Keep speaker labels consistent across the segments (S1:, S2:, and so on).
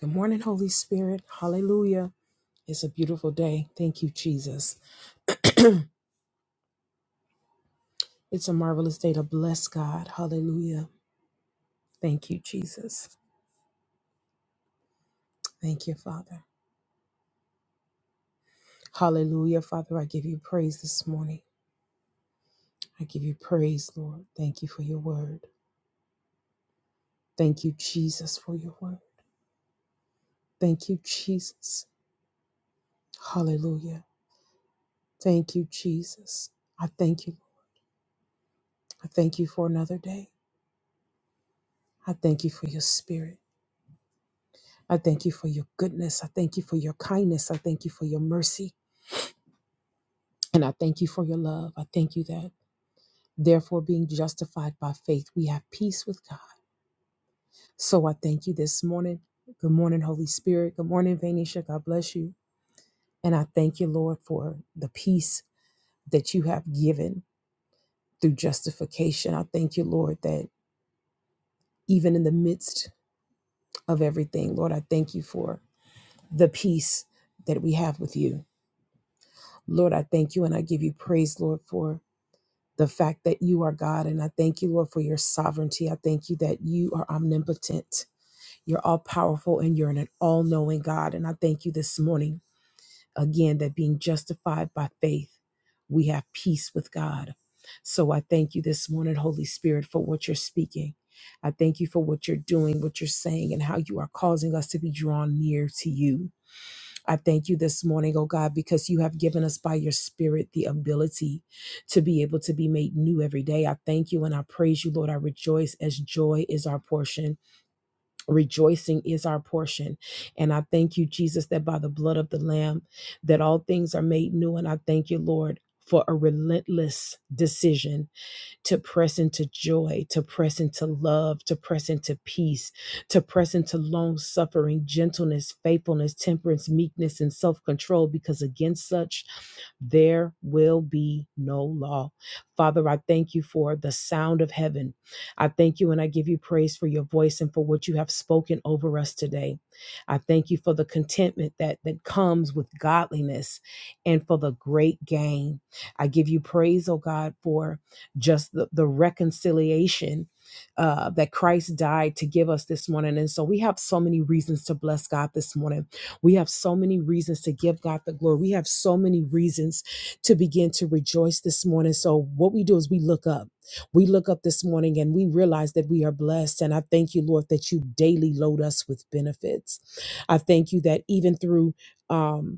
S1: Good morning, Holy Spirit. Hallelujah. It's a beautiful day. Thank you, Jesus. It's a marvelous day to bless God. Hallelujah. Thank you, Jesus. Thank you, Father. Hallelujah. Father, I give you praise this morning. I give you praise, Lord. Thank you for your word. Thank you, Jesus, for your word. Thank you, Jesus. Hallelujah. Thank you, Jesus. I thank you. I thank you for another day. I thank you for your spirit. I thank you for your goodness. I thank you for your kindness. I thank you for your mercy. And I thank you for your love. I thank you that, therefore, being justified by faith, we have peace with God. So I thank you this morning. Good morning, Holy Spirit. Good morning, Vanisha. God bless you. And I thank you, Lord, for the peace that you have given through justification. I thank you, Lord, that even in the midst of everything, Lord, I thank you for the peace that we have with you. Lord, I thank you and I give you praise, Lord, for the fact that you are God. And I thank you, Lord, for your sovereignty. I thank you that you are omnipotent, you're all powerful, and you're an all knowing God. And I thank you this morning again that being justified by faith, we have peace with God. So I thank you this morning, Holy Spirit, for what you're speaking. I thank you for what you're doing, what you're saying, and how you are causing us to be drawn near to you. I thank you this morning, oh God, because you have given us by your spirit the ability to be able to be made new every day. I thank you and I praise you, Lord. I rejoice as joy is our portion. Rejoicing is our portion. And I thank you, Jesus, that by the blood of the Lamb, that all things are made new. And I thank you, Lord, for a relentless decision to press into joy, to press into love, to press into peace, to press into long suffering, gentleness, faithfulness, temperance, meekness, and self control, because against such there will be no law. Father, I thank you for the sound of heaven. I thank you and I give you praise for your voice and for what you have spoken over us today. I thank you for the contentment that, that comes with godliness and for the great gain. I give you praise, oh God, for just the, the reconciliation uh, that Christ died to give us this morning. And so we have so many reasons to bless God this morning. We have so many reasons to give God the glory. We have so many reasons to begin to rejoice this morning. So what we do is we look up. We look up this morning and we realize that we are blessed. And I thank you, Lord, that you daily load us with benefits. I thank you that even through um,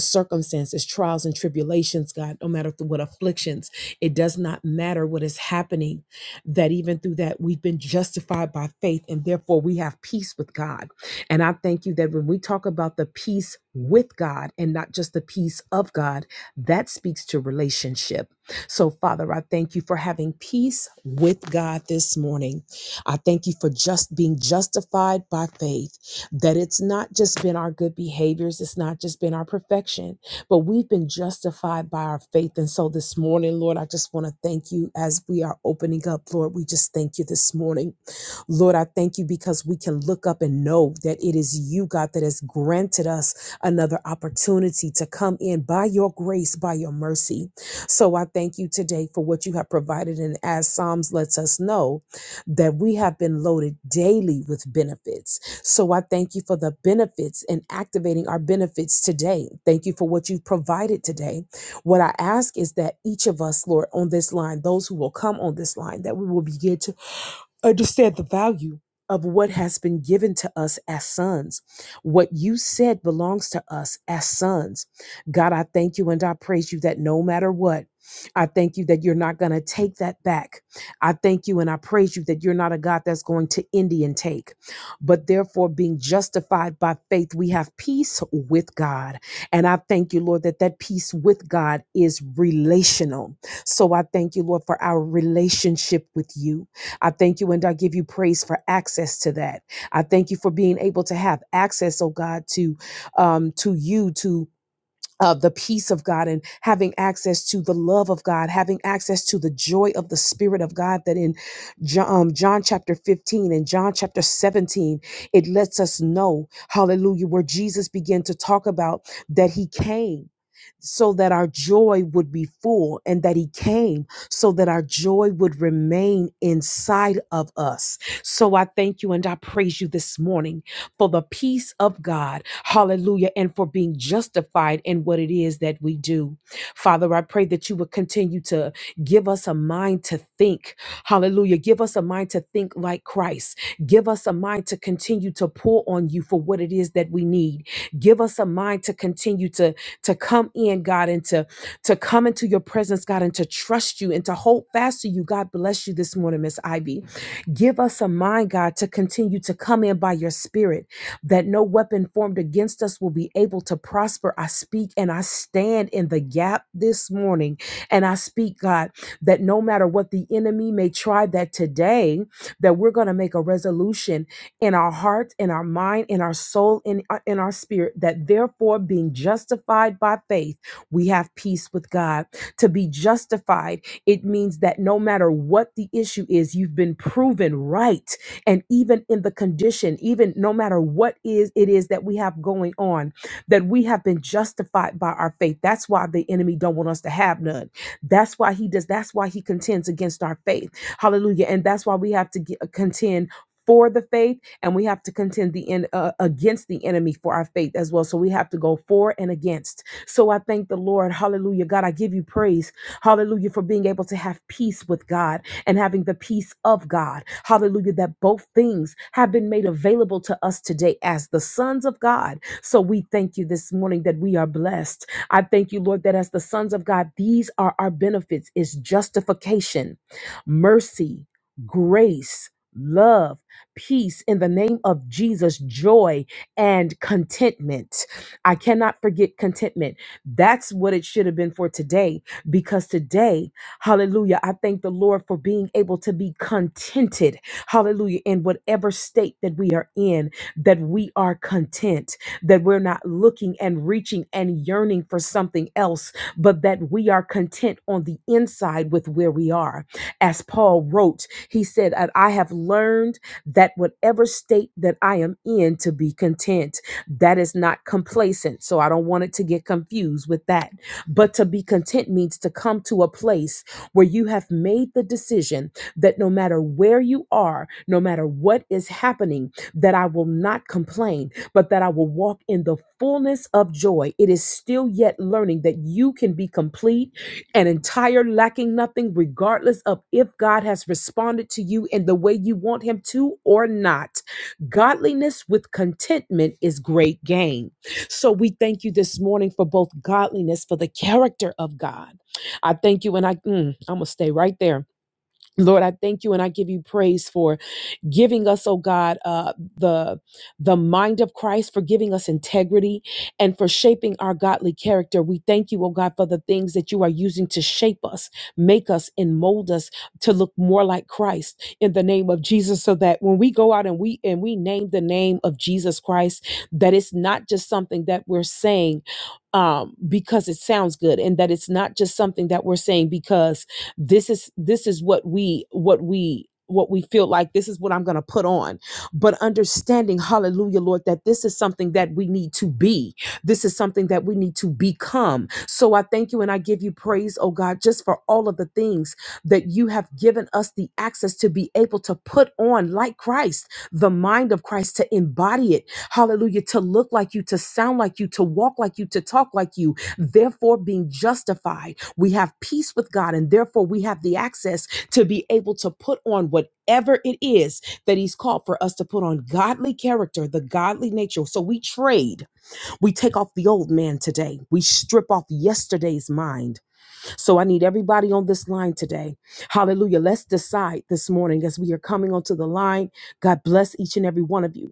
S1: circumstances, trials, and tribulations, God, no matter through what afflictions, it does not matter what is happening, that even through that, we've been justified by faith and therefore we have peace with God. And I thank you that when we talk about the peace with God and not just the peace of God, that speaks to relationship. So, Father, I thank you for having peace with God this morning. I thank you for just being justified by faith that it's not just been our good behaviors, it's not just been our perfection, but we've been justified by our faith. And so this morning, Lord, I just want to thank you as we are opening up, Lord. We just thank you this morning Lord, I thank you because we can look up and know that it is you, God, that has granted us another opportunity to come in by your grace, by your mercy. So I thank you today for what you have provided. And as Psalms lets us know, that we have been loaded daily with benefits. So I thank you for the benefits and activating our benefits today. Thank you for what you've provided today. What I ask is that each of us, Lord, on this line, those who will come on this line, that we will begin to understand the value of what has been given to us as sons. What you said belongs to us as sons. God, I thank you and I praise you that no matter what, I thank you that you're not going to take that back. I thank you and I praise you that you're not a God that's going to Indian take. But therefore, being justified by faith, we have peace with God. And I thank you, Lord, that that peace with God is relational. So I thank you, Lord, for our relationship with you. I thank you and I give you praise for access to that. I thank you for being able to have access, oh God, to um, to you, to uh, the peace of God and having access to the love of God, having access to the joy of the Spirit of God. That in John, um, John chapter 15 and John chapter 17, it lets us know, hallelujah, where Jesus began to talk about that he came. So that our joy would be full, and that He came so that our joy would remain inside of us. So I thank you and I praise you this morning for the peace of God. Hallelujah. And for being justified in what it is that we do. Father, I pray that you would continue to give us a mind to think. Hallelujah. Give us a mind to think like Christ. Give us a mind to continue to pour on you for what it is that we need. Give us a mind to continue to, to come in, God, and to, to come into your presence, God, and to trust you and to hold fast to you. God bless you this morning, Miss Ivy. Give us a mind, God, to continue to come in by your spirit that no weapon formed against us will be able to prosper. I speak and I stand in the gap this morning. And I speak, God, that no matter what the enemy may try, that today, that we're going to make a resolution in our heart, in our mind, in our soul, in, uh, in our spirit, that therefore being justified by faith, we have peace with God. To be justified, it means that no matter what the issue is, you've been proven right and even in the condition even no matter what is it is that we have going on that we have been justified by our faith that's why the enemy don't want us to have none that's why he does that's why he contends against our faith hallelujah and that's why we have to get, uh, contend for the faith and we have to contend the en- uh, against the enemy for our faith as well so we have to go for and against so i thank the lord hallelujah god i give you praise hallelujah for being able to have peace with god and having the peace of God. Hallelujah. That both things have been made available to us today as the sons of God. So we thank you this morning that we are blessed. I thank you, Lord, that as the sons of God, these are our benefits is justification, mercy, grace, love, peace in the name of Jesus, joy and contentment. I cannot forget contentment. That's what it should have been for today because today Hallelujah. I thank the Lord for being able to be contented. Hallelujah. In whatever state that we are in, that we are content, that we're not looking and reaching and yearning for something else, but that we are content on the inside with where we are. As Paul wrote, he said, "And I have learned that whatever state that I am in to be content. That is not complacent. So I don't want it to get confused with that. But to be content means to come to a place where you have made the decision that no matter where you are, no matter what is happening, that I will not complain, but that I will walk in the fullness of joy. It is still yet learning that you can be complete and entire, lacking nothing, regardless of if God has responded to you in the way you want Him to or not. Godliness with contentment is great gain. So we thank you this morning for both godliness, for the character of God I thank you and I, mm, I'm going to stay right there. Lord, I thank you and I give you praise for giving us, oh God, uh, the the mind of Christ, for giving us integrity and for shaping our godly character. We thank you, oh God, for the things that you are using to shape us, make us, and mold us to look more like Christ in the name of Jesus. So that when we go out and we and we name the name of Jesus Christ, that it's not just something that we're saying, um, because it sounds good and that it's not just something that we're saying because this is this is what we what we what we feel like this is what I'm going to put on but understanding hallelujah lord that this is something that we need to be this is something that we need to become so I thank you and I give you praise oh God just for all of the things that you have given us the access to be able to put on like Christ the mind of Christ to embody it hallelujah, to look like you, to sound like you, to walk like you, to talk like you. Therefore, being justified, we have peace with God, and therefore we have the access to be able to put on whatever it is that He's called for us to put on godly character, the godly nature. So we trade, we take off the old man today, we strip off yesterday's mind. So I need everybody on this line today. Hallelujah. Let's decide this morning as we are coming onto the line. God bless each and every one of you.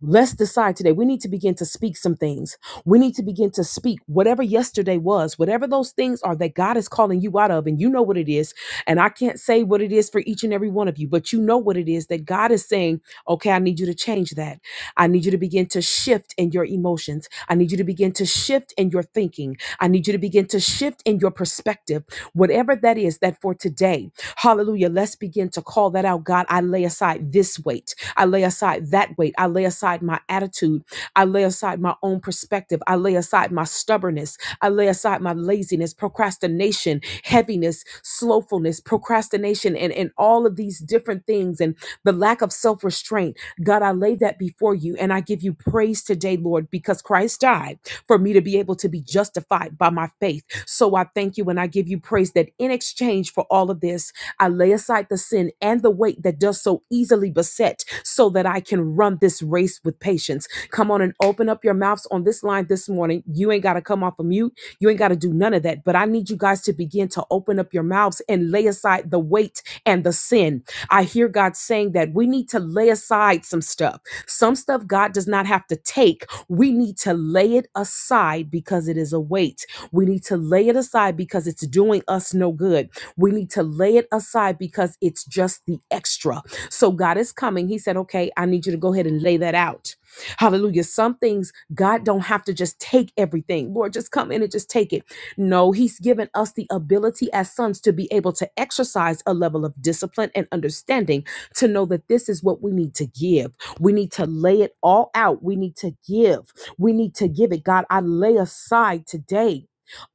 S1: Let's decide today. We need to begin to speak some things. We need to begin to speak whatever yesterday was, whatever those things are that God is calling you out of. And you know what it is. And I can't say what it is for each and every one of you, but you know what it is that God is saying, okay, I need you to change that. I need you to begin to shift in your emotions. I need you to begin to shift in your thinking. I need you to begin to shift in your perspective, whatever that is that for today. Hallelujah. Let's begin to call that out. God, I lay aside this weight. I lay aside that weight. I lay aside my attitude. I lay aside my own perspective. I lay aside my stubbornness. I lay aside my laziness, procrastination, heaviness, slowfulness, procrastination, and, and all of these different things and the lack of self restraint. God, I lay that before you and I give you praise today, Lord, because Christ died for me to be able to be justified by my faith. So I thank you and I give you praise that in exchange for all of this, I lay aside the sin and the weight that does so easily beset so that I can run this race with patience. Come on and open up your mouths on this line this morning. You ain't got to come off a mute. You ain't got to do none of that. But I need you guys to begin to open up your mouths and lay aside the weight and the sin. I hear God saying that we need to lay aside some stuff. Some stuff God does not have to take. We need to lay it aside because it is a weight. We need to lay it aside because it's doing us no good. We need to lay it aside because it's just the extra. So God is coming. He said, okay, I need you to go ahead and lay that out. Hallelujah. Some things God don't have to just take everything. Lord, just come in and just take it. No, He's given us the ability as sons to be able to exercise a level of discipline and understanding to know that this is what we need to give. We need to lay it all out. We need to give. We need to give it. God, I lay aside today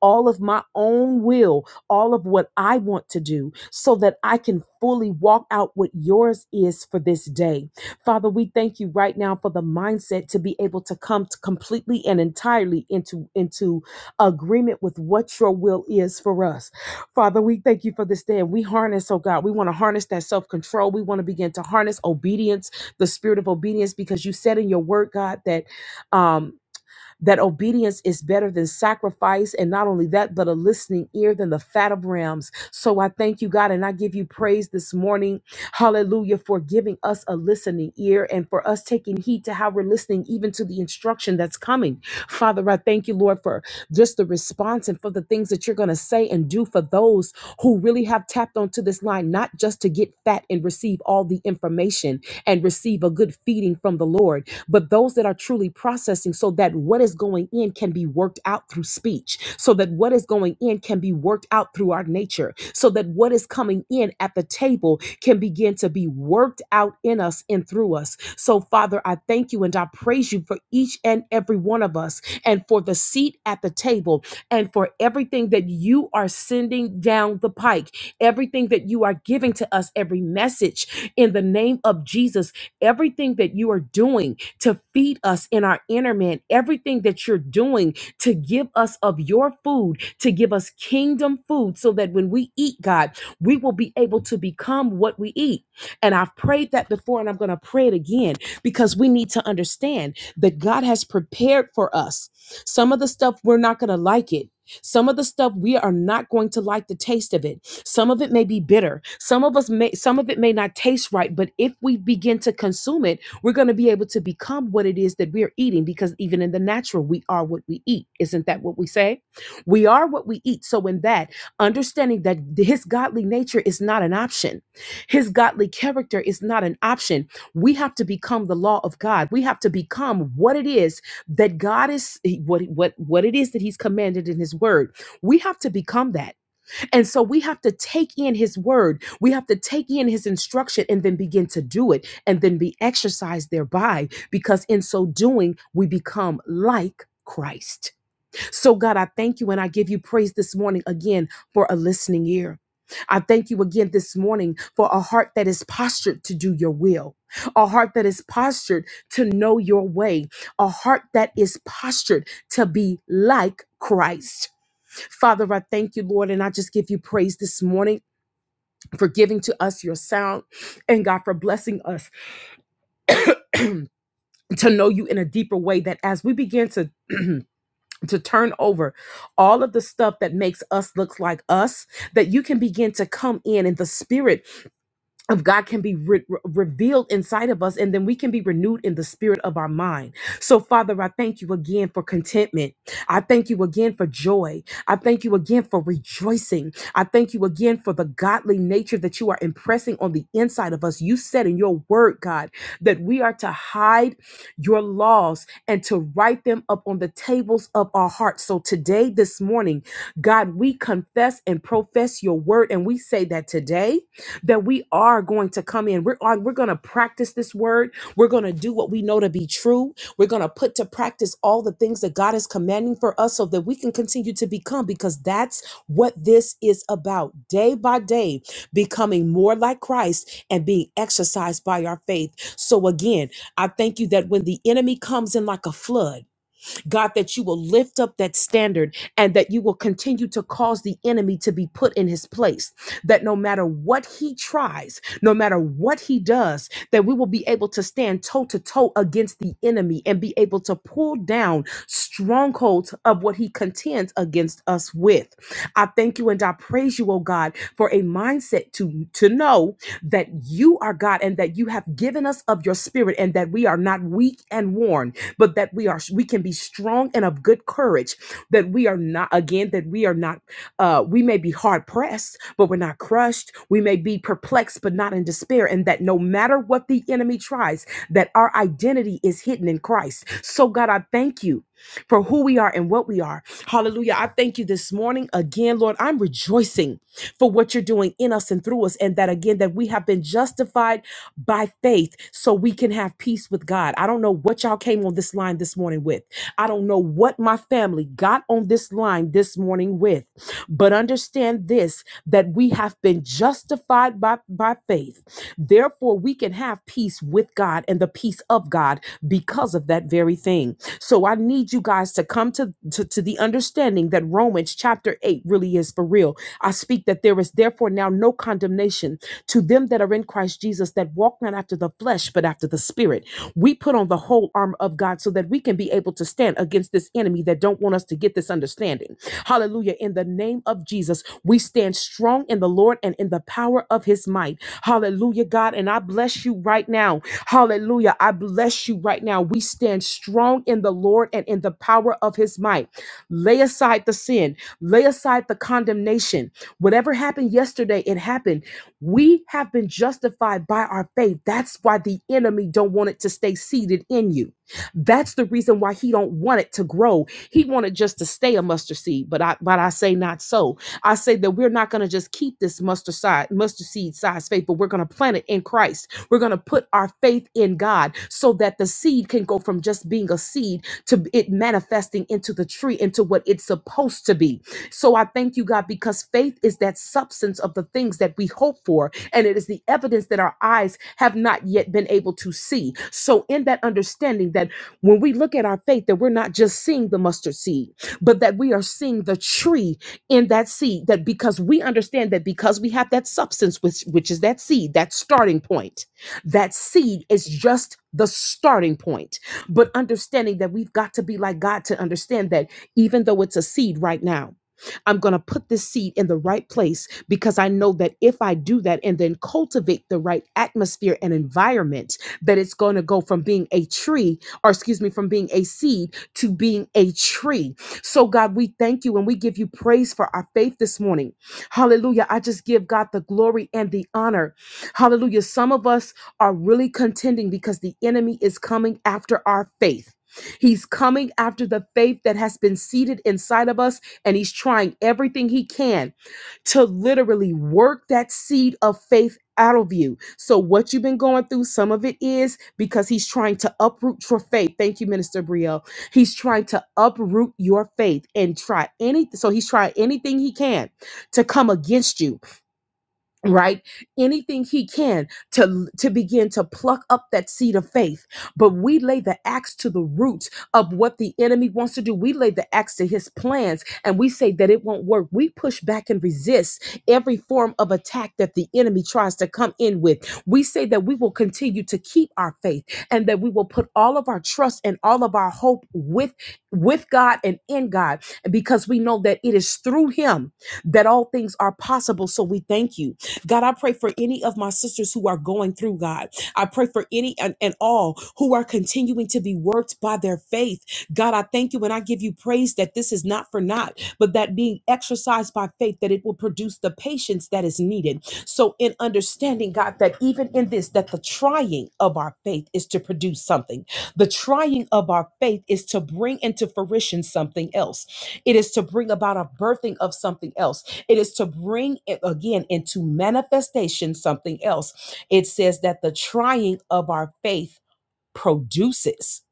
S1: all of my own will all of what I want to do so that I can fully walk out what yours is for this day. Father, we thank you right now for the mindset to be able to come to completely and entirely into, into agreement with what your will is for us. Father, we thank you for this day. And we harness, oh God, we want to harness that self control. We want to begin to harness obedience, the spirit of obedience, because you said in your word, God, that. Um, that obedience is better than sacrifice. And not only that, but a listening ear than the fat of rams. So I thank you, God, and I give you praise this morning. Hallelujah for giving us a listening ear and for us taking heed to how we're listening, even to the instruction that's coming. Father, I thank you, Lord, for just the response and for the things that you're going to say and do for those who really have tapped onto this line, not just to get fat and receive all the information and receive a good feeding from the Lord but those that are truly processing so that what is going in can be worked out through speech, so that what is going in can be worked out through our nature, so that what is coming in at the table can begin to be worked out in us and through us. So, Father, I thank you and I praise you for each and every one of us and for the seat at the table and for everything that you are sending down the pike, everything that you are giving to us, every message in the name of Jesus, everything that you are doing to feed us in our inner man, everything that you're doing to give us of your food, to give us kingdom food, so that when we eat, God, we will be able to become what we eat. And I've prayed that before and I'm going to pray it again because we need to understand that God has prepared for us. Some of the stuff we're not going to like it. Some of the stuff we are not going to like the taste of it. Some of it may be bitter. Some of us may some of it may not taste right, but if we begin to consume it, we're going to be able to become what it is that we're eating because even in the natural, we are what we eat. Isn't that what we say? We are what we eat. So, in that, understanding that his godly nature is not an option, his godly character is not an option. We have to become the law of God. We have to become what it is that God is, what, what, what it is that he's commanded in his word. We have to become that. And so we have to take in his word. We have to take in his instruction and then begin to do it and then be exercised thereby because in so doing, we become like Christ. So, God, I thank you and I give you praise this morning again for a listening ear. I thank you again this morning for a heart that is postured to do your will, a heart that is postured to know your way, a heart that is postured to be like Christ. Father, I thank you, Lord, and I just give you praise this morning for giving to us your sound and God for blessing us to know you in a deeper way that as we begin to to turn over all of the stuff that makes us look like us that you can begin to come in in the spirit of God can be re- re- revealed inside of us, and then we can be renewed in the spirit of our mind. So, Father, I thank you again for contentment. I thank you again for joy. I thank you again for rejoicing. I thank you again for the godly nature that you are impressing on the inside of us. You said in your word, God, that we are to hide your laws and to write them up on the tables of our hearts. So, today, this morning, God, we confess and profess your word, and we say that today that we are going to come in. We're on, we're going to practice this word. We're going to do what we know to be true. We're going to put to practice all the things that God is commanding for us so that we can continue to become because that's what this is about. Day by day, becoming more like Christ and being exercised by our faith. So again, I thank you that when the enemy comes in like a flood, God, that you will lift up that standard and that you will continue to cause the enemy to be put in his place. That no matter what he tries, no matter what he does, that we will be able to stand toe to toe against the enemy and be able to pull down strongholds of what he contends against us with. I thank you and I praise you, oh God, for a mindset to, to know that you are God and that you have given us of your spirit and that we are not weak and worn but that we are we can be strong and of good courage that we are not again that we are not uh we may be hard pressed but we're not crushed we may be perplexed but not in despair and that no matter what the enemy tries that our identity is hidden in Christ so God I thank you for who we are and what we are hallelujah I thank you this morning again Lord I'm rejoicing for what you're doing in us and through us and that again that we have been justified by faith so we can have peace with God. I don't know what y'all came on this line this morning with. I don't know what my family got on this line this morning with. But understand this that we have been justified by, by faith. Therefore, we can have peace with God and the peace of God because of that very thing. So I need you guys to come to, to, to the understanding that Romans chapter 8 really is for real. I speak that there is therefore now no condemnation to them that are in Christ Jesus that walk not after the flesh but after the spirit. We put on the whole armor of God so that we can be able to stand against this enemy that don't want us to get this understanding. Hallelujah. In the name of Jesus, we stand strong in the Lord and in the power of his might. Hallelujah, God, and I bless you right now. Hallelujah. I bless you right now. We stand strong in the Lord and in the power of his might. Lay aside the sin, lay aside the condemnation. Whatever happened yesterday, it happened. We have been justified by our faith. That's why the enemy don't want it to stay seated in you. That's the reason why he don't want it to grow. He wanted just to stay a mustard seed, but I but I say not so. I say that we're not going to just keep this mustard side mustard seed size faith, but we're going to plant it in Christ. We're going to put our faith in God so that the seed can go from just being a seed to it manifesting into the tree into what it's supposed to be. So I thank you, God, because faith is that substance of the things that we hope for, and it is the evidence that our eyes have not yet been able to see. So, in that understanding that when we look at our faith, that we're not just seeing the mustard seed, but that we are seeing the tree in that seed, that because we understand that because we have that substance, which, which is that seed, that starting point, that seed is just the starting point. But understanding that we've got to be like God to understand that even though it's a seed right now, I'm going to put this seed in the right place because I know that if I do that and then cultivate the right atmosphere and environment, that it's going to go from being a tree, or excuse me, from being a seed to being a tree. So, God, we thank you and we give you praise for our faith this morning. Hallelujah. I just give God the glory and the honor. Hallelujah. Some of us are really contending because the enemy is coming after our faith. He's coming after the faith that has been seated inside of us and he's trying everything he can to literally work that seed of faith out of you. So what you've been going through, some of it is because he's trying to uproot your faith. Thank you, Minister Brielle. He's trying to uproot your faith and try any so he's trying anything he can to come against you right anything he can to to begin to pluck up that seed of faith but we lay the axe to the root of what the enemy wants to do we lay the axe to his plans and we say that it won't work we push back and resist every form of attack that the enemy tries to come in with we say that we will continue to keep our faith and that we will put all of our trust and all of our hope with with God and in God because we know that it is through him that all things are possible so we thank you God, I pray for any of my sisters who are going through, God. I pray for any and, and all who are continuing to be worked by their faith. God, I thank you and I give you praise that this is not for naught, but that being exercised by faith, that it will produce the patience that is needed. So, in understanding, God, that even in this, that the trying of our faith is to produce something, the trying of our faith is to bring into fruition something else. It is to bring about a birthing of something else it is to bring it again into manifestation something else. It says that the trying of our faith produces.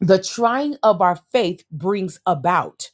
S1: The trying of our faith brings about.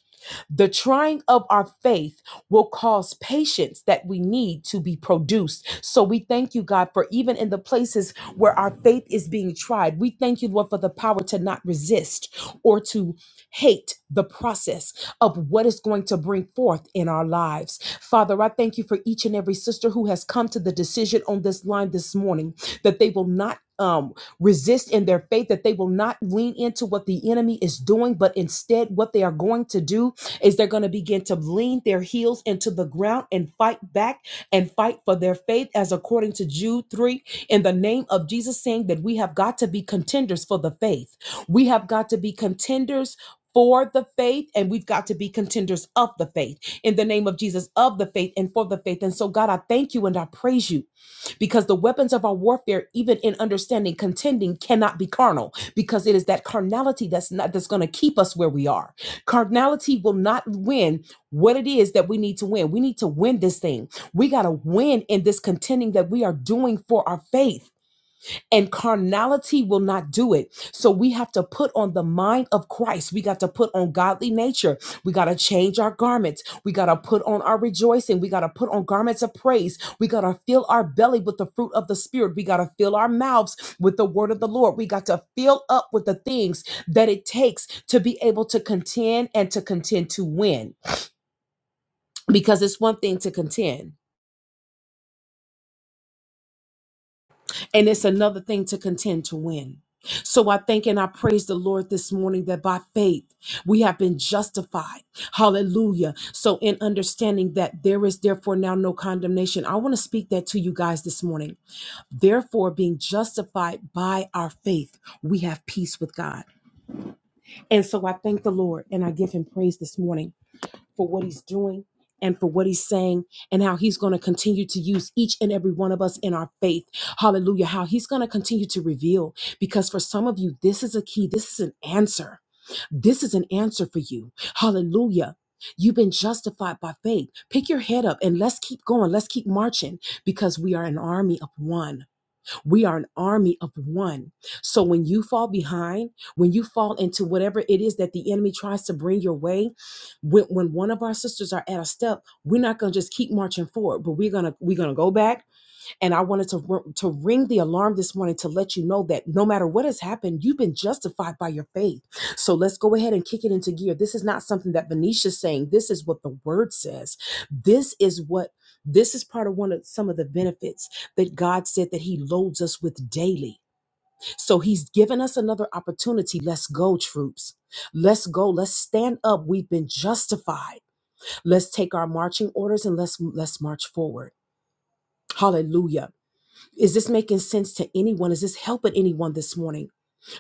S1: The trying of our faith will cause patience that we need to be produced. So we thank you, God, for even in the places where our faith is being tried, we thank you, Lord, for the power to not resist or to hate the process of what is going to bring forth in our lives. Father, I thank you for each and every sister who has come to the decision on this line this morning that they will not. Um, resist in their faith that they will not lean into what the enemy is doing, but instead, what they are going to do is they're going to begin to lean their heels into the ground and fight back and fight for their faith as according to Jude 3 in the name of Jesus saying that we have got to be contenders for the faith. We have got to be contenders for the faith and we've got to be contenders of the faith in the name of Jesus of the faith and for the faith. And so God, I thank you and I praise you because the weapons of our warfare even in understanding contending cannot be carnal because it is that carnality that's not that's going to keep us where we are Cardinality will not win what it is that we need to win. We need to win this thing. We got to win in this contending that we are doing for our faith and carnality will not do it. So we have to put on the mind of Christ. We got to put on godly nature. We got to change our garments. We got to put on our rejoicing. We got to put on garments of praise. We got to fill our belly with the fruit of the Spirit. We got to fill our mouths with the word of the Lord. We got to fill up with the things that it takes to be able to contend and to contend to win. Because it's one thing to contend And it's another thing to contend to win. So I thank and I praise the Lord this morning that by faith we have been justified. Hallelujah. So, in understanding that there is therefore now no condemnation, I want to speak that to you guys this morning. Therefore, being justified by our faith, we have peace with God. And so I thank the Lord and I give him praise this morning for what he's doing and for what he's saying and how he's going to continue to use each and every one of us in our faith. Hallelujah. How he's going to continue to reveal because for some of you this is a key, this is an answer. This is an answer for you. Hallelujah. You've been justified by faith. Pick your head up and let's keep going. Let's keep marching because we are an army of one. We are an army of one. So when you fall behind, when you fall into whatever it is that the enemy tries to bring your way, when, when one of our sisters are at a step, we're not gonna just keep marching forward, but we're gonna we're gonna go back and I wanted to r- to ring the alarm this morning to let you know that no matter what has happened, you've been justified by your faith. So let's go ahead and kick it into gear. This is not something that Venetia's saying. This is what the word says. This is what this is part of one of some of the benefits that God said that he loads us with daily. So he's given us another opportunity. Let's go, troops. Let's go. Let's stand up. We've been justified. Let's take our marching orders and let's let's march forward. Hallelujah. Is this making sense to anyone? Is this helping anyone this morning?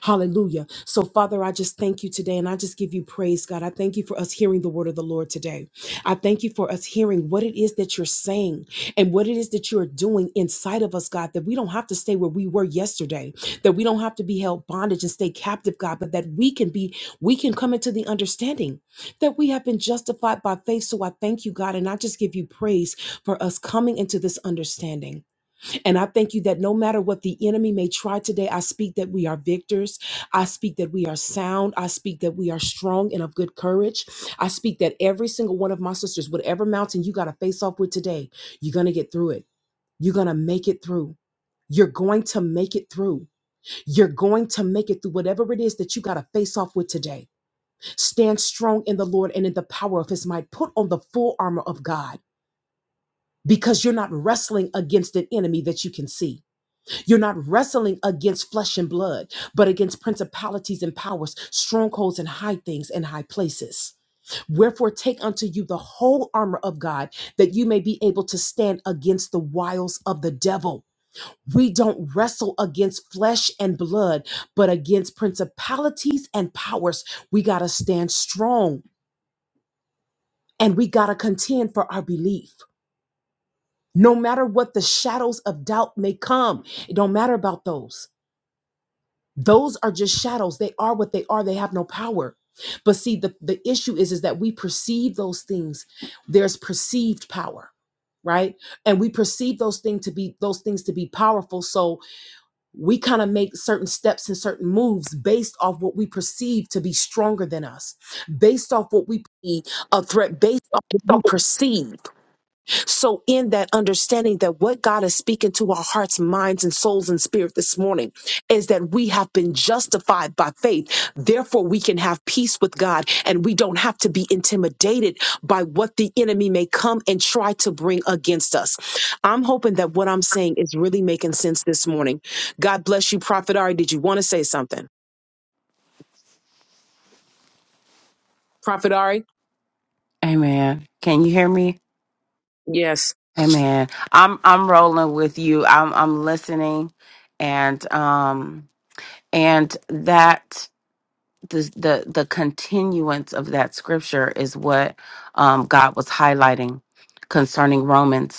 S1: Hallelujah. So, Father, I just thank you today and I just give you praise, God. I thank you for us hearing the word of the Lord today. I thank you for us hearing what it is that you're saying and what it is that you're doing inside of us, God, that we don't have to stay where we were yesterday, that we don't have to be held bondage and stay captive, God, but that we can be, we can come into the understanding that we have been justified by faith. So I thank you, God, and I just give you praise for us coming into this understanding. And I thank you that no matter what the enemy may try today, I speak that we are victors. I speak that we are sound. I speak that we are strong and of good courage. I speak that every single one of my sisters, whatever mountain you got to face off with today, you're going to get through it. You're going to make it through. You're going to make it through. You're going to make it through whatever it is that you got to face off with today. Stand strong in the Lord and in the power of his might. Put on the full armor of God because you're not wrestling against an enemy that you can see. You're not wrestling against flesh and blood, but against principalities and powers, strongholds and high things and high places. Wherefore, take unto you the whole armor of God, that you may be able to stand against the wiles of the devil. We don't wrestle against flesh and blood, but against principalities and powers. We got to stand strong and we got to contend for our belief. No matter what the shadows of doubt may come, it don't matter about those those are just shadows they are what they are they have no power but see the, the issue is is that we perceive those things there's perceived power right and we perceive those things to be those things to be powerful so we kind of make certain steps and certain moves based off what we perceive to be stronger than us based off what we perceive a threat based off what we perceive so, in that understanding that what God is speaking to our hearts, minds, and souls and spirit this morning is that we have been justified by faith. Therefore, we can have peace with God and we don't have to be intimidated by what the enemy may come and try to bring against us. I'm hoping that what I'm saying is really making sense this morning. God bless you, Prophet Ari. Did you want to say something? Prophet Ari?
S2: Amen. Can you hear me? Amen. I'm I'm rolling with you. I'm I'm listening and um and that the the the continuance of that scripture is what um God was highlighting concerning Romans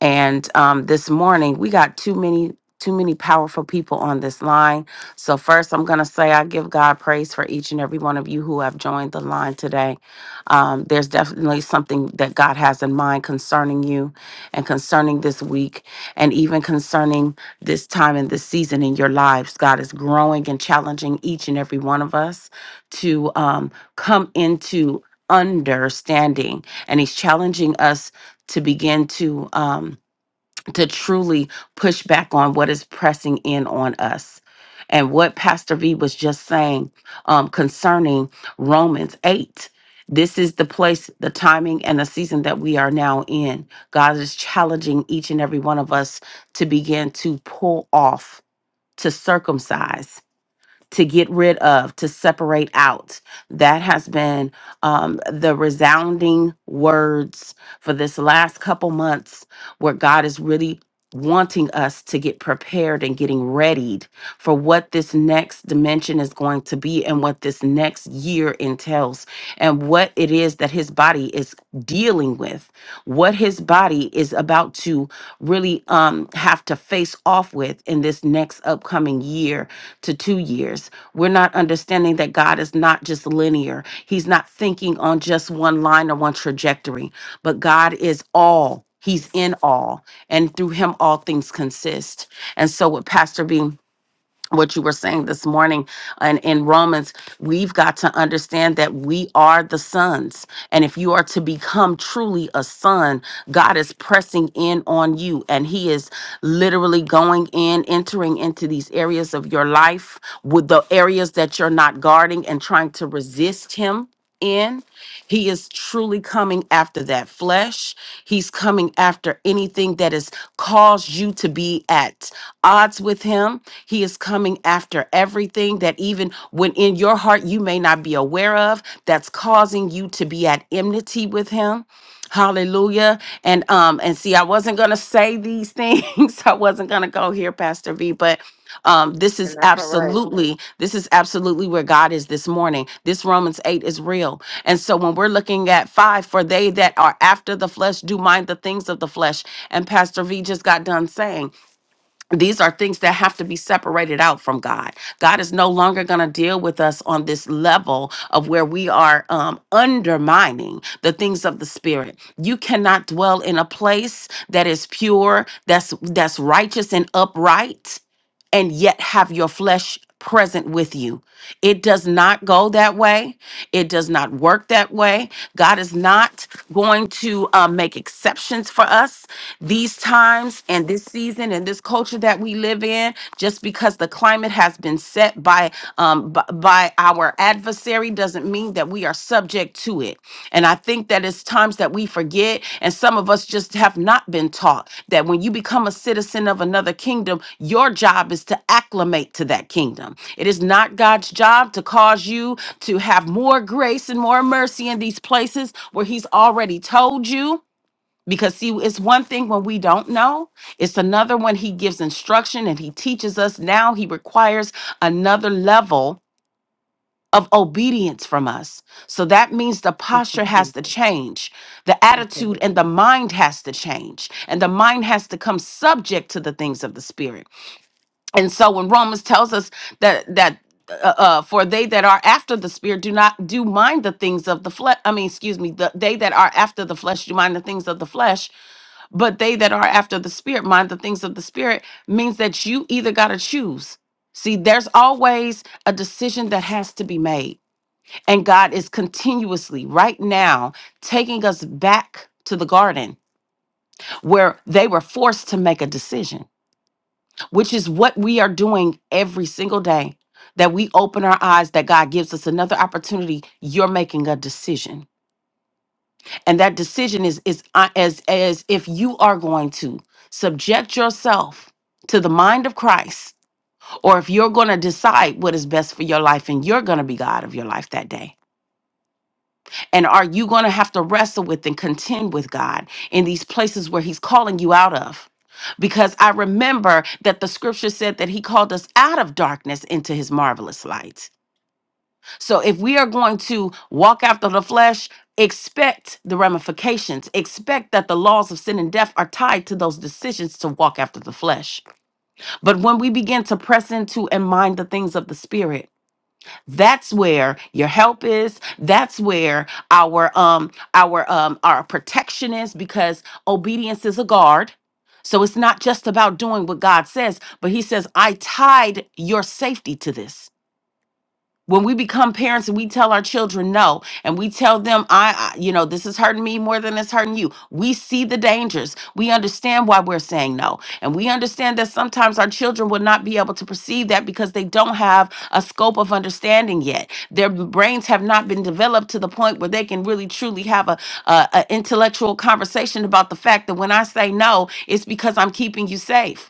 S2: And um, this morning we got too many too many powerful people on this line. So first, I'm gonna say I give God praise for each and every one of you who have joined the line today. Um, there's definitely something that God has in mind concerning you, and concerning this week, and even concerning this time and this season in your lives. God is growing and challenging each and every one of us to um, come into understanding, and He's challenging us to begin to. Um, to truly push back on what is pressing in on us. And what Pastor V was just saying um, concerning Romans 8. This is the place, the timing, and the season that we are now in. God is challenging each and every one of us to begin to pull off, to circumcise to get rid of, to separate out. That has been um, the resounding words for this last couple months where God is really wanting us to get prepared and getting readied for what this next dimension is going to be and what this next year entails and what it is that his body is dealing with what his body is about to really um, have to face off with in this next upcoming year to two years. We're not understanding that God is not just linear, He's not thinking on just one line or one trajectory, but God is all. He's in all, and through him, all things consist. And so, with Pastor B what you were saying this morning and in Romans, we've got to understand that we are the sons. And if you are to become truly a son, God is pressing in on you and He is literally going in, entering into these areas of your life with the areas that you're not guarding and trying to resist Him in, he is truly coming after that flesh. He's coming after anything that has caused you to be at odds with him. He is coming after everything that, even when in your heart, you may not be aware of, that's causing you to be at enmity with him. Hallelujah. And um and see I wasn't going to say these things. I wasn't going to go here Pastor V, but um, this is absolutely, this is absolutely where God is this morning. This Romans 8 is real. And so when we're looking at five, for they that are after the flesh do mind the things of the flesh. And Pastor V just got done saying these are things that have to be separated out from God. God is no longer going to deal with us on this level of where we are um, undermining the things of the spirit. You cannot dwell in a place that is pure, that's that's righteous and upright and yet have your flesh present with you. It does not go that way. It does not work that way. God is not going to uh, make exceptions for us these times and this season and this culture that we live in. Just because the climate has been set by um, b- by our adversary doesn't mean that we are subject to it. And I think that it's times that we forget, and some of us just have not been taught that when you become a citizen of another kingdom, your job is to acclimate to that kingdom. It is not God's job to cause you to have more grace and more mercy in these places where He's already told you. Because, see, it's one thing when we don't know, it's another when He gives instruction and He teaches us. Now He requires another level of obedience from us. So that means the
S1: Thank you,
S2: posture has to
S1: Jesus.
S2: change. The attitude
S1: Absolutely.
S2: and the mind has to change. And the mind has to come subject to the things of the spirit. And so when Romans tells us that that uh, uh, for they that are after the spirit do not do mind the things of the flesh. I mean, excuse me, the, they that are after the flesh do mind the things of the flesh, but they that are after the spirit mind the things of the spirit means that you either got to choose. See, there's always a decision that has to be made and God is continuously, right now, taking us back to the garden where they were forced to make a decision, which is what we are doing every single day. That we open our eyes, that God gives us another opportunity. You're making a decision, and that decision is is uh, as as if you are going to subject yourself to the mind of Christ, or if you're going to decide what is best for your life, and you're going to be God of your life that day And are you going to have to wrestle with and contend with God in these places where He's calling you out of? Because I remember that the scripture said that He called us out of darkness into His marvelous light. So if we are going to walk after the flesh, expect the ramifications, expect that the laws of sin and death are tied to those decisions to walk after the flesh. But when we begin to press into and mind the things of the Spirit, that's where your help is. That's where our um our um our protection is because obedience is a guard. So it's not just about doing what God says, but he says, "I tied your safety to this." when we become parents and we tell our children no and we tell them I, I you know this is hurting me more than it's hurting you we see the dangers we understand why we're saying no and we understand that sometimes our children will not be able to perceive that because they don't have a scope of understanding yet their brains have not been developed to the point where they can really truly have a, a, a intellectual conversation about the fact that when i say no it's because i'm keeping you safe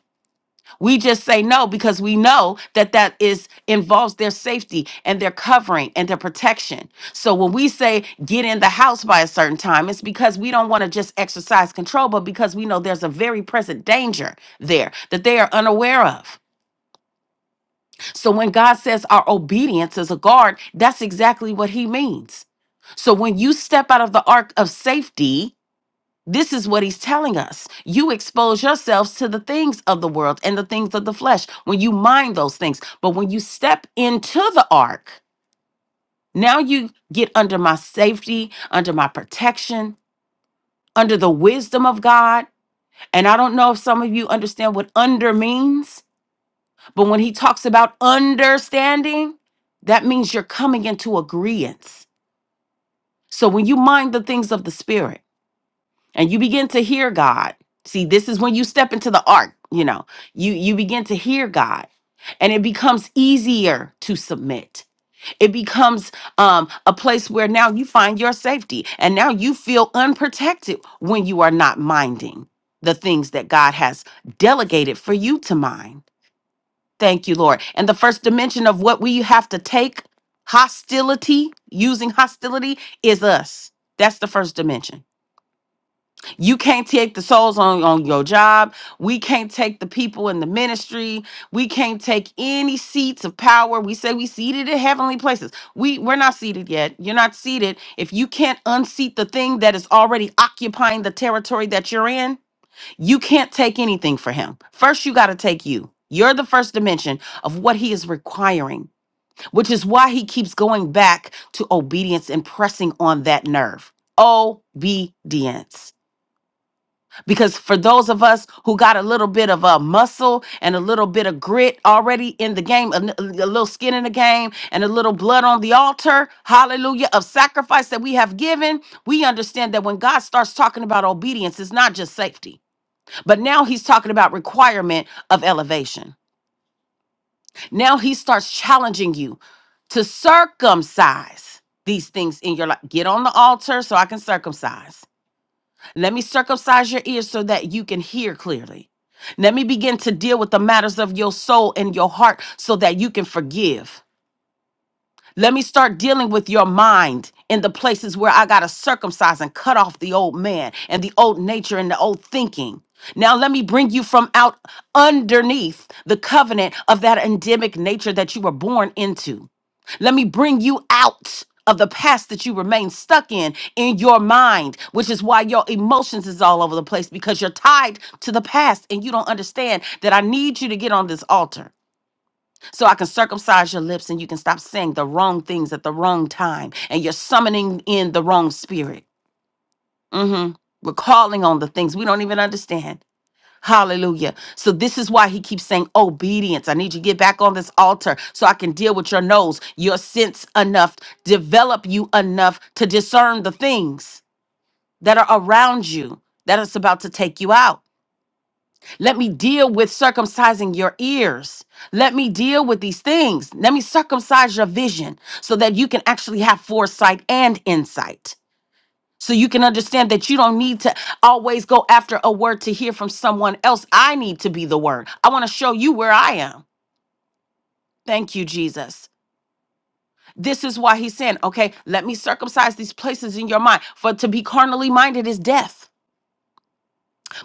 S2: we just say no because we know that that is involves their safety and their covering and their protection. So when we say get in the house by a certain time, it's because we don't want to just exercise control, but because we know there's a very present danger there that they are unaware of. So when God says our obedience is a guard, that's exactly what he means. So when you step out of the ark of safety, this is what he's telling us. You expose yourselves to the things of the world and the things of the flesh when you mind those things. But when you step into the ark, now you get under my safety, under my protection, under the wisdom of God. And I don't know if some of you understand what under means, but when he talks about understanding, that means you're coming into agreement. So when you mind the things of the spirit, and you begin to hear God. See, this is when you step into the ark, you know. You you begin to hear God. And it becomes easier to submit. It becomes um, a place where now you find your safety and now you feel unprotected when you are not minding the things that God has delegated for you to mind. Thank you, Lord. And the first dimension of what we have to take hostility, using hostility, is us. That's the first dimension you can't take the souls on, on your job. We can't take the people in the ministry. We can't take any seats of power. We say we seated in heavenly places. We we're not seated yet. You're not seated. If you can't unseat the thing that is already occupying the territory that you're in, you can't take anything for him. First, you got to take you. You're the first dimension of what he is requiring, which is why he keeps going back to obedience and pressing on that nerve. Obedience because for those of us who got a little bit of a muscle and a little bit of grit already in the game, a, n- a little skin in the game, and a little blood on the altar, hallelujah, of sacrifice that we have given, we understand that when God starts talking about obedience, it's not just safety, but now He's talking about requirement of elevation. Now He starts challenging you to circumcise these things in your life. Get on the altar so I can circumcise. Let me circumcise your ears so that you can hear clearly. Let me begin to deal with the matters of your soul and your heart so that you can forgive. Let me start dealing with your mind in the places where I got to circumcise and cut off the old man and the old nature and the old thinking. Now, let me bring you from out underneath the covenant of that endemic nature that you were born into. Let me bring you out of the past that you remain stuck in in your mind, which is why your emotions is all over the place because you're tied to the past and you don't understand that I need you to get on this altar so I can circumcise your lips and you can stop saying the wrong things at the wrong time and you're summoning in the wrong spirit. Mhm. We're calling on the things we don't even understand. Hallelujah. So this is why he keeps saying obedience. I need you to get back on this altar so I can deal with your nose, your sense enough, develop you enough to discern the things that are around you that is about to take you out. Let me deal with circumcising your ears. Let me deal with these things. Let me circumcise your vision so that you can actually have foresight and insight so you can understand that you don't need to always go after a word to hear from someone else. I need to be the word. I want to show you where I am. Thank you, Jesus. This is why he's saying, okay, let me circumcise these places in your mind. For to be carnally minded is death,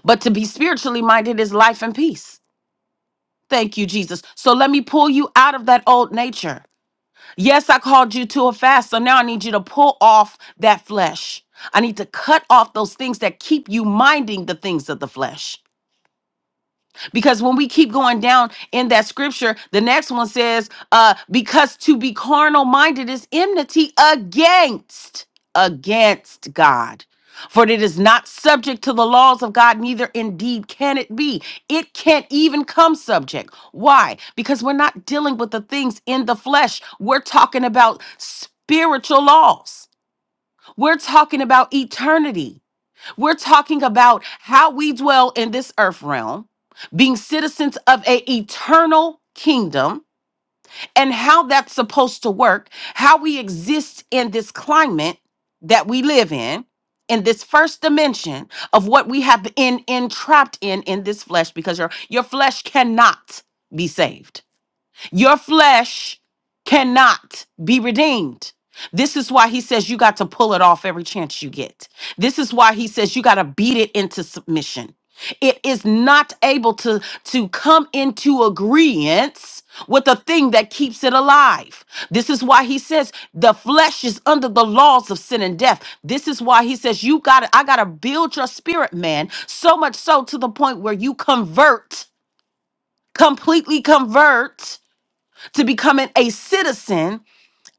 S2: but to be spiritually minded is life and peace. Thank you, Jesus. So let me pull you out of that old nature. Yes, I called you to a fast. So now I need you to pull off that flesh. I need to cut off those things that keep you minding the things of the flesh. because when we keep going down in that scripture the next one says uh because to be carnal minded is enmity against against god for it is not subject to the laws of God, neither indeed can it be. It can't even come subject. Why? Because we're not dealing with the things in the flesh. We're talking about spiritual laws, we're talking about eternity. We're talking about how we dwell in this earth realm, being citizens of a eternal kingdom and how that's supposed to work, how we exist in this climate that we live in, in this first dimension of what we have been entrapped in in this flesh because your your flesh cannot be saved. Your flesh cannot be redeemed. This is why he says you got to pull it off every chance you get. This is why he says you got to beat it into submission. It is not able to, to come into agreement with the thing that keeps it alive. This is why he says the flesh is under the laws of sin and death. This is why he says you got to I got to build your spirit man so much so to the point where you convert completely convert to becoming a citizen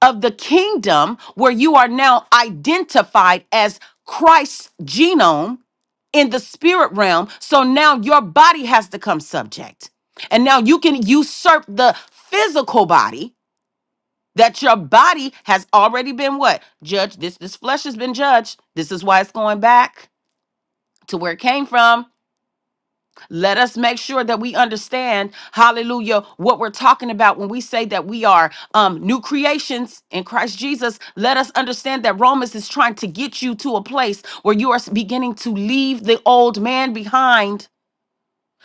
S2: of the kingdom where you are now identified as Christ's genome in the spirit realm. So now your body has to come subject. And now you can usurp the physical body that your body has already been what? Judged. This this flesh has been judged. This is why it's going back to where it came from Let us make sure that we understand, hallelujah, what we're talking about when we say that we are um, new creations in Christ Jesus. Let us understand that Romans is trying to get you to a place where you are beginning to leave the old man behind.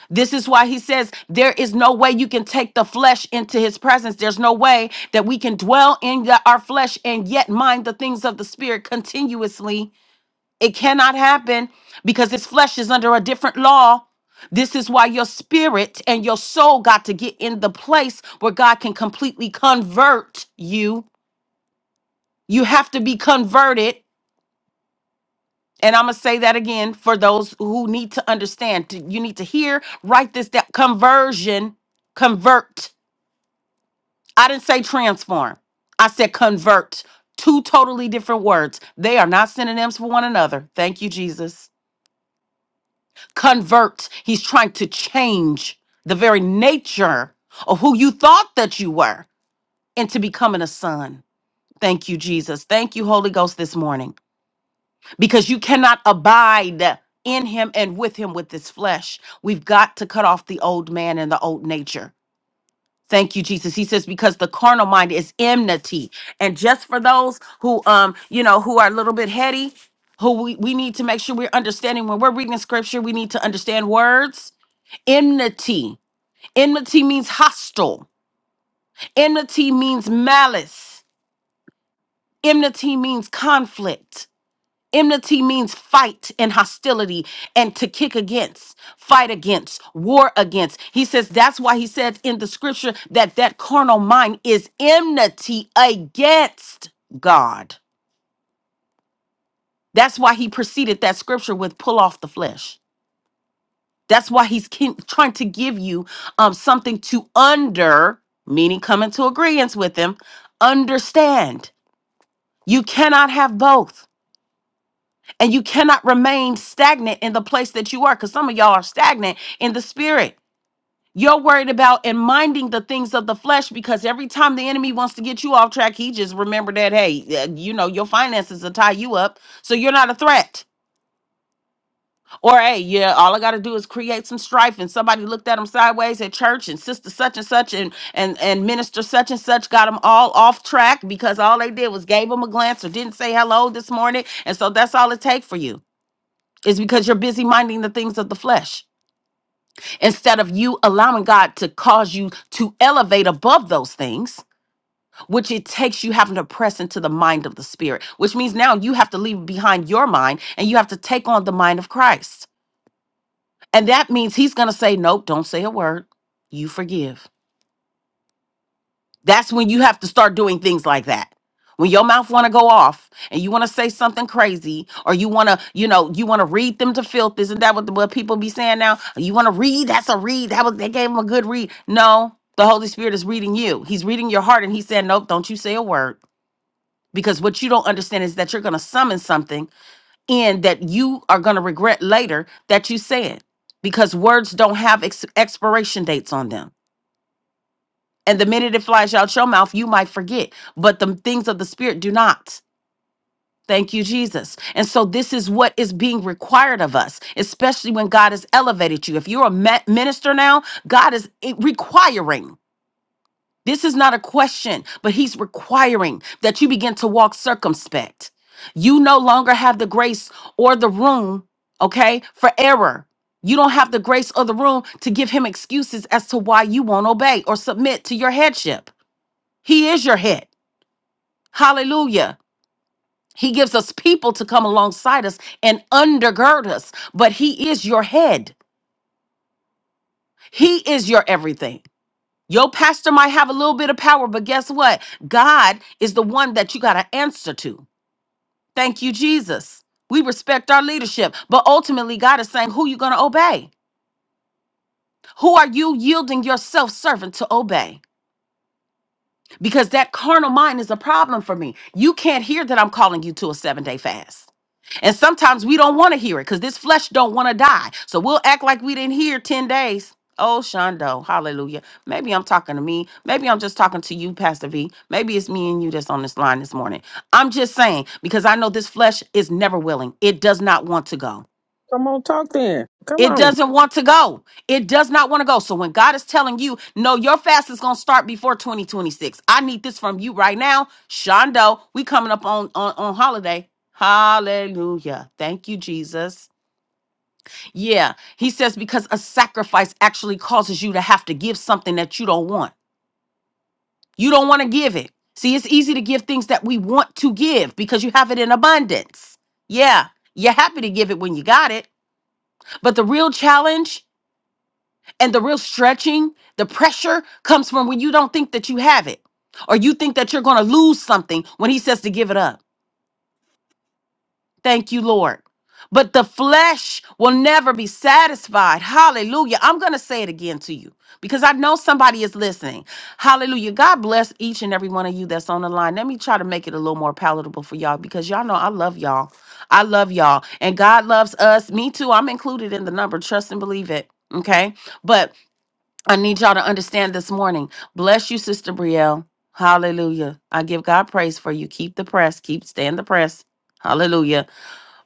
S2: This is why he says there is no way you can take the flesh into his presence. There's no way that we can dwell in the- our flesh and yet mind the things of the spirit continuously. It cannot happen because this flesh is under a different law. This is why your spirit and your soul got to get in the place where God can completely convert you. You have to be converted. And I'm going to say that again for those who need to understand. T- You need to hear, write this down. Conversion, convert. I didn't say transform, I said convert. Two totally different words. They are not synonyms for one another. Thank you, Jesus. convert. He's trying to change the very nature of who you thought that you were into becoming a son. Thank you, Jesus. Thank you, Holy Ghost, this morning, because you cannot abide in him and with him with this flesh. We've got to cut off the old man and the old nature. Thank you, Jesus. He says, because the carnal mind is enmity. And just for those who um, you know, who are a little bit heady, who we, we need to make sure we're understanding when we're reading scripture, we need to understand words Enmity. Enmity means hostile. Enmity means malice. Enmity means conflict. Enmity means fight and hostility and to kick against, fight against, war against. He says that's why he said in the scripture that that carnal mind is enmity against God. That's why he preceded that scripture with pull off the flesh. That's why he's kin- trying to give you um, something to under, meaning come into agreement with him, understand. You cannot have both. And you cannot remain stagnant in the place that you are, because some of y'all are stagnant in the spirit. You're worried about and minding the things of the flesh because every time the enemy wants to get you off track, he just remember that, hey, uh, you know, your finances will tie you up. So you're not a threat. Or hey, yeah, all I gotta do is create some strife, and somebody looked at them sideways at church, and sister such and such, and and and minister such and such got them all off track because all they did was gave them a glance or didn't say hello this morning, and so that's all it takes for you is because you're busy minding the things of the flesh instead of you allowing God to cause you to elevate above those things, which it takes you having to press into the mind of the spirit, which means now you have to leave behind your mind and you have to take on the mind of Christ. And that means he's going to say, Nope, don't say a word. You forgive. That's when you have to start doing things like that. When your mouth want to go off and you want to say something crazy or you want to, you know, you want to read them to filth. Isn't that what, the, what people be saying now? You want to read? That's a read. That was, they gave him a good read. No, the Holy Spirit is reading you. He's reading your heart and he's saying, Nope, don't you say a word. Because what you don't understand is that you're going to summon something in that you are going to regret later that you said because words don't have ex- expiration dates on them. And the minute it flies out your mouth, you might forget, but the things of the spirit do not. Thank you, Jesus. And so, this is what is being required of us, especially when God has elevated you. If you're a ma- minister now, God is eh, requiring. This is not a question, but he's requiring that you begin to walk circumspect. You no longer have the grace or the room, okay, for error. You don't have the grace or the room to give him excuses as to why you won't obey or submit to your headship. He is your head. Hallelujah. He gives us people to come alongside us and undergird us, but he is your head. He is your everything. Your pastor might have a little bit of power, but guess what? God is the one that you got to answer to. Thank you, Jesus. We respect our leadership, but ultimately, God is saying, Who you going to obey? Who are you yielding yourself servant to obey? Because that carnal mind is a problem for me. You can't hear that I'm calling you to a seven day fast. And sometimes we don't want to hear it because this flesh don't want to die. So we'll act like we didn't hear 10 days. Oh, Shondo, hallelujah. Maybe I'm talking to me. Maybe I'm just talking to you, Pastor V. Maybe it's me and you that's on this line this morning. I'm just saying because I know this flesh is never willing. It does not want to go.
S1: Come on. Come
S2: It
S1: on.
S2: doesn't want to go. It does not want to go. So when God is telling you, no, your fast is going to start before 2026. I need this from you right now. Shondo, we coming up on, on, on holiday. Hallelujah. Thank you, Jesus. Yeah. He says, because a sacrifice actually causes you to have to give something that you don't want. You don't want to give it. See, it's easy to give things that we want to give because you have it in abundance. Yeah. You're happy to give it when you got it. But the real challenge and the real stretching, the pressure comes from when you don't think that you have it or you think that you're going to lose something when he says to give it up. Thank you, Lord. But the flesh will never be satisfied. Hallelujah. I'm going to say it again to you because I know somebody is listening. Hallelujah. God bless each and every one of you that's on the line. Let me try to make it a little more palatable for y'all because y'all know I love y'all. I love y'all. And God loves us. Me too. I'm included in the number. Trust and believe it. Okay. But I need y'all to understand this morning. Bless you, Sister Brielle. Hallelujah. I give God praise for you. Keep the press, keep stand the press. Hallelujah.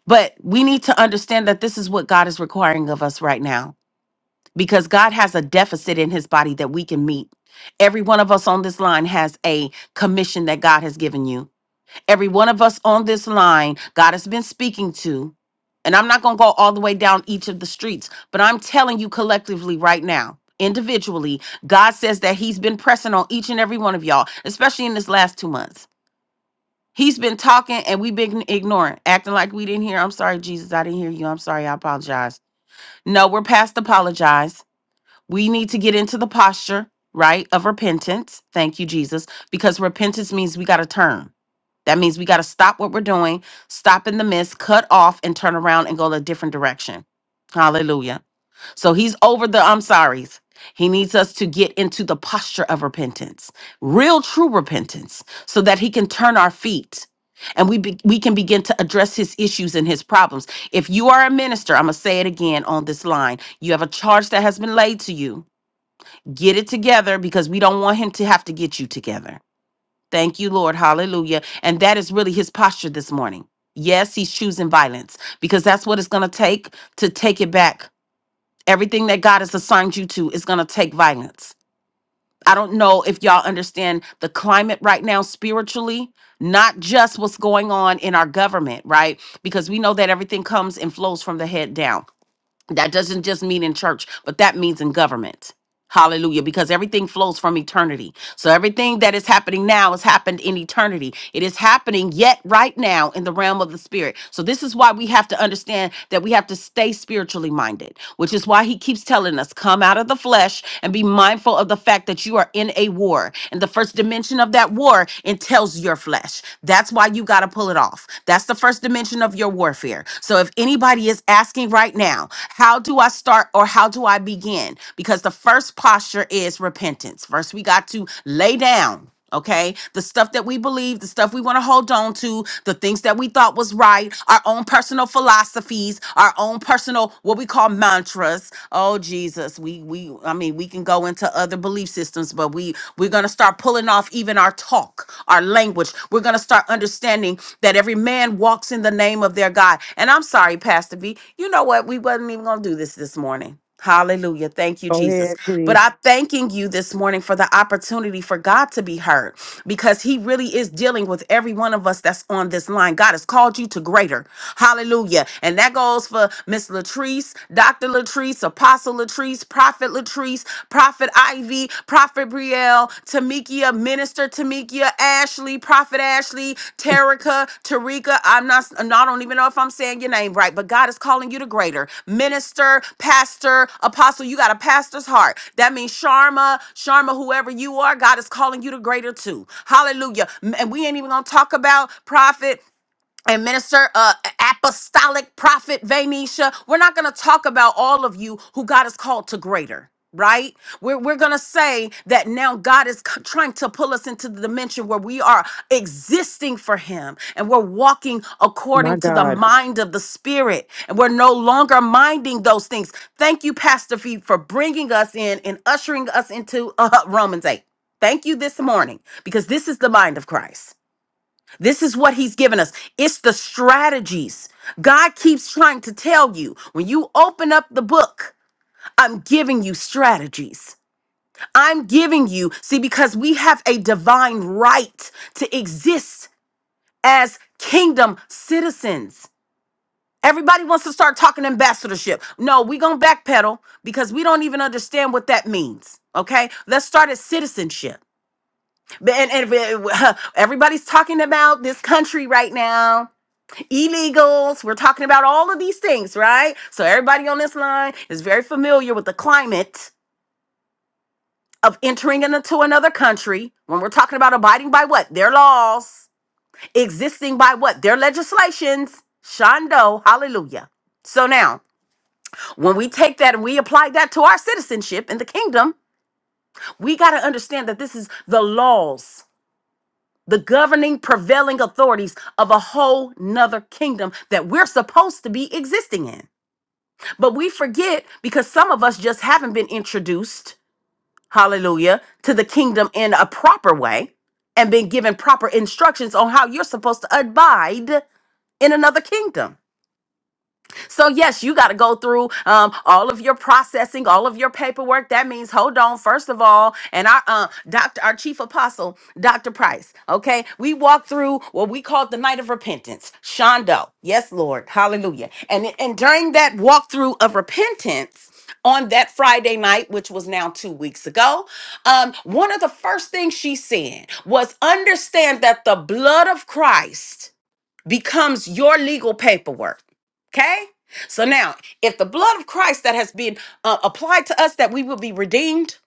S2: But we need to understand that this is what God is requiring of us right now because God has a deficit in his body that we can meet. Every one of us on this line has a commission that God has given you. Every one of us on this line, God has been speaking to. And I'm not going to go all the way down each of the streets, but I'm telling you collectively right now, individually, God says that He's been pressing on each and every one of y'all, especially in this last two months. He's been talking and we've been ignoring, acting like we didn't hear. I'm sorry, Jesus, I didn't hear you. I'm sorry, I apologize. No, we're past apologize. We need to get into the posture, right, of repentance. Thank you, Jesus, because repentance means we got to turn. That means we got to stop what we're doing, stop in the midst, cut off, and turn around and go a different direction. Hallelujah. So he's over the I'm sorry's. He needs us to get into the posture of repentance, real true repentance, so that he can turn our feet and we be, we can begin to address his issues and his problems. If you are a minister, I'm going to say it again on this line. You have a charge that has been laid to you. Get it together because we don't want him to have to get you together. Thank you, Lord. Hallelujah. And that is really his posture this morning. Yes, he's choosing violence because that's what it's going to take to take it back. Everything that God has assigned you to is going to take violence. I don't know if y'all understand the climate right now spiritually, not just what's going on in our government, right? Because we know that everything comes and flows from the head down. That doesn't just mean in church, but that means in government. Hallelujah, because everything flows from eternity. So everything that is happening now has happened in eternity. It is happening yet right now in the realm of the spirit. So this is why we have to understand that we have to stay spiritually minded, which is why he keeps telling us, come out of the flesh and be mindful of the fact that you are in a war. And the first dimension of that war entails your flesh. That's why you got to pull it off. That's the first dimension of your warfare here. So if anybody is asking right now, how do I start or how do I begin? Because the first posture is repentance. First, we got to lay down. Okay, the stuff that we believe, the stuff we want to hold on to, the things that we thought was right, our own personal philosophies, our own personal what we call mantras. Oh Jesus, we we I mean we can go into other belief systems, but we we're gonna start pulling off even even our talk, our language. We're going to start understanding that every man walks in the name of their God. And I'm sorry, Pastor V. You know what? We wasn't even going to do this this morning. Hallelujah. Thank you,
S1: Go
S2: Jesus.
S1: ahead,
S2: But
S1: please.
S2: I'm thanking you this morning for the opportunity for God to be heard because He really is dealing with every one of us that's on this line. God has called you to greater. Hallelujah. And that goes for Miss Latrice, Dr. Latrice, Latrice, Apostle Latrice, Prophet Latrice, Prophet Ivy, Prophet Brielle, Tamikia, Minister Tamikia, Ashley, Prophet Ashley, Terica, Tarika. I'm not, I don't even know if I'm saying your name right, but God is calling you to greater. Minister, Pastor, Apostle, you got a pastor's heart. That means Sharma, Sharma, whoever you are, God is calling you to greater too. Hallelujah. M- And we ain't even gonna talk about Prophet and minister uh, apostolic prophet Vanisha. We're not going to talk about all of you who God has called to greater. Right? We're, we're going to say that now God is c- trying to pull us into the dimension where we are existing for Him and we're walking
S1: My
S2: according to the Mhm.
S1: God.
S2: mind of the Spirit and we're no longer minding those things. Thank you, Pastor Fee, for bringing us in and ushering us into uh, Romans 8. Thank you this morning because this is the mind of Christ. This is what he's given us. It's the strategies. God keeps trying to tell you when you open up the book, I'm giving you strategies. I'm giving you, see, because we have a divine right to exist as kingdom citizens. Everybody wants to start talking ambassadorship. No, we're going to backpedal because we don't even understand what that means. Okay, let's start at citizenship. And, and everybody's talking about this country right now. illegals. We're talking about all of these things, right? So everybody on this line is very familiar with the climate of entering into another country when we're talking about abiding by what? Their laws, existing by what? Their legislations. Shondo, hallelujah. So now, when we take that and we apply that to our citizenship in the kingdom, we got to understand that this is the laws, the governing prevailing authorities of a whole nother kingdom that we're supposed to be existing in. But we forget because some of us just haven't been introduced, hallelujah, to the kingdom in a proper way and been given proper instructions on how you're supposed to abide in another kingdom. So, yes, you got to go through um, all of your processing, all of your paperwork. That means, hold on, first of all, and our uh, doctor, our chief apostle, Dr. Price, okay, we walked through what we called the night of repentance, Shondo. Yes, Lord. Hallelujah. And, and during that walkthrough of repentance, on that Friday night, which was now two weeks ago, um, one of the first things she said was understand that the blood of Christ becomes your legal paperwork. Okay? So now, if the blood of Christ that has been uh, applied to us that we will be redeemed,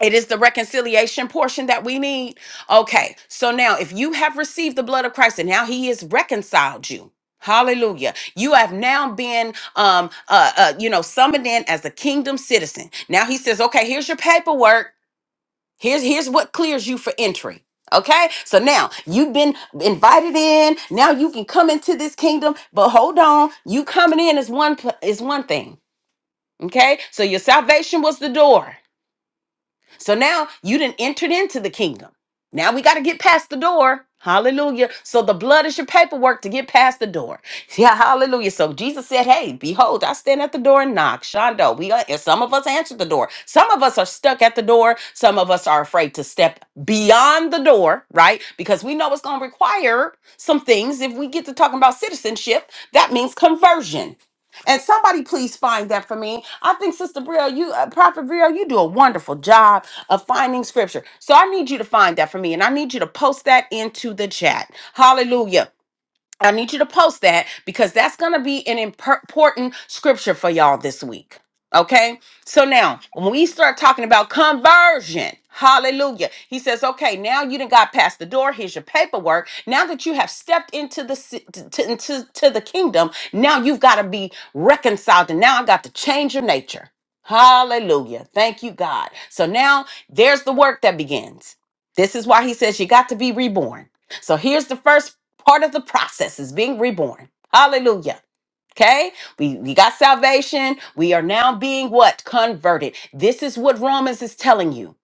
S2: it is the reconciliation portion that we need. Okay. So now, if you have received the blood of Christ and now he has reconciled you. Hallelujah. You have now been um uh, uh you know summoned in as a kingdom citizen. Now he says, "Okay, here's your paperwork. Here's here's what clears you for entry. Okay? So now you've been invited in. Now you can come into this kingdom, but hold on, you coming in is one pl- is one thing. Okay? So your salvation was the door. So now you didn't entered into the kingdom. Now we got to get past the door. Hallelujah. So the blood is your paperwork to get past the door. Yeah, hallelujah. So Jesus said, Hey, behold, I stand at the door and knock. Shondo, we are, some of us answered the door. Some of us are stuck at the door. Some of us are afraid to step beyond the door, right? Because we know it's going to require some things. If we get to talking about citizenship, that means conversion. And somebody please find that for me. I think Sister Brielle, you uh, Prophet Brielle, you do a wonderful job of finding scripture. So I need you to find that for me and I need you to post that into the chat. Hallelujah. I need you to post that because that's going to be an impor- important scripture for y'all this week. Okay. So now, when we start talking about conversion, hallelujah, he says, okay, now you done got past the door. Here's your paperwork. Now that you have stepped into the ci- to, to- into to the kingdom, now you've got to be reconciled. And now I got to change your nature. Hallelujah. Thank you, God. So now there's the work that begins. This is why he says you got to be reborn. So here's the first Part of the process is being reborn. Hallelujah. Okay? We we got salvation. We are now being what? Converted. This is what Romans is telling you.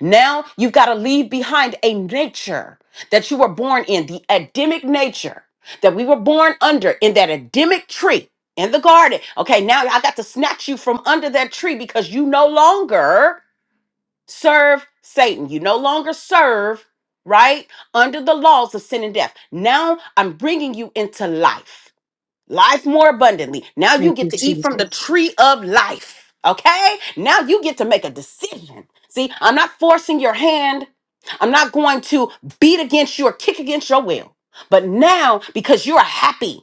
S2: Now you've got to leave behind a nature that you were born in, the Adamic nature that we were born under in that Adamic tree in the garden. Okay, now I got to snatch you from under that tree because you no longer serve Satan. You no longer serve, right? Under the laws of sin and death. Now I'm bringing you into life, life more abundantly. Now
S1: Thank
S2: you get
S1: you,
S2: to eat from the
S1: Jesus.
S2: tree of life, okay? Now you get to make a decision. See, I'm not forcing your hand, I'm not going to beat against you or kick against your will. But now, because you're happy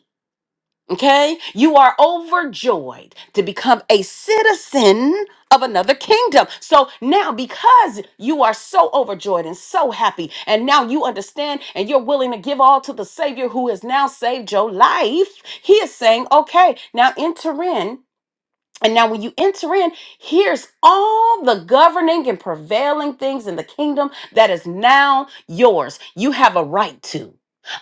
S2: Okay? You are overjoyed to become a citizen of another kingdom. So now, because you are so overjoyed and so happy, and now you understand and you're willing to give all to the Savior who has now saved your life, He is saying, okay, now enter in. And now, when you enter in, here's all the governing and prevailing things in the kingdom that is now yours. You have a right to.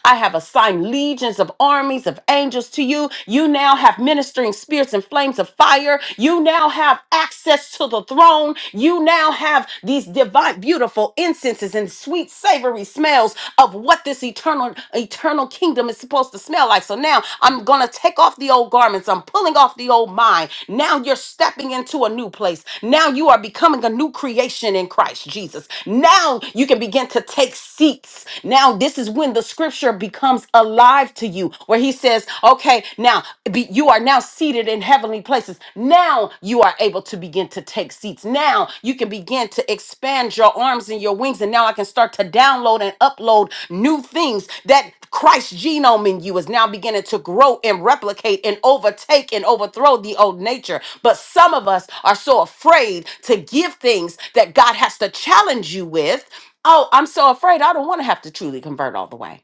S2: I have assigned legions of armies of angels to you. You now have ministering spirits and flames of fire. You now have access to the throne. You now have these divine, beautiful incenses and sweet, savory smells of what this eternal eternal kingdom is supposed to smell like. So now I'm going to take off the old garments. I'm pulling off the old mind. Now you're stepping into a new place. Now you are becoming a new creation in Christ Jesus. Now you can begin to take seats. Now this is when the scripture becomes alive to you where he says, "Okay, now be, you are now seated in heavenly heavenly places. Now you are able to begin to take seats. Now you can begin to expand your arms and your wings. And now I can start to download and upload new things that Christ genome in you is now beginning to grow and replicate and overtake and overthrow the old nature. But some of us are so afraid to give things that God has to challenge you with. Oh, I'm so afraid I don't want to have to truly convert all the way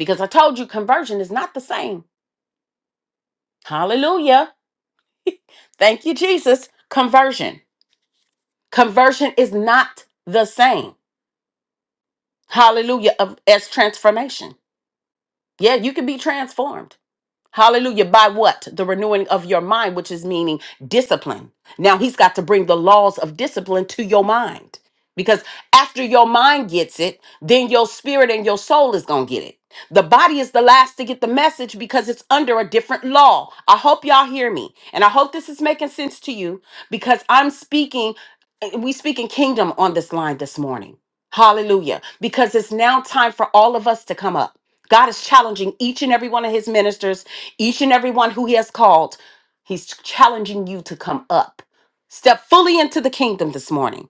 S2: because I told you conversion is not the same. Hallelujah Thank you, Jesus. Conversion. Conversion is not the same. Hallelujah. of- As transformation. Yeah, you can be transformed. Hallelujah. By what? The renewing of your mind, which is meaning discipline. Now he's got to bring the laws of discipline to your mind. Because after your mind gets it, then your spirit and your soul is going to get it. The body is the last to get the message because it's under a different law. I hope y'all hear me. And I hope this is making sense to you because I'm speaking, we speaking kingdom on this line this morning. Hallelujah. Because it's now time for all of us to come up. God is challenging each and every one of his ministers, each and every one who he has called. He's challenging you to come up. Step fully into the kingdom this morning.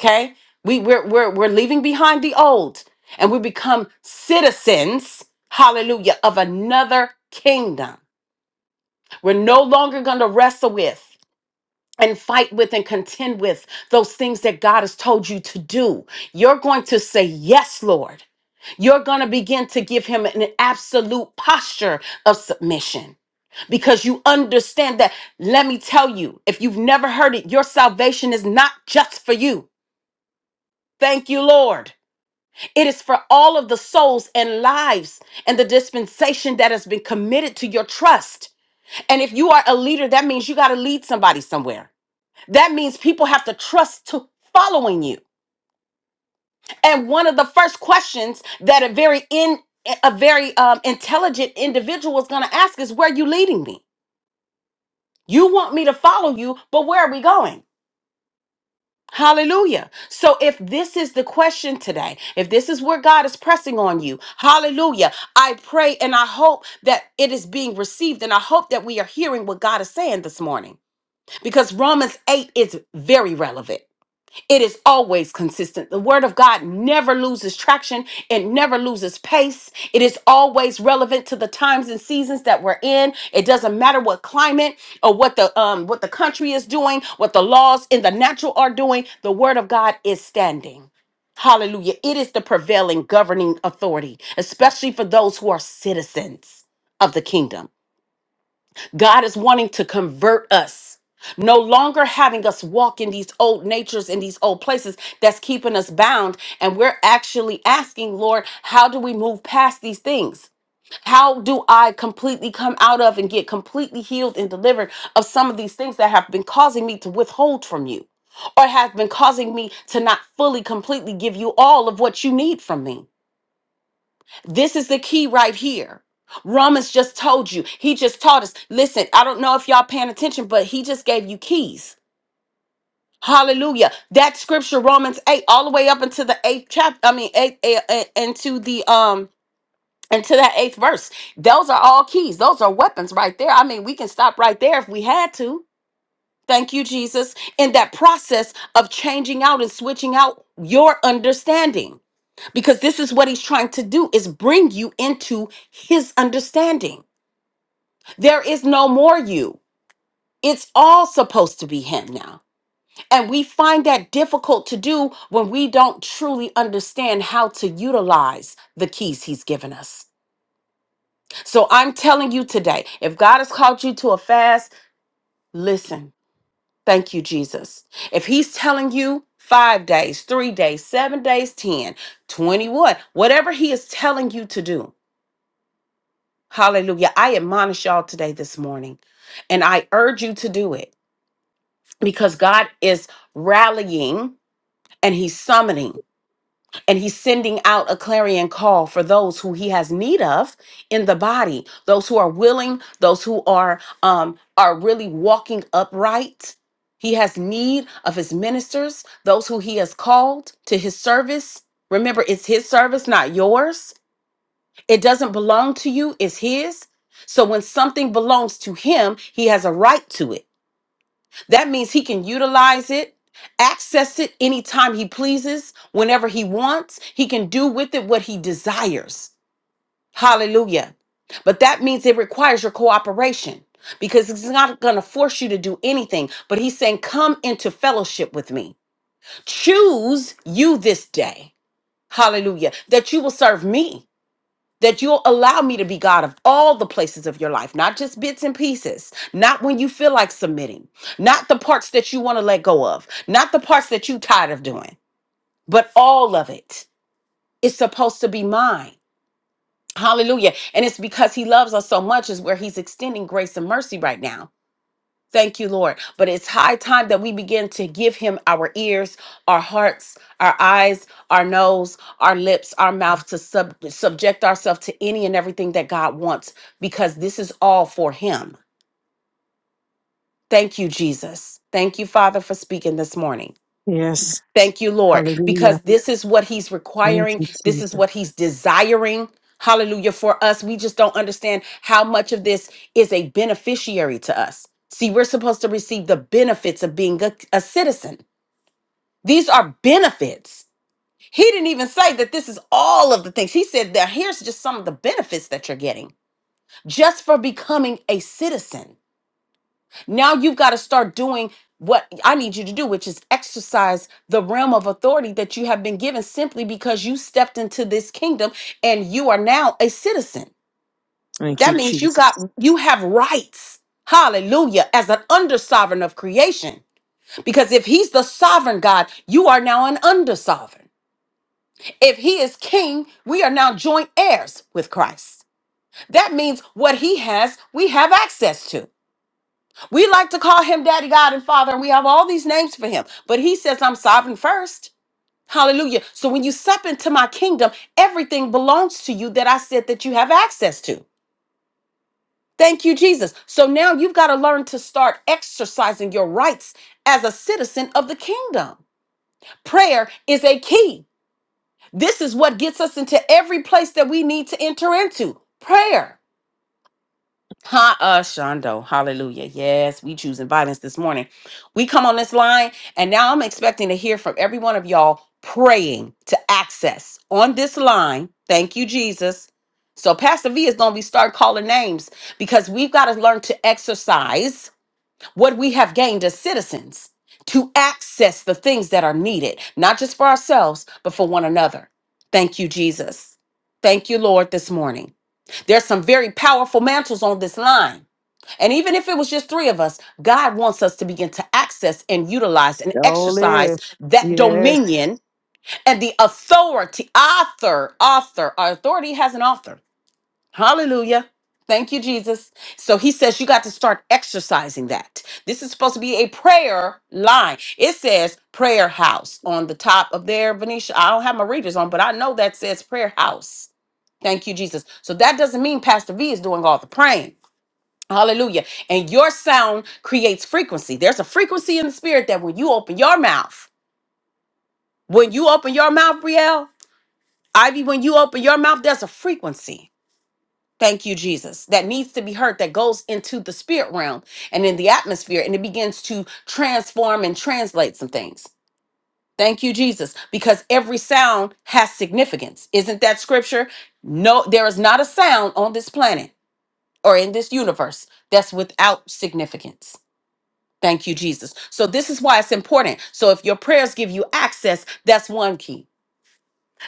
S2: Okay? We, we're, we're, we're leaving behind the old and we become citizens, hallelujah, of another kingdom. We're no longer going to wrestle with and fight with and contend with those things that God has told you to do. You're going to say, Yes, Lord. You're going to begin to give him an absolute posture of submission because you understand that. Let me tell you, if you've never heard it, your salvation is not just for you. Thank you, Lord. It is for all of the souls and lives and the dispensation that has been committed to your trust. And if you are a leader, that means you got to lead somebody somewhere. That means people have to trust to following you. And one of the first questions that a very in a very um, intelligent individual is going to ask is, "Where are you leading me? You want me to follow you, but where are we going?" Hallelujah. So if this is the question today, if this is where God is pressing on you, hallelujah. I pray and I hope that it is being received and I hope that we are hearing what God is saying this morning because Romans 8 is very relevant. It is always consistent. The word of God never loses traction, it never loses pace. It is always relevant to the times and seasons that we're in. It doesn't matter what climate or what the um what the country is doing, what the laws in the natural are doing, the word of God is standing. Hallelujah. It is the prevailing governing authority, especially for those who are citizens of the kingdom. God is wanting to convert us. No longer having us walk in these old natures in these old places that's keeping us bound. And we're actually asking, Lord, how do we move past these things? How do I completely come out of and get completely healed and delivered of some of these things that have been causing me to withhold from you or have been causing me to not fully, completely give you all of what you need from me? This is the key right here. Romans just told you. He just taught us. Listen, I don't know if y'all paying attention, but he just gave you keys. Hallelujah. That scripture, Romans 8, all the way up into the eighth chapter, I mean, eight, eh, eh, into the, um, into that eighth verse. Those are all keys. Those are weapons right there. I mean, we can stop right there if we had to. Thank you, Jesus. In that process of changing out and switching out your understanding because this is what he's trying to do is bring you into his understanding there is no more you it's all supposed to be him now and we find that difficult to do when we don't truly understand how to utilize the keys he's given us so i'm telling you today if god has called you to a fast listen thank you jesus if he's telling you Five days, three days, seven days, ten, twenty-one. whatever he is telling you to do. Hallelujah. I admonish y'all today, this morning, and I urge you to do it because God is rallying and He's summoning and He's sending out a clarion call for those who He has need of in the body, those who are willing, those who are um, are really walking upright. He has need of His ministers, those who He has called to His service. Remember, it's His service, not yours. It doesn't belong to you, it's his. So when something belongs to him, he has a right to it. That means he can utilize it, access it anytime he pleases, whenever he wants. He can do with it what he desires. Hallelujah. But that means it requires your cooperation because he's not going to force you to do anything, but he's saying, Come into fellowship with me. Choose you this day. Hallelujah. That you will serve me that you'll allow me to be God of all the places of your life, not just bits and pieces, not when you feel like submitting, not the parts that you want to let go of, not the parts that you tired of doing, but all of it is supposed to be mine. Hallelujah. And it's because he loves us so much is where he's extending grace and mercy right now Thank you, Lord. But it's high time that we begin to give him our ears, our hearts, our eyes, our nose, our lips, our mouth to sub- subject ourselves to any and everything that God wants because this is all for him. Thank you, Jesus. Thank you, Father, for speaking this morning.
S1: Yes.
S2: Thank you, Lord,
S1: Hallelujah.
S2: because this is what He's
S1: Thank
S2: requiring.
S1: you,
S2: This is
S1: Jesus.
S2: what He's desiring. Hallelujah for us. We just don't understand how much of this is a beneficiary to us. See, we're supposed to receive the benefits of being a, a citizen. These are benefits. He didn't even say that this is all of the things. He said that here's just some of the benefits that you're getting just for becoming a citizen. Now you've got to start doing what I need you to do, which is exercise the realm of authority that you have been given simply because you stepped into this kingdom and you are now a citizen.
S1: Thank you,
S2: That means you
S1: Jesus.
S2: got you have rights. Hallelujah. As an under sovereign of creation. Because if he's the sovereign God, you are now an under sovereign. If he is king, we are now joint heirs with Christ. That means what he has, we have access to. We like to call him Daddy God and Father, and we have all these names for him. But he says, I'm sovereign first. Hallelujah. So when you step into my kingdom, everything belongs to you that I said that you have access to. Thank you, Jesus. So now you've got to learn to start exercising your rights as a citizen of the kingdom. Prayer is a key. This is what gets us into every place that we need to enter into prayer. Ha uh Shondo. Hallelujah. Yes, we choosing violence this morning. We come on this line, and now I'm expecting to hear from every one of y'all praying to access on this line. Thank you, Jesus. So Pastor V is gonna be start calling names because we've got to learn to exercise what we have gained as citizens to access the things that are needed, not just for ourselves, but for one another. Thank you, Jesus. Thank you, Lord, this morning. There's some very powerful mantles on this line and even if it was just three of us, God wants us to begin to access and utilize and
S1: All
S2: exercise
S1: is.
S2: that
S1: Yes.
S2: dominion and the authority. Author, author. Our authority has an author. Hallelujah. Thank you, Jesus. So he says you got to start exercising that. This is supposed to be a prayer line. It says prayer house on the top of there, Venetia. I don't have my readers on, but I know that says prayer house. Thank you, Jesus. So that doesn't mean Pastor V is doing all the praying. Hallelujah. And your sound creates frequency. There's a frequency in the spirit that when you open your mouth, when you open your mouth, Brielle, Ivy, when you open your mouth, there's a frequency. Thank you, Jesus. That needs to be heard, that goes into the spirit realm and in the atmosphere, and it begins to transform and translate some things. Thank you, Jesus, because every sound has significance. Isn't that scripture? No, there is not a sound on this planet or in this universe that's without significance. Thank you, Jesus. So this is why it's important. So if your prayers give you access, that's one key.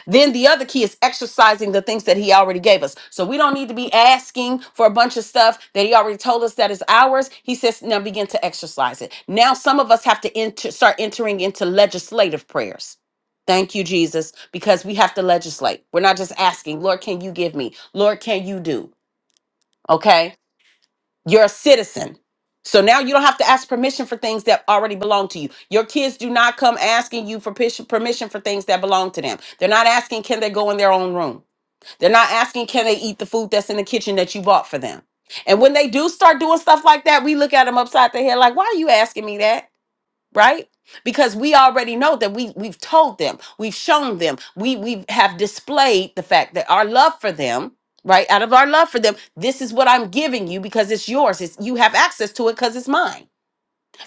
S2: Then the other key is exercising the things that he already gave us. So we don't need to be asking for a bunch of stuff that he already told us that is ours. He says now begin to exercise it. Now some of us have to enter, start entering into legislative prayers. Thank you, Jesus, because we have to legislate. We're not just asking, Lord, can you give me? Lord, can you do? Okay. You're a citizen. So now you don't have to ask permission for things that already belong to you. Your kids do not come asking you for pish- permission for things that belong to them. They're not asking, can they go in their own room? They're not asking, can they eat the food that's in the kitchen that you bought for them? And when they do start doing stuff like that, we look at them upside the head like, why are you asking me that? right because we already know that we we've told them we've shown them we we have displayed the fact that our love for them right out of our love for them this is what i'm giving you because it's yours it's you have access to it because it's mine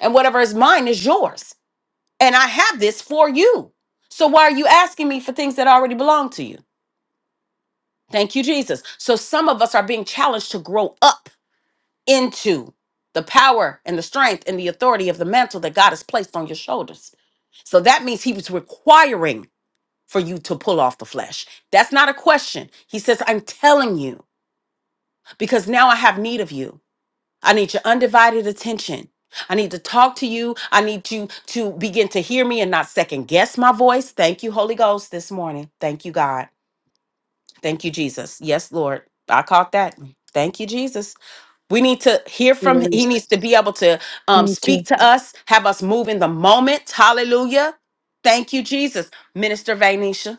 S2: and whatever is mine is yours and i have this for you so why are you asking me for things that already belong to you thank you jesus so some of us are being challenged to grow up into the power and the strength and the authority of the mantle that God has placed on your shoulders. So that means he was requiring for you to pull off the flesh. That's not a question. He says, I'm telling you because now I have need of you. I need your undivided attention. I need to talk to you. I need you to begin to hear me and not second guess my voice. Thank you, Holy Ghost, this morning. Thank you, God. Thank you, Jesus. Yes, Lord. I caught that. Thank you, Jesus. We need to hear from he
S1: Yes.
S2: needs to be able to um,
S1: Thank you.
S2: speak to us, have us move in the moment. Hallelujah. Thank you, Jesus. Minister Vainisha.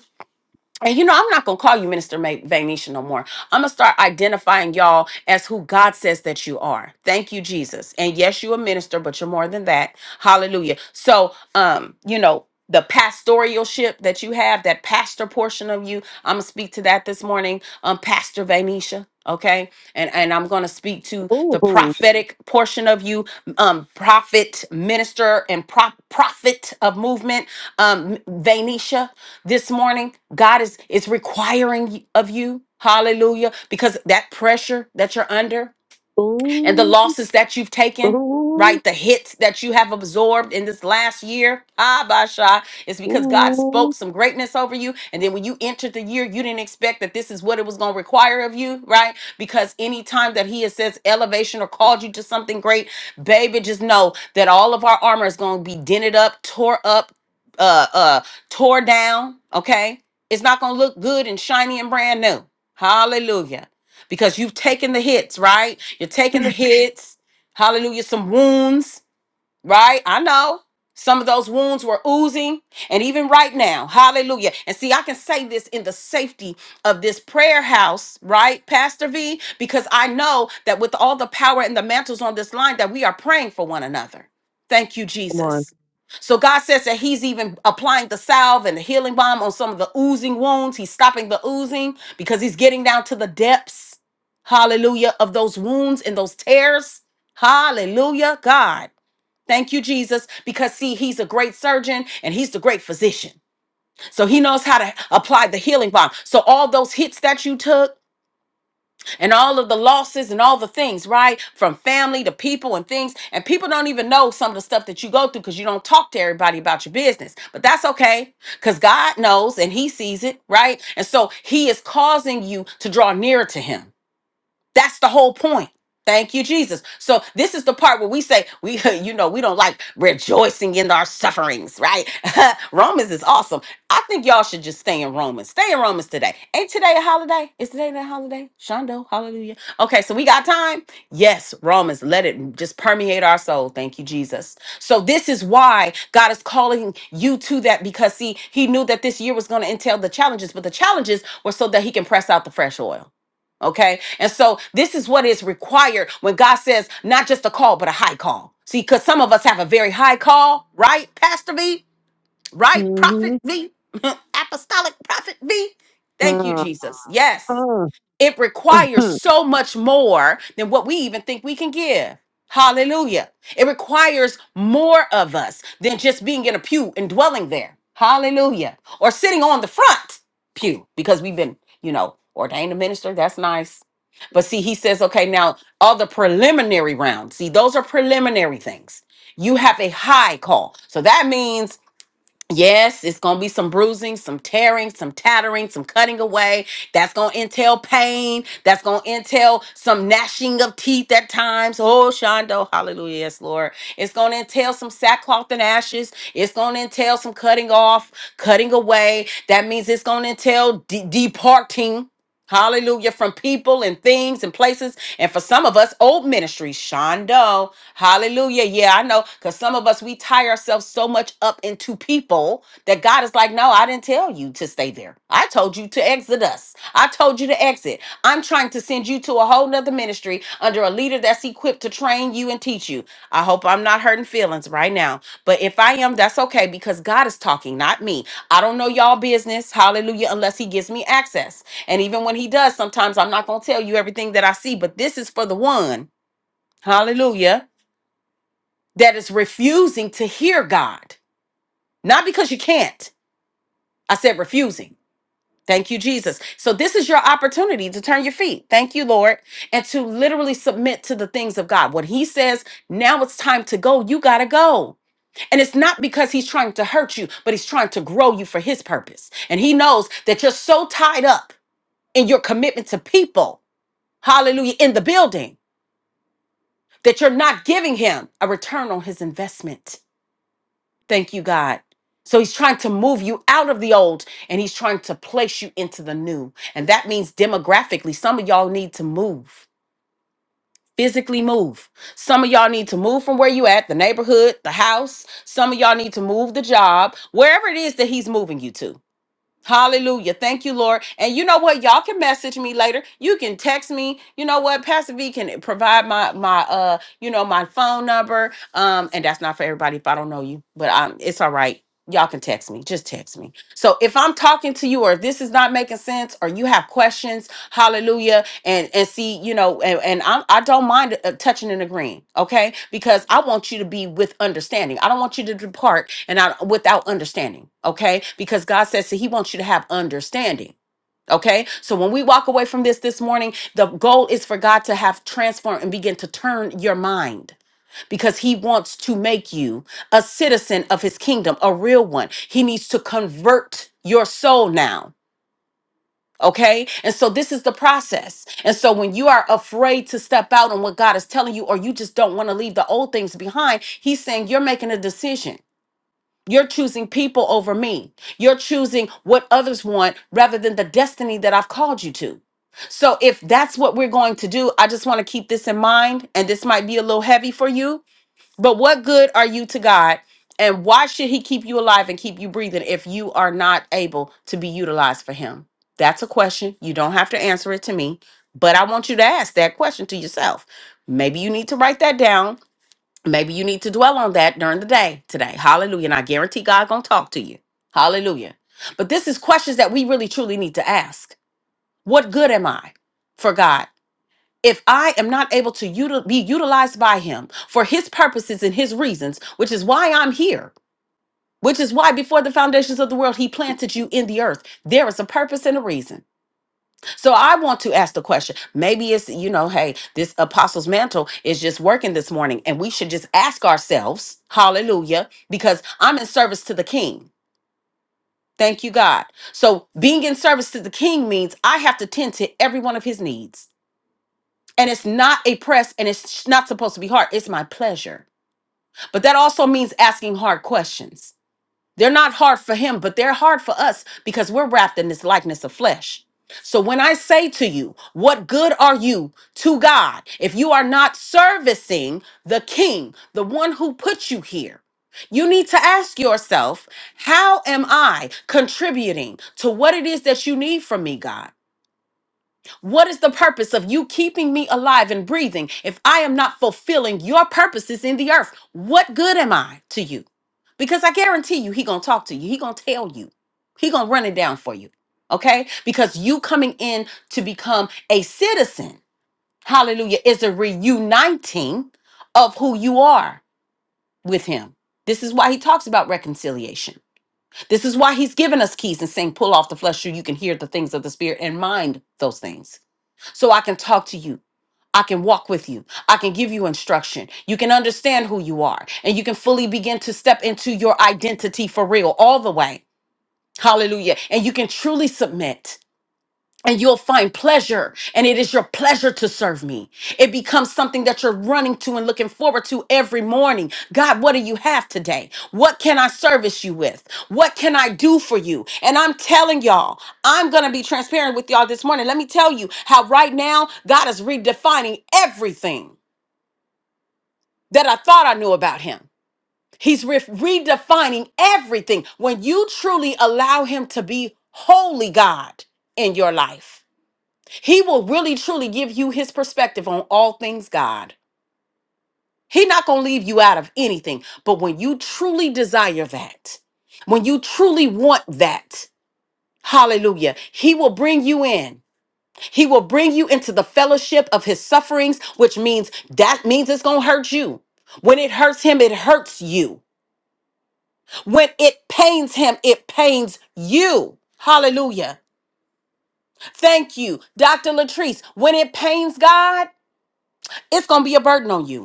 S2: And you know, I'm not gonna call you Minister Ma- Vainisha no more. I'm gonna start identifying y'all as who God says that you are. Thank you, Jesus. And yes, you're a minister, but you're more than that. Hallelujah. So, um, you know, the pastoralship that you have, that pastor portion of you, I'm gonna speak to that this morning. Um, Pastor Vainisha. Okay, and and I'm gonna speak to
S1: Ooh,
S2: the
S1: ooh,
S2: prophetic portion of you, um, prophet, minister, and prop prophet of movement, um, Vainisha this morning god is is requiring of you hallelujah because that pressure that you're under and the
S1: ooh,
S2: losses that you've taken,
S1: ooh,
S2: right? The hits that you have absorbed in this last year. Ah, Basha, it's because God spoke some greatness over you. And then when you entered the year, you didn't expect that this is what it was going to require of you, right? Because anytime that He has says elevation or called you to something great, baby, just know that all of our armor is going to be dented up, tore up, uh, uh, tore down, okay? It's not going to look good and shiny and brand new. Hallelujah because you've taken the hits, right? You're taking the hits. Hallelujah. Some wounds right? I know. Some of those wounds were oozing, and even right now, hallelujah. And see, I can say this in the safety of this prayer house, right, Pastor V? Because I know that with all the power and the mantles on this line, that we are praying for one another. Thank you,
S1: Come on.
S2: Jesus. So God says that He's even applying the salve and the healing balm on some of the oozing wounds. He's stopping the oozing because He's getting down to the depths, hallelujah, of those wounds and those tears. Hallelujah, God. Thank you, Jesus, because see, he's a great surgeon and he's the great physician. So he knows how to apply the healing balm. So all those hits that you took and all of the losses and all the things, right? From family to people and things. And people don't even know some of the stuff that you go through because you don't talk to everybody about your business. But that's okay because God knows and he sees it, right? And so he is causing you to draw nearer to him. That's the whole point. Thank you, Jesus. So this is the part where we say we, you know, we don't like rejoicing in our sufferings, right? Romans is awesome. I think y'all should just stay in Romans. Stay in Romans today. Ain't today a holiday? Is today that holiday? Shondo, hallelujah. Okay, so we got time. Yes, Romans. Let it just permeate our soul. Thank you, Jesus. So this is why God is calling you to that because see, He knew that this year was going to entail the challenges, but the challenges were so that He can press out the fresh oil. Okay. And so this is what is required when God says not just a call, but a high call. See, because some of us have a very high call, right? Pastor V, right?
S1: Mm-hmm.
S2: Prophet V, apostolic prophet V. Thank you,
S1: Uh,
S2: Jesus. Yes
S1: uh,
S2: it
S1: uh,
S2: requires
S1: uh.
S2: so much more than what we even think we can give. Hallelujah. It requires more of us than just being in a pew and dwelling there. Hallelujah. Or sitting on the front pew because we've been, you know, ordained a minister. That's nice. But see, he says, okay, now all the preliminary rounds, see, those are preliminary things. You have a high call. So that means Yes, it's going to be some bruising, some tearing, some tattering, some cutting away. That's going to entail pain. That's going to entail some gnashing of teeth at times. Oh, Shondo, hallelujah, yes, Lord. It's going to entail some sackcloth and ashes. It's going to entail some cutting off, cutting away. That means it's going to entail de- departing. Hallelujah. From people and things and places. And for some of us, old ministries. Shondo. Hallelujah. Yeah, I know. Because some of us, we tie ourselves so much up into people that God is like, no, I didn't tell you to stay there. I told you to exit us. I told you to exit. I'm trying to send you to a whole nother ministry under a leader that's equipped to train you and teach you. I hope I'm not hurting feelings right now. But if I am, that's okay because God is talking, not me. I don't know y'all business. Hallelujah. Unless he gives me access. And even when he does, sometimes I'm not going to tell you everything that I see, but this is for the one, hallelujah, that is refusing to hear God. Not because you can't. I said refusing. Thank you, Jesus. So this is your opportunity to turn your feet. Thank you, Lord. And to literally submit to the things of God. When he says, now it's time to go, you got to go. And it's not because he's trying to hurt you, but he's trying to grow you for his purpose. And he knows that you're so tied up in your commitment to people, hallelujah, in the building that you're not giving him a return on his investment. Thank you, God. So he's trying to move you out of the old and he's trying to place you into the new. And that means demographically, some of y'all need to move. Physically move. Some of y'all need to move from where you at, the neighborhood, the house. Some of y'all need to move the job, wherever it is that he's moving you to. Hallelujah. Thank you, Lord. And you know what? Y'all can message me later. You can text me. You know what? Pastor V can provide my my uh, you know, my phone number. Um, and that's not for everybody if I don't know you, but um, it's all right y'all can text me just text me so if i'm talking to you or if this is not making sense or you have questions hallelujah and and see you know and, and I'm, i don't mind uh, touching and agreeing okay because i want you to be with understanding i don't want you to depart and I, without understanding okay because god says that he wants you to have understanding Okay, so when we walk away from this this morning, the goal is for God to have transformed and begin to turn your mind because he wants to make you a citizen of his kingdom, a real one. He needs to convert your soul now. Okay. And so this is the process. And so when you are afraid to step out on what God is telling you, or you just don't want to leave the old things behind, he's saying you're making a decision. You're choosing people over me. You're choosing what others want rather than the destiny that I've called you to. So if that's what we're going to do, I just want to keep this in mind. And this might be a little heavy for you but what good are you to God? And why should he keep you alive and keep you breathing if you are not able to be utilized for him? That's a question. You don't have to answer it to me, but I want you to ask that question to yourself. Maybe you need to write that down. Maybe you need to dwell on that during the day today. Hallelujah. And I guarantee God going to talk to you. Hallelujah. But this is questions that we really truly need to ask. What good am I for God? if I am not able to util- be utilized by him for his purposes and his reasons, which is why I'm here, which is why before the foundations of the world, he planted you in the earth, there is a purpose and a reason. So I want to ask the question maybe it's, you know, hey, this apostle's mantle is just working this morning, and we should just ask ourselves, hallelujah, because I'm in service to the king. Thank you, God. So being in service to the king means I have to tend to every one of his needs. and it's not a press and it's not supposed to be hard it's my pleasure but that also means asking hard questions they're not hard for him but they're hard for us because we're wrapped in this likeness of flesh so when i say to you what good are you to god if you are not servicing the king the one who put you here you need to ask yourself, how am I contributing to what it is that you need from me, God? What is the purpose of you keeping me alive and breathing if I am not fulfilling your purposes in the earth? What good am I to you? Because I guarantee you, he gonna talk to you. He gonna tell you. He gonna run it down for you. Okay? Because you coming in to become a citizen, hallelujah, is a reuniting of who you are with him. This is why he talks about reconciliation. This is why he's given us keys and saying, pull off the flesh so you can hear the things of the spirit and mind those things so I can talk to you. I can walk with you. I can give you instruction. You can understand who you are and you can fully begin to step into your identity for real, all the way. Hallelujah. And you can truly submit and you'll find pleasure and it is your pleasure to serve me it becomes something that you're running to and looking forward to every morning god what do you have today what can i service you with what can i do for you and i'm telling y'all i'm gonna be transparent with y'all this morning let me tell you how right now god is redefining everything that i thought i knew about him he's re- redefining everything when you truly allow him to be holy god in your life he will really truly give you his perspective on all things God. He not going to leave you out of anything. But when you truly desire that, when you truly want that, hallelujah, he will bring you in. He will bring you into the fellowship of his sufferings, which means that means it's going to hurt you. When it hurts him, it hurts you. When it pains him, it pains you. Hallelujah. Thank you, Dr. Latrice. When it pains God, it's going to be a burden on you.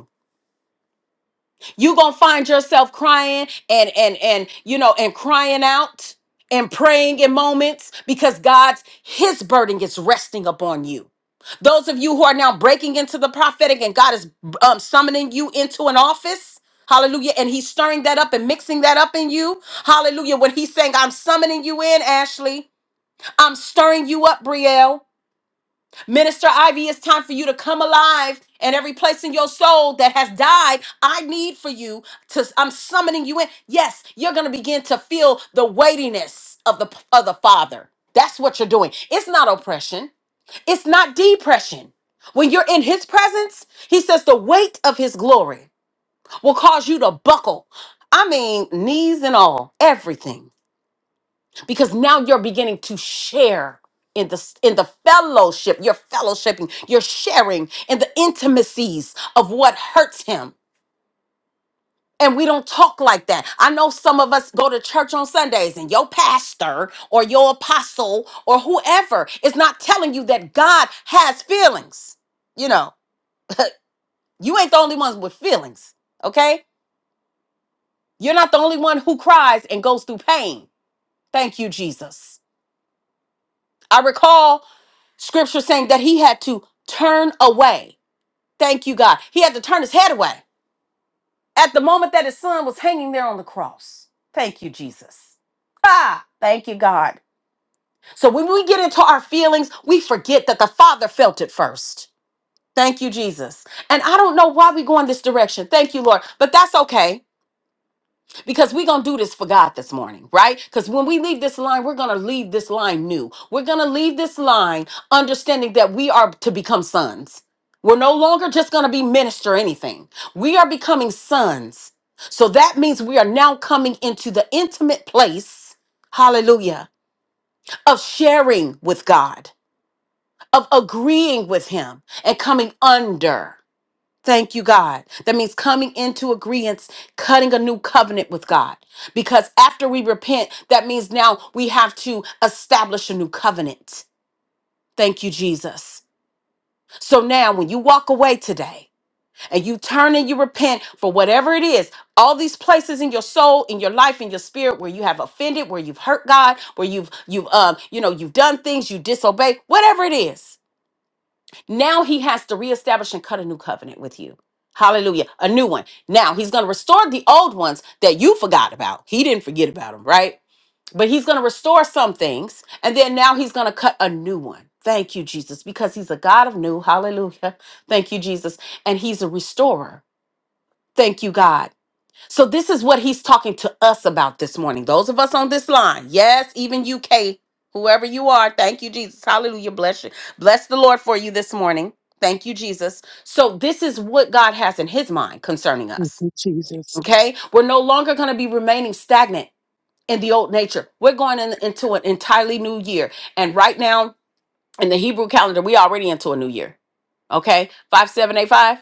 S2: you gonna find yourself crying and and and you know and crying out and praying in moments because god's his burden is resting upon you those of you who are now breaking into the prophetic and god is um, summoning you into an office hallelujah and he's stirring that up and mixing that up in you hallelujah when he's saying i'm summoning you in ashley i'm stirring you up brielle Minister Ivy, it's time for you to come alive and every place in your soul that has died, I need for you to I'm summoning you in. Yes, you're going to begin to feel the weightiness of the of the Father. That's what you're doing. It's not oppression. It's not depression. When you're in his presence, he says the weight of his glory will cause you to buckle. I mean, knees and all, everything because now you're beginning to share in the in the fellowship you're fellowshipping you're sharing in the intimacies of what hurts him and we don't talk like that i know some of us go to church on sundays and your pastor or your apostle or whoever is not telling you that god has feelings you know you ain't the only ones with feelings okay you're not the only one who cries and goes through pain thank you jesus I recall scripture saying that he had to turn away. Thank you, God. He had to turn his head away at the moment that his son was hanging there on the cross. Thank you, Jesus. Ah, thank you, God. So when we get into our feelings, we forget that the Father felt it first. Thank you, Jesus. And I don't know why we go in this direction. Thank you, Lord. But that's okay because we're going to do this for God this morning, right? Because when we leave this line, we're going to leave this line new. We're going to leave this line understanding that we are to become sons. We're no longer just going to be minister anything. We are becoming sons. So that means we are now coming into the intimate place, hallelujah, of sharing with God, of agreeing with Him and coming under. Thank you, God. That means coming into agreement, cutting a new covenant with God. Because after we repent, that means now we have to establish a new covenant. Thank you, Jesus. So now when you walk away today and you turn and you repent for whatever it is, all these places in your soul, in your life, in your spirit where you have offended, where you've hurt God, where you've you've um, you know, you've done things, you disobey, whatever it is now he has to reestablish and cut a new covenant with you. Hallelujah. A new one. Now he's going to restore the old ones that you forgot about. He didn't forget about them, right? But he's going to restore some things. And then now he's going to cut a new one. Thank you, Jesus, because he's a God of new. Hallelujah. Thank you, Jesus. And he's a restorer. Thank you, God. So this is what he's talking to us about this morning. Those of us on this line, yes, even UK, whoever you are, thank you, Jesus. Hallelujah. Bless you. Bless the Lord for you this morning. Thank you, Jesus. So this is what God has in his mind concerning
S1: Thank
S2: us.
S1: you, Jesus.
S2: Okay? We're no longer going to be remaining stagnant in the old nature. We're going in- into an entirely new year. And right now, in the Hebrew calendar, we already into a new year. Okay? 5785.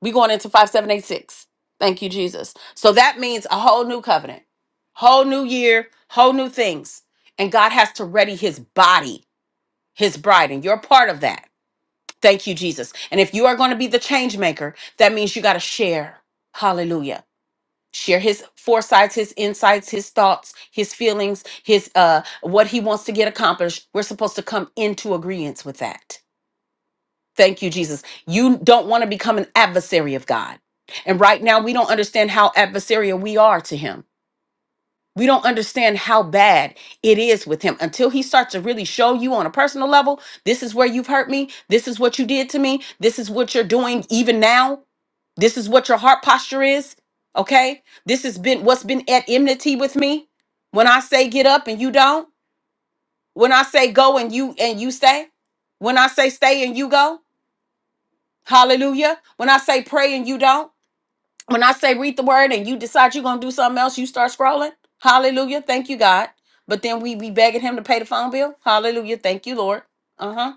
S2: We going into 5786. Thank you, Jesus. So that means a whole new covenant, whole new year, whole new things. And God has to ready his body, his bride, and you're part of that. Thank you, Jesus. And if you are going to be the change maker, that means you got to share. Hallelujah. Share his foresights, his insights, his thoughts, his feelings, his uh what he wants to get accomplished. We're supposed to come into agreement with that. Thank you, Jesus. You don't want to become an adversary of God. And right now, we don't understand how adversarial we are to Him. We don't understand how bad it is with Him until He starts to really show you on a personal level this is where you've hurt me. This is what you did to me. This is what you're doing even now. This is what your heart posture is. Okay. This has been what's been at enmity with me. When I say get up and you don't, when I say go and you and you stay, when I say stay and you go, Hallelujah. When I say pray and you don't, when I say read the word and you decide you're going to do something else, you start scrolling. Hallelujah. Thank you, God. But then we be begging him to pay the phone bill. Hallelujah. Thank you, Lord. Uh huh.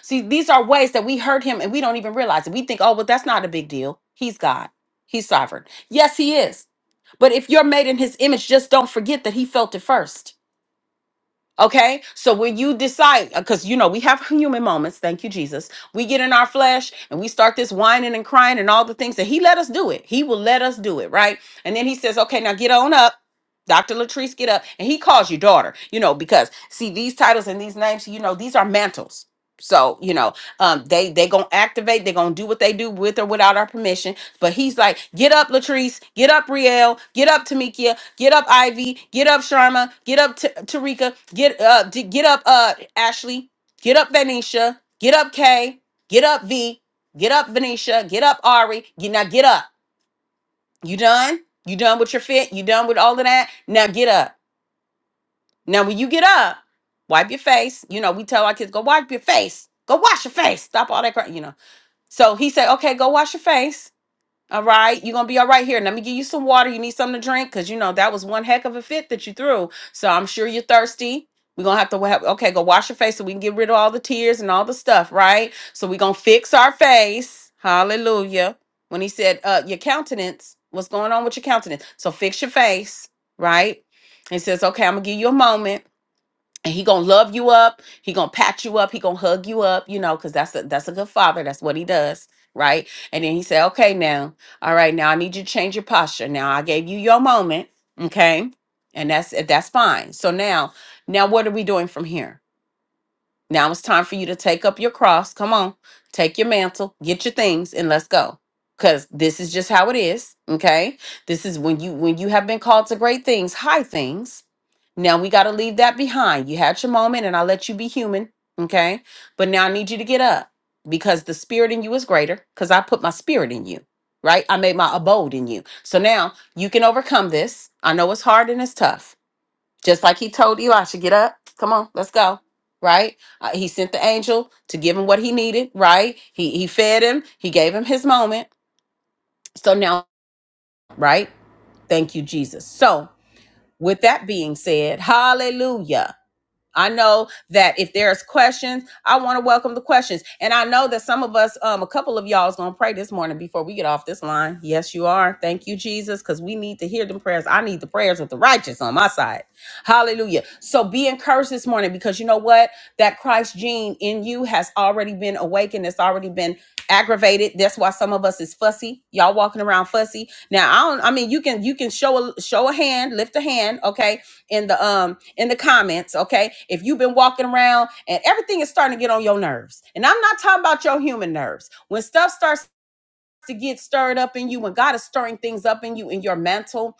S2: See, these are ways that we hurt him and we don't even realize it. We think, oh, well, that's not a big deal. He's God, He's sovereign. Yes, He is. But if you're made in His image, just don't forget that He felt it first. Okay, so when you decide, because you know we have human moments, thank you, Jesus. We get in our flesh and we start this whining and crying and all the things that He let us do it. He will let us do it, right? And then He says, "Okay, now get on up, Doctor Latrice, get up." And He calls you daughter, you know, because see these titles and these names, you know, these are mantles. So you know, um, they they gonna activate, they gonna do what they do with or without our permission. But He's like, "Get up, Latrice, get up, Riel, get up, Tamikia, Get up, Ivy. Get up, Sharma. Get up, T- Tarika. Get up. d- get up, uh, Ashley. Get up, Venetia. Get up, Kay. Get up, V. Get up, Venetia. Get up, Ari. Get, now get up. You done? You done with your fit? You done with all of that? Now get up. Now when you get up, wipe your face. You know we tell our kids go wipe your face. Go wash your face. Stop all that. crying. you know. So he said, okay, go wash your face. All right, you're gonna be all right here. Let me give you some water. You need something to drink because you know that was one heck of a fit that you threw. So I'm sure you're thirsty. We're gonna have to have okay, go wash your face so we can get rid of all the tears and all the stuff, right? So we're gonna fix our face. Hallelujah. When he said, uh, your countenance, what's going on with your countenance? So fix your face, right? He says, Okay, I'm gonna give you a moment and he gonna love you up he gonna pat you up he gonna hug you up you know because that's a that's a good father that's what he does right and then he said okay now all right now i need you to change your posture now i gave you your moment okay and that's that's fine so now now what are we doing from here now it's time for you to take up your cross. Come on, take your mantle, get your things, and let's go. Cause this is just how it is. Okay. This is when you when you have been called to great things, high things. Now we gotta leave that behind. You had your moment and I let you be human. Okay. But now I need you to get up because the spirit in you is greater. Because I put my spirit in you. Right? I made my abode in you. So now you can overcome this. I know it's hard and it's tough just like he told Eli, should get up. Come on, let's go. Right? Uh, he sent the angel to give him what he needed. Right? He he fed him. He gave him his moment. So now, right? Thank you, Jesus. So with that being said, Hallelujah. I know that if there's questions, I want to welcome the questions. And I know that some of us, um, a couple of y'all is gonna pray this morning before we get off this line. Yes, you are. Thank you, Jesus, because we need to hear them prayers. I need the prayers of the righteous on my side. Hallelujah. So be encouraged this morning because you know what? That Christ gene in you has already been awakened, it's already been aggravated. That's why some of us is fussy. Y'all walking around fussy. Now, I don't I mean you can you can show a show a hand, lift a hand, okay? in the um in the comments okay if you've been walking around and everything is starting to get on your nerves and i'm not talking about your human nerves when stuff starts to get stirred up in you when god is stirring things up in you in your mental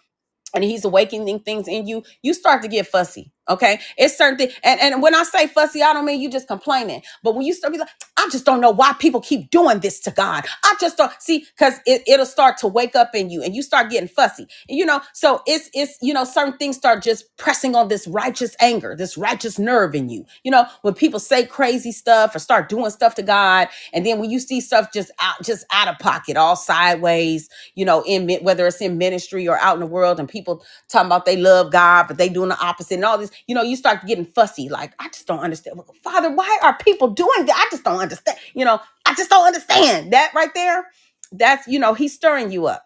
S2: and he's awakening things in you, you start to get fussy. Okay. It's certain things. And, and when I say fussy, I don't mean you just complaining. But when you start to be like, I just don't know why people keep doing this to God. I just don't see because it, it'll start to wake up in you and you start getting fussy. And, you know, so it's it's you know, certain things start just pressing on this righteous anger, this righteous nerve in you. You know, when people say crazy stuff or start doing stuff to God, and then when you see stuff just out just out of pocket, all sideways you know, in mi- whether it's in ministry or out in the world, and people talking about they love God, but they doing the opposite and all this. You know, you start getting fussy. Like, I just don't understand. Well, Father, why are people doing that? I just don't understand. You know, I just don't understand that right there. That's you know, he's stirring you up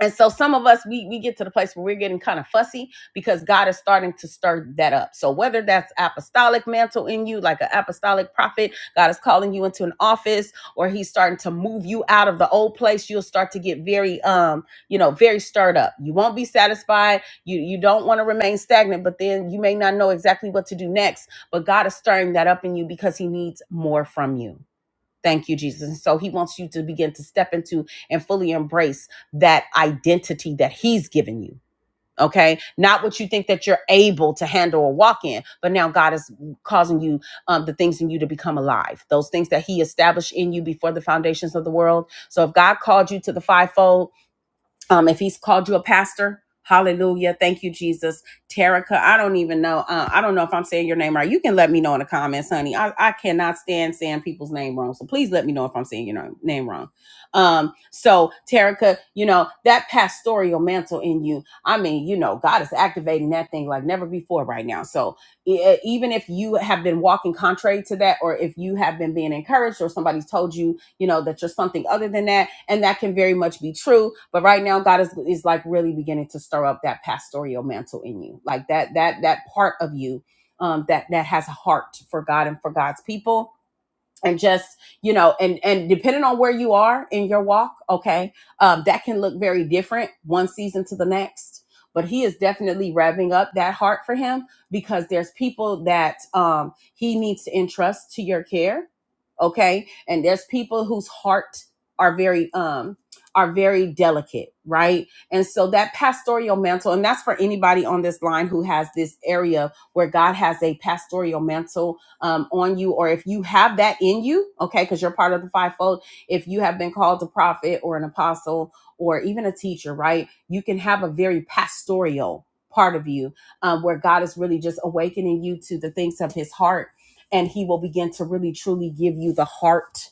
S2: and so some of us we we get to the place where we're getting kind of fussy because God is starting to stir that up. So whether that's apostolic mantle in you, like an apostolic prophet, God is calling you into an office, or He's starting to move you out of the old place, you'll start to get very um, you know, very stirred up. You won't be satisfied. You you don't want to remain stagnant, but then you may not know exactly what to do next. But God is stirring that up in you because He needs more from you. Thank you, Jesus. And so he wants you to begin to step into and fully embrace that identity that he's given you. Okay. Not what you think that you're able to handle or walk in, but now God is causing you um, the things in you to become alive, those things that he established in you before the foundations of the world. So if God called you to the fivefold, um, if he's called you a pastor, hallelujah. Thank you, Jesus. Terica, I don't even know. Uh, I don't know if I'm saying your name right. You can let me know in the comments, honey. I, I cannot stand saying people's name wrong. So please let me know if I'm saying your name, name wrong. Um, so Terica, you know, that pastoral mantle in you, I mean, you know, God is activating that thing like never before right now. So e- e, even if you have been walking contrary to that, or if you have been being encouraged, or somebody's told you, you know, that you're something other than that. And that can very much be true. But right now, God is, is like really beginning to stir up that pastoral mantle in you, like that, that, that part of you um, that, that has a heart for God and for God's people and just you know and and depending on where you are in your walk okay um, that can look very different one season to the next but he is definitely revving up that heart for him because there's people that um, he needs to entrust to your care okay and there's people whose heart are very um are very delicate right and so that pastoral mantle and that's for anybody on this line who has this area where god has a pastoral mantle um, on you, or if you have that in you, okay, because you're part of the fivefold, if you have been called a prophet or an apostle or even a teacher, right, you can have a very pastoral part of you um, where God is really just awakening you to the things of his heart and he will begin to really truly give you the heart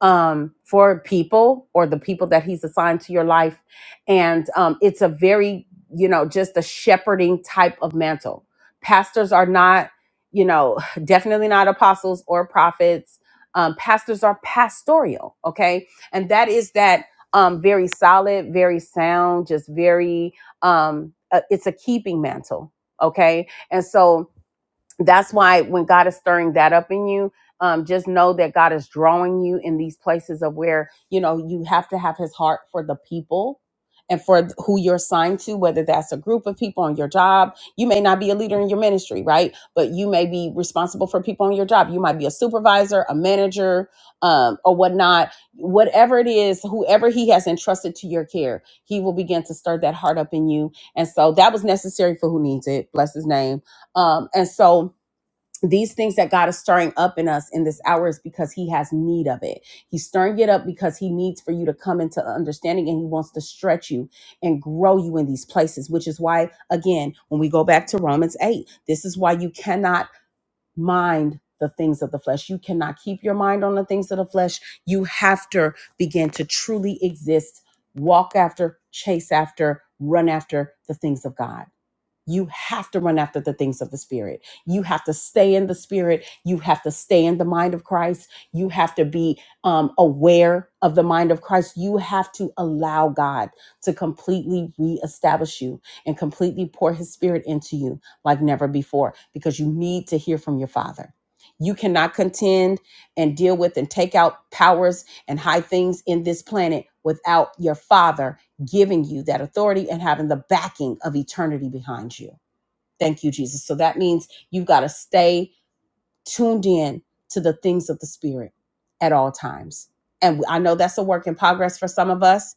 S2: um, for people or the people that he's assigned to your life. And um, it's a very, you know, just a shepherding type of mantle. Pastors are not, you know, definitely not apostles or prophets. Um, pastors are pastoral, okay? And that is that um, very solid, very sound, just very, um, uh, it's a keeping mantle, okay? And so, that's why when God is stirring that up in you, um, just know that God is drawing you in these places of where you know you have to have His heart for the people and for th- who you're assigned to, whether that's a group of people on your job. You may not be a leader in your ministry, right? But you may be responsible for people on your job. You might be a supervisor, a manager, um, or whatnot. Whatever it is, whoever He has entrusted to your care, He will begin to stir that heart up in you. And so that was necessary for who needs it. Bless His name. Um, and so these things that God is stirring up in us in this hour is because He has need of it. He's stirring it up because He needs for you to come into understanding and He wants to stretch you and grow you in these places, which is why, again, when we go back to Romans 8, this is why you cannot mind the things of the flesh. You cannot keep your mind on the things of the flesh. You have to begin to truly exist, walk after, chase after, run after the things of God. You have to run after the things of the Spirit. You have to stay in the Spirit. You have to stay in the mind of Christ. You have to be um, aware of the mind of Christ. You have to allow God to completely reestablish you and completely pour His Spirit into you like never before because you need to hear from your Father. You cannot contend and deal with and take out powers and high things in this planet without your Father giving you that authority and having the backing of eternity behind you. Thank you, Jesus. So that means you've got to stay tuned in to the things of the Spirit at all times. And I know that's a work in progress for some of us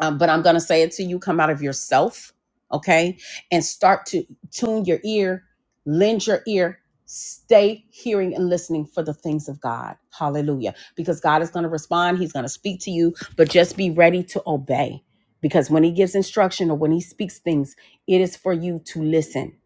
S2: um, but I'm going to say it to you come out of yourself, okay? And start to tune your ear, lend your ear, stay hearing and listening for the things of God. Hallelujah. Because God is going to respond, He's going to speak to you, but just be ready to obey. Because when He gives instruction or when He speaks things, it is for you to listen.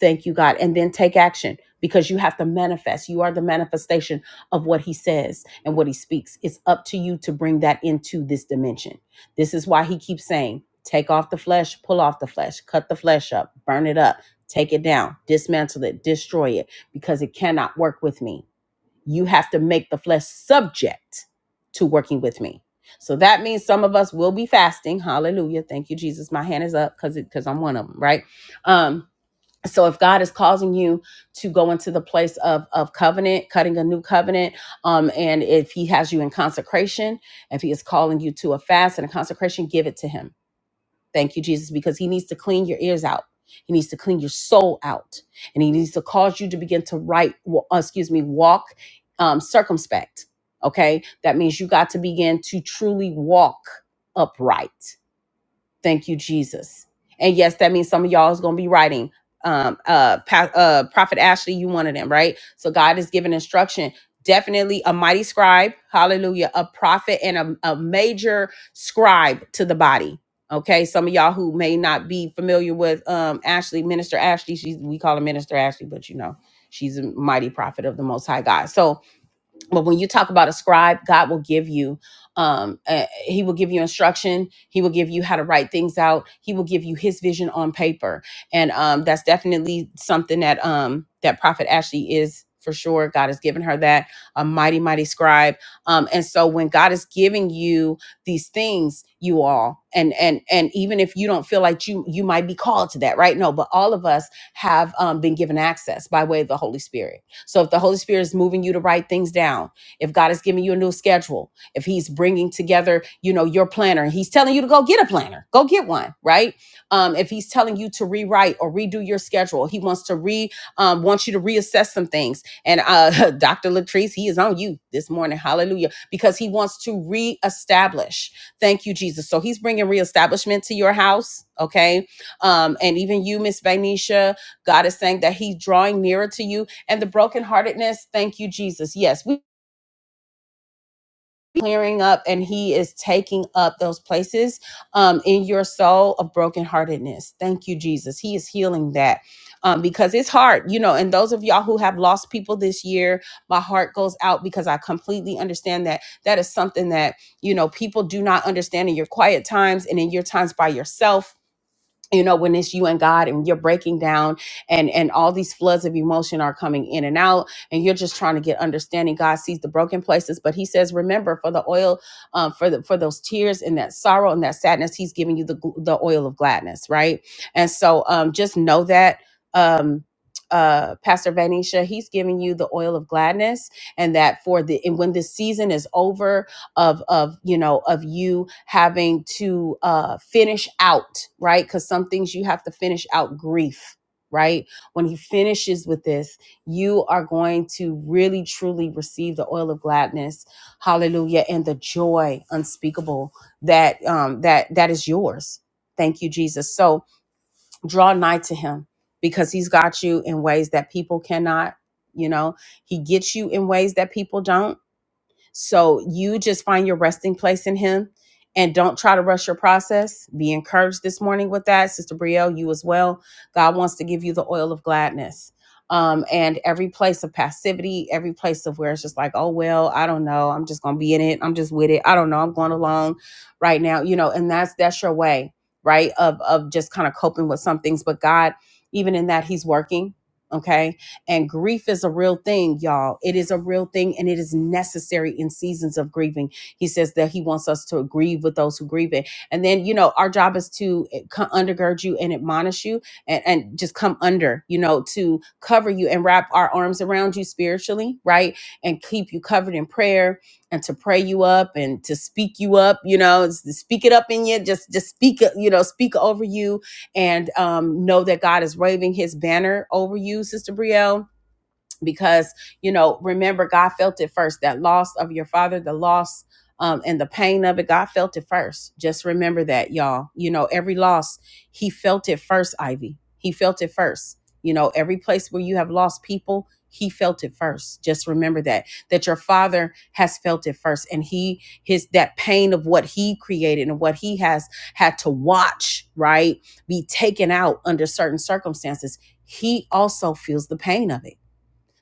S2: Thank you, God. And then take action because you have to manifest. You are the manifestation of what He says and what He speaks. It's up to you to bring that into this dimension. This is why he keeps saying, take off the flesh, pull off the flesh, cut the flesh up, burn it up, take it down, dismantle it, destroy it, because it cannot work with me. You have to make the flesh subject to working with me. So that means some of us will be fasting. Hallelujah. Thank you, Jesus. My hand is up because because I'm one of them, right? Um so if god is causing you to go into the place of of covenant cutting a new covenant um and if he has you in consecration if he is calling you to a fast and a consecration give it to him thank you jesus because he needs to clean your ears out he needs to clean your soul out and he needs to cause you to begin to write wa- uh, excuse me walk um circumspect okay that means you got to begin to truly walk upright Thank you, Jesus. And yes, that means some of y'all is going to be writing. Um, uh, pa- uh, Prophet Ashley, you one of them, right? So God is giving instruction. Definitely a mighty scribe, hallelujah, a prophet and a, a major scribe to the body. Okay, some of y'all who may not be familiar with um Ashley, Minister Ashley, she's we call her Minister Ashley, but you know, she's a mighty prophet of the most high God. So but when you talk about a scribe god will give you um uh, he will give you instruction he will give you how to write things out he will give you his vision on paper and um that's definitely something that um that prophet ashley is for sure god has given her that a mighty mighty scribe um and so when god is giving you these things you all and and and even if you don't feel like you you might be called to that right no but all of us have um, been given access by way of the holy spirit so if the Holy Spirit is moving you to write things down, if God is giving you a new schedule, if he's bringing together, you know, your planner, he's telling you to go get a planner, go get one, right? Um, if he's telling you to rewrite or redo your schedule, he wants to re, um, wants you to reassess some things. And uh, Dr. Latrice, he is on you this morning. Hallelujah. Because he wants to reestablish. Thank you, Jesus. So he's bringing reestablishment to your house. Okay. Um, and even you, Miss Vanisha, God is saying that he's drawing nearer to you and the brokenheartedness. Thank you, Jesus. Yes, we clearing up and he is taking up those places um, in your soul of brokenheartedness. Thank you, Jesus. He is healing that um, because it's hard, you know, and those of y'all who have lost people this year, my heart goes out because I completely understand that that is something that, you know, people do not understand in your quiet times and in your times by yourself you know when it's you and god and you're breaking down and and all these floods of emotion are coming in and out and you're just trying to get understanding god sees the broken places but he says remember for the oil um, for the for those tears and that sorrow and that sadness he's giving you the gl- the oil of gladness right and so um just know that um uh pastor vanisha he's giving you the oil of gladness and that for the and when this season is over of of you know of you having to uh finish out right because some things you have to finish out grief right when he finishes with this you are going to really truly receive the oil of gladness hallelujah and the joy unspeakable that um that that is yours thank you jesus so draw nigh to him because he's got you in ways that people cannot you know he gets you in ways that people don't so you just find your resting place in Him and don't try to rush your process. Be encouraged this morning with that. Sister Brielle, you as well. God wants to give you the oil of gladness. Um, and every place of passivity, every place of where it's just like, oh, well, I don't know. I'm just going to be in it. I'm just with it. I don't know. I'm going along right now, you know, and that's, that's your way, right. Of, of just kind of coping with some things, but God, even in that he's working. Okay and grief is a real thing, y'all. It is a real thing and it is necessary in seasons of grieving. He says that he wants us to grieve with those who grieve it. And then, you know, our job is to eh, co- undergird you and admonish you and, and just come under, you know, to cover you and wrap our arms around you spiritually, right? And keep you covered in prayer and to pray you up and to speak you up, you know, s- speak it up in you, just just speak, it, you know, speak over you and um, know that God is waving his banner over you, Sister Brielle because you know remember god felt it first that loss of your father the loss um, and the pain of it god felt it first just remember that y'all you know every loss he felt it first ivy he felt it first you know every place where you have lost people he felt it first just remember that that your father has felt it first and he his that pain of what he created and what he has had to watch right be taken out under certain circumstances he also feels the pain of it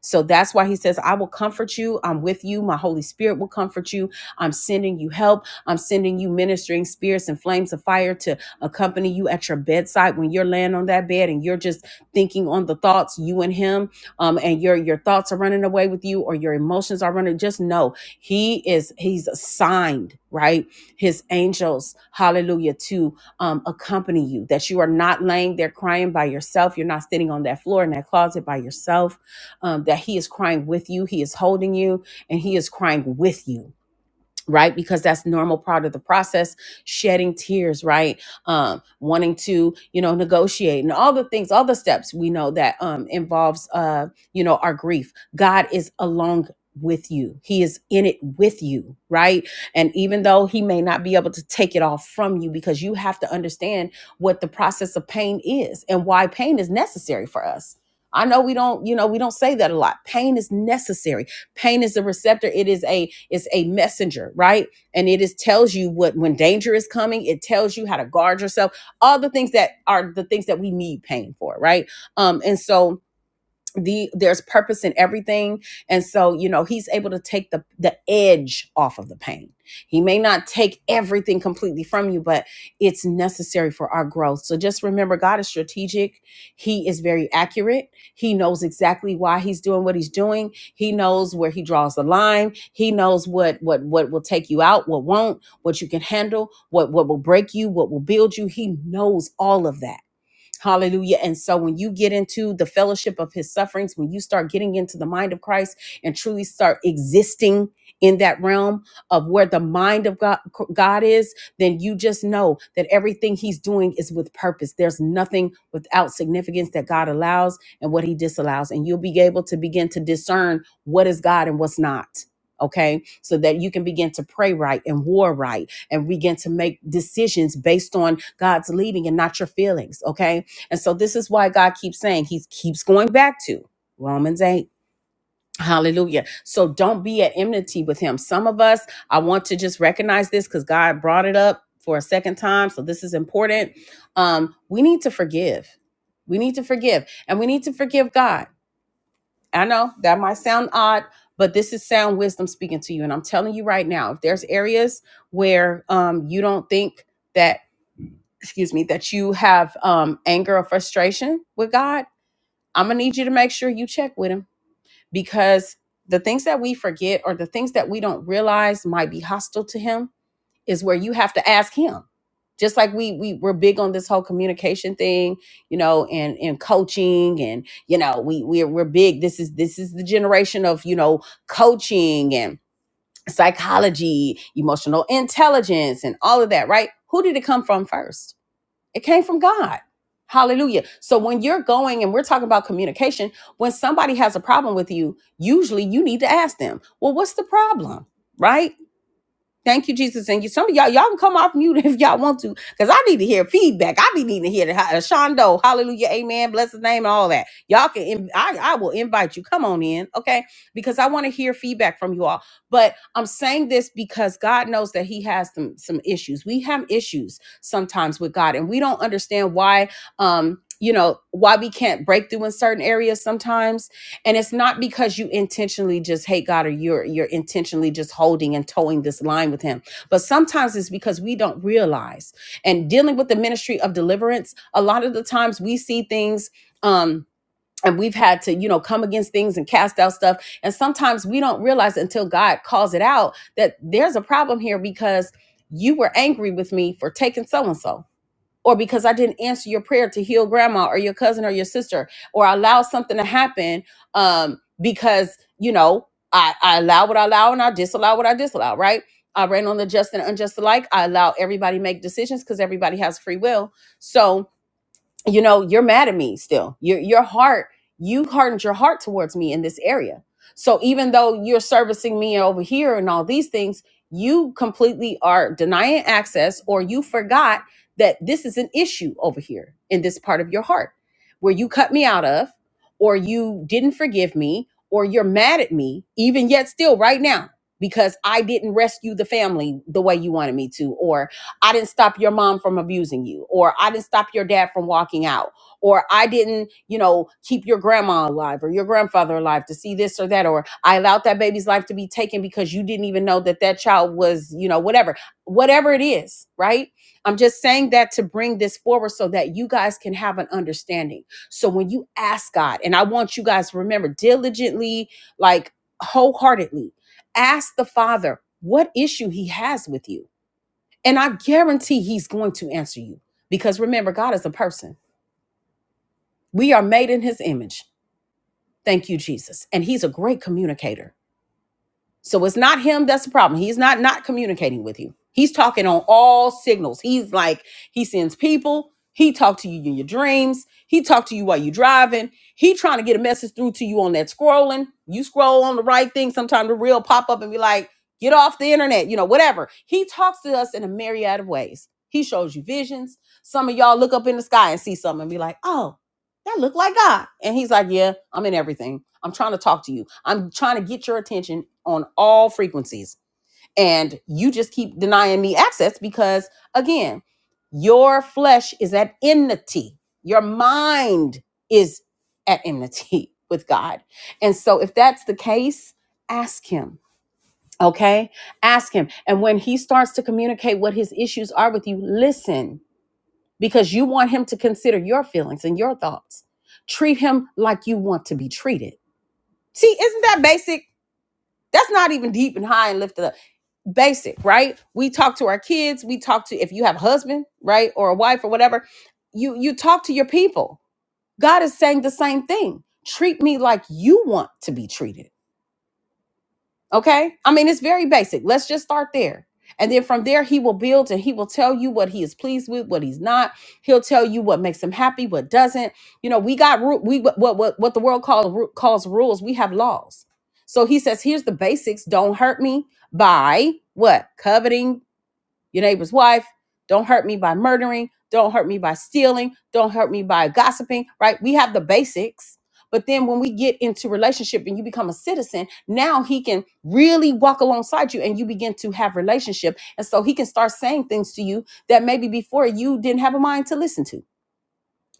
S2: so that's why he says, I will comfort you. I'm with you. My Holy Spirit will comfort you. I'm sending you help. I'm sending you ministering spirits and flames of fire to accompany you at your bedside when you're laying on that bed and you're just thinking on the thoughts, you and him, um, and your your thoughts are running away with you or your emotions are running. Just know he is he's assigned, right? His angels, hallelujah, to um, accompany you, that you are not laying there crying by yourself. You're not sitting on that floor in that closet by yourself um, that He is crying with you, He is holding you, and He is crying with you right because that's normal part of the process shedding tears right um wanting to you know negotiate and all the things all the steps we know that um involves uh you know our grief god is along with you he is in it with you right and even though he may not be able to take it all from you because you have to understand what the process of pain is and why pain is necessary for us i know we don't you know we don't say that a lot pain is necessary Pain is a receptor. It is a it's a messenger, right? And it is tells you what when danger is coming. It tells you how to guard yourself. All the things that are the things that we need pain for, right? Um, and so the there's purpose in everything and so you know he's able to take the the edge off of the pain he may not take everything completely from you but it's necessary for our growth so just remember god is strategic he is very accurate he knows exactly why he's doing what he's doing he knows where he draws the line he knows what what what will take you out what won't what you can handle what what will break you what will build you he knows all of that Hallelujah. And so when you get into the fellowship of his sufferings, when you start getting into the mind of Christ and truly start existing in that realm of where the mind of God, God is, then you just know that everything he's doing is with purpose. There's nothing without significance that God allows and what he disallows. And you'll be able to begin to discern what is God and what's not. Okay, so that you can begin to pray right and war right and begin to make decisions based on God's leading and not your feelings. Okay, and so this is why God keeps saying, He keeps going back to Romans 8. Hallelujah. So don't be at enmity with him. Some of us, I want to just recognize this because God brought it up for a second time. So this is important. Um, we need to forgive. We need to forgive. And we need to forgive God. I know that might sound odd, but this is sound wisdom speaking to you. And I'm telling you right now, if there's areas where um, you don't think that, excuse me, that you have um, anger or frustration with God, I'm gonna need you to make sure you check with him because the things that we forget or the things that we don't realize might be hostile to him is where you have to ask him. Just like we we we're big on this whole communication thing, you know, and and coaching and you know, we we're we're big. This is this is the generation of, you know, coaching and psychology, emotional intelligence and all of that, right? Who did it come from first? It came from God. Hallelujah. So when you're going and we're talking about communication, when somebody has a problem with you, usually you need to ask them, well, what's the problem? Right? Thank you, Jesus. And you, some of y'all, y'all can come off mute if y'all want to, because I need to hear feedback. I be needing to hear the uh, Shondo, Hallelujah, Amen, bless His name, and all that. Y'all can, in- I, I will invite you. Come on in, okay? Because I want to hear feedback from you all. But I'm saying this because God knows that He has some some issues. We have issues sometimes with God, and we don't understand why. Um, you know why we can't break through in certain areas sometimes and it's not because you intentionally just hate God or you're you're intentionally just holding and towing this line with him. But sometimes it's because we don't realize. And dealing with the ministry of deliverance, a lot of the times we see things um and we've had to, you know, come against things and cast out stuff. And sometimes we don't realize until God calls it out that there's a problem here because you were angry with me for taking so and so or because I didn't answer your prayer to heal grandma or your cousin or your sister, or I allowed something to happen um, because, you know, I, I allow what I allow and I disallow what I disallow, right? I ran on the just and unjust alike. I allow everybody make decisions because everybody has free will. So, you know you're mad at me still your your heart you hardened your heart towards me in this area so even though you're servicing me over here and all these things you completely are denying access or you forgot that this is an issue over here in this part of your heart where you cut me out of or you didn't forgive me or you're mad at me even yet still right now because I didn't rescue the family the way you wanted me to or. I didn't stop your mom from abusing you, or I didn't stop your dad from walking out, or I didn't, you know, keep your grandma alive or your grandfather alive to see this or that, or I allowed that baby's life to be taken because you didn't even know that that child was, you know, whatever, whatever it is, right? I'm just saying that to bring this forward so that you guys can have an understanding. So when you ask God, and I want you guys to remember diligently, like wholeheartedly, ask the Father what issue he has with you and I guarantee he's going to answer you because remember, God is a person. We are made in his image. Thank you, Jesus. And he's a great communicator. So it's not him that's the problem. He's not not communicating with you. He's talking on all signals. He's like he sends people. He talked to you in your dreams. He talked to you while you're driving. He trying to get a message through to you on that scrolling. You scroll on the right thing. Sometimes the real pop up and be like, "Get off the internet," you know, whatever. He talks to us in a myriad of ways. He shows you visions. Some of y'all look up in the sky and see something and be like, "Oh." that look like God. And he's like, yeah, I'm in everything. I'm trying to talk to you. I'm trying to get your attention on all frequencies. And you just keep denying me access because, again, your flesh is at enmity. Your mind is at enmity with God. And so, if that's the case, ask Him, okay? Ask Him. And when He starts to communicate what His issues are with you, listen because you want him to consider your feelings and your thoughts. Treat him like you want to be treated. See, isn't that basic? That's not even deep and high and lifted up. Basic, right? We talk to our kids, we talk to if you have a husband, right, or a wife or whatever, you you talk to your people. God is saying the same thing. Treat me like you want to be treated Okay. I mean, it's very basic. Let's just start there. And then from there, he will build and he will tell you what he is pleased with, what he's not. He'll tell you what makes him happy, what doesn't. You know, we got ru- we what what what the world calls calls rules. We have laws. So he says, here's the basics. Don't hurt me by what coveting your neighbor's wife. Don't hurt me by murdering. Don't hurt me by stealing. Don't hurt me by gossiping, right? We have the basics. But then when we get into relationship and you become a citizen, now he can really walk alongside you and you begin to have relationship. And so he can start saying things to you that maybe before you didn't have a mind to listen to.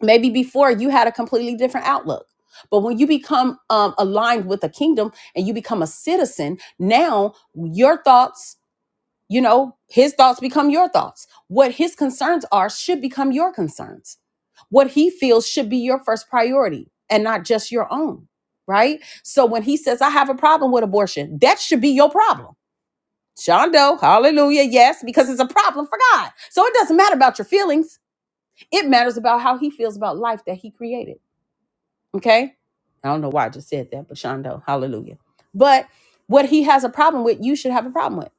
S2: Maybe before you had a completely different outlook. But when you become um, aligned with a kingdom and you become a citizen, now your thoughts you know, his thoughts become your thoughts. What his concerns are should become your concerns. What he feels should be your first priority and not just your own, right? So when he says, I have a problem with abortion, that should be your problem. Shondo, hallelujah, yes, because it's a problem for God. So it doesn't matter about your feelings. It matters about how he feels about life that he created, okay? I don't know why I just said that, but Shondo, hallelujah. But what he has a problem with, you should have a problem with.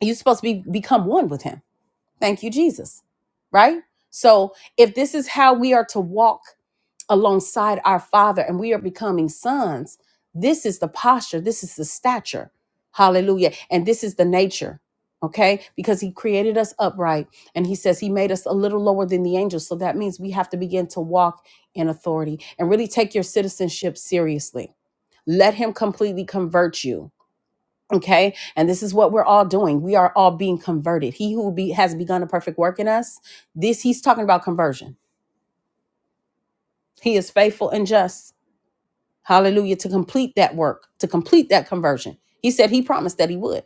S2: You're supposed to be, become one with him Thank you, Jesus. Right? So, if this is how we are to walk alongside our Father and we are becoming sons, this is the posture, this is the stature. Hallelujah. And this is the nature. Okay? Because He created us upright and He says He made us a little lower than the angels. So, that means we have to begin to walk in authority and really take your citizenship seriously. Let Him completely convert you Okay. And this is what we're all doing. We are all being converted. He who be, has begun a perfect work in us, this he's talking about conversion. He is faithful and just Hallelujah. To complete that work, to complete that conversion. He said he promised that he would.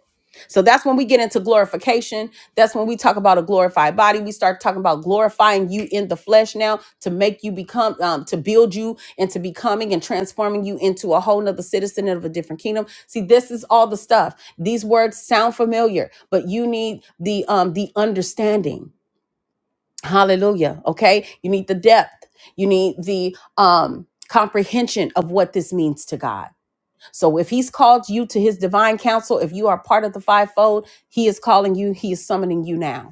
S2: So that's when we get into glorification. That's when we talk about a glorified body. We start talking about glorifying you in the flesh now to make you become, um, to build you into becoming and transforming you into a whole nother citizen of a different kingdom. See, this is all the stuff. These words sound familiar, but you need the um, the understanding. Hallelujah. Okay. You need the depth. You need the um, comprehension of what this means to God. So if he's called you to his divine counsel, if you are part of the fivefold, he is calling you. He is summoning you now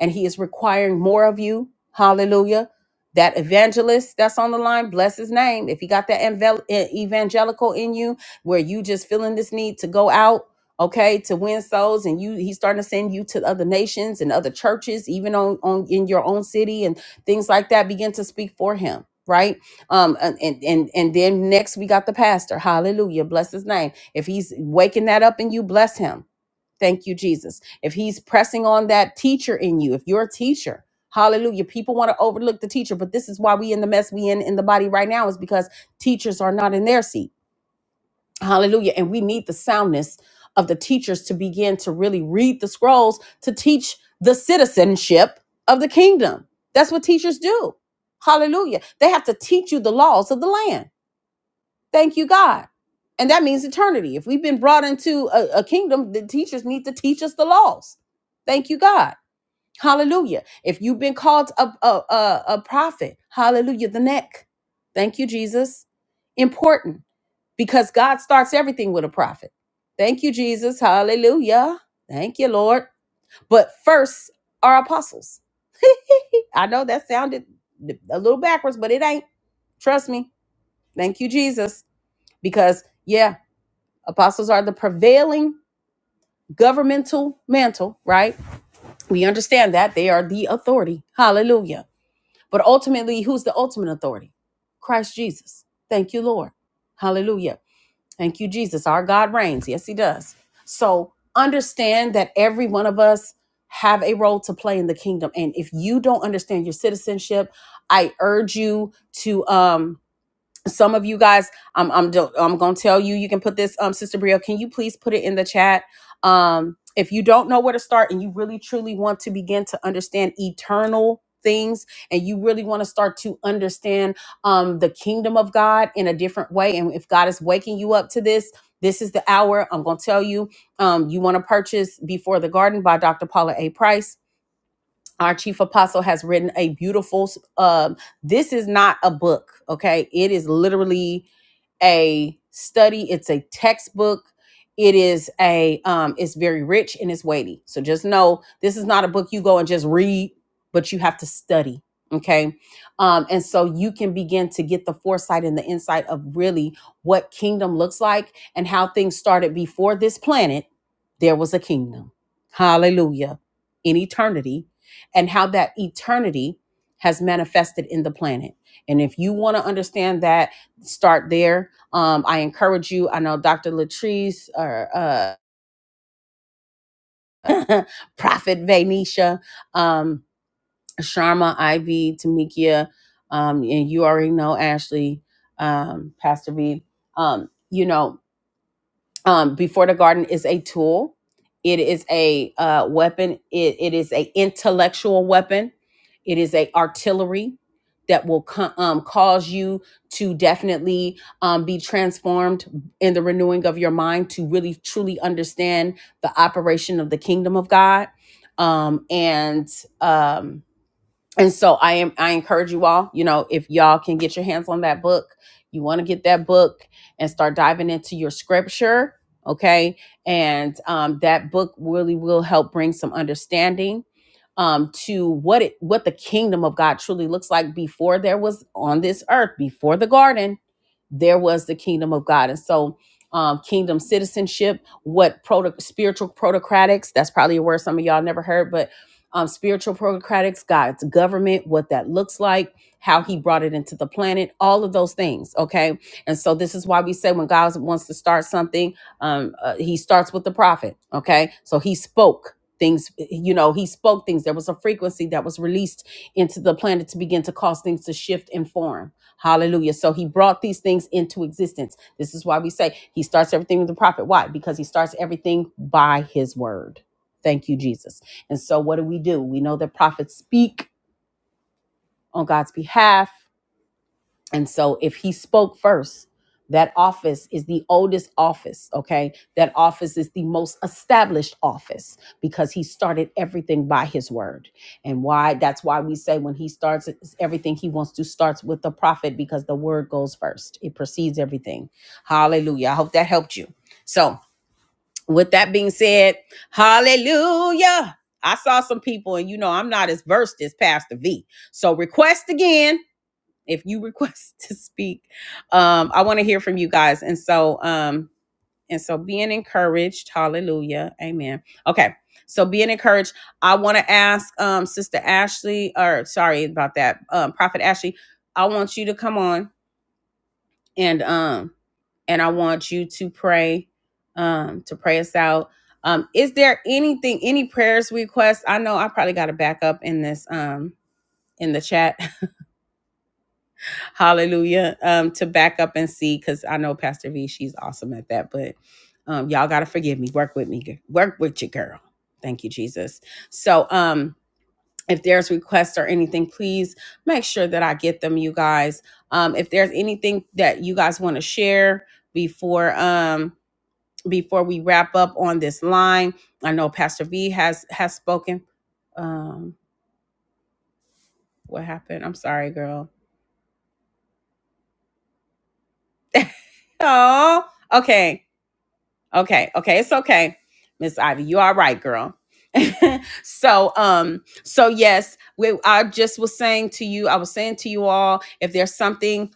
S2: and he is requiring more of you. Hallelujah. That evangelist that's on the line, bless his name. If he got that evange- eh, evangelical in you where you just feeling this need to go out, okay, to win souls and you he's starting to send you to other nations and other churches, even on, on in your own city and things like that, begin to speak for him. Right. Um, and, and and and then next we got the pastor. Hallelujah. Bless his name. If he's waking that up in you, bless him Thank you, Jesus. If he's pressing on that teacher in you, if you're a teacher, hallelujah. People want to overlook the teacher, but this is why we in the mess we in in the body right now is because teachers are not in their seat. Hallelujah. And we need the soundness of the teachers to begin to really read the scrolls to teach the citizenship of the kingdom. That's what teachers do. Hallelujah. They have to teach you the laws of the land. Thank you, God. And that means eternity. If we've been brought into a, a kingdom, the teachers need to teach us the laws. Thank you, God. Hallelujah. If you've been called a, a, a, a prophet, hallelujah, the neck. Thank you, Jesus. Important because God starts everything with a prophet. Thank you, Jesus. Hallelujah. Thank you, Lord. But first are apostles. I know that sounded a little backwards, but it ain't. Trust me. Thank you, Jesus. Because, yeah. Apostles are the prevailing governmental mantle, right? We understand that they are the authority. Hallelujah. But ultimately, who's the ultimate authority? Christ Jesus. Thank you, Lord. Hallelujah. Thank you, Jesus. Our God reigns. Yes, he does. So understand that every one of us have a role to play in the kingdom. And if you don't understand your citizenship, I urge you to um some of you guys i'm i'm do- i'm going to tell you you can put this um sister brio can you please put it in the chat um if you don't know where to start and you really truly want to begin to understand eternal things and you really want to start to understand um the kingdom of god in a different way and if god is waking you up to this this is the hour i'm going to tell you um you want to purchase before the garden by dr paula a price our chief apostle has written a beautiful um this is not a book okay it is literally a study it's a textbook it is a um it's very rich and it's weighty so just know this is not a book you go and just read but you have to study okay um and so you can begin to get the foresight and the insight of really what kingdom looks like and how things started before this planet there was a kingdom hallelujah in eternity and how that eternity has manifested in the planet. And if you want to understand that, start there. Um, I encourage you. I know Dr. Latrice or uh, Prophet Vanisha, um, Sharma, Ivy, Tamikia, um, and you already know Ashley, um, Pastor V. Um, you know, um, before the garden is a tool it is a uh, weapon it, it is a intellectual weapon it is a artillery that will co- um, cause you to definitely um, be transformed in the renewing of your mind to really truly understand the operation of the kingdom of god um, and um, and so i am i encourage you all you know if y'all can get your hands on that book you want to get that book and start diving into your scripture okay and um, that book really will help bring some understanding um, to what it what the kingdom of god truly looks like before there was on this earth before the garden there was the kingdom of god and so um, kingdom citizenship what proto- spiritual protocratics that's probably a word some of y'all never heard but um, spiritual programatics, God's government, what that looks like, how He brought it into the planet, all of those things. Okay, and so this is why we say when God wants to start something, um, uh, He starts with the prophet. Okay, so He spoke things you know he spoke things there was a frequency that was released into the planet to begin to cause things to shift and form hallelujah so he brought these things into existence this is why we say he starts everything with the prophet why because he starts everything by his word thank you jesus and so, what do we do? We know that prophets speak on God's behalf. And so, if he spoke first, that office is the oldest office, okay? That office is the most established office because he started everything by his word. And why that's why we say when he starts everything he wants to starts with the prophet because the word goes first. It precedes everything. Hallelujah. I hope that helped you. So, with that being said, hallelujah. I saw some people, and you know, I'm not as versed as Pastor V. So request again if you request to speak. Um, I want to hear from you guys. And so, um, and so being encouraged, hallelujah, amen. Okay, so being encouraged, I want to ask um Sister Ashley, or sorry about that, um, Prophet Ashley, I want you to come on and um and I want you to pray um to pray us out. Um is there anything any prayers requests? I know I probably got to back up in this um in the chat. Hallelujah. Um to back up and see cuz I know Pastor V she's awesome at that, but um y'all got to forgive me. Work with me. gi- Work with your girl. Thank you Jesus. So um if there's requests or anything, please make sure that I get them you guys. Um if there's anything that you guys want to share before um before we wrap up on this line. I know Pastor V has has spoken. Um, what happened? I'm sorry, girl. Oh, okay, okay, okay. It's okay, Miss Ivy. You all right, girl? so, um, so yes, we, I just was saying to you, I was saying to you all, if there's something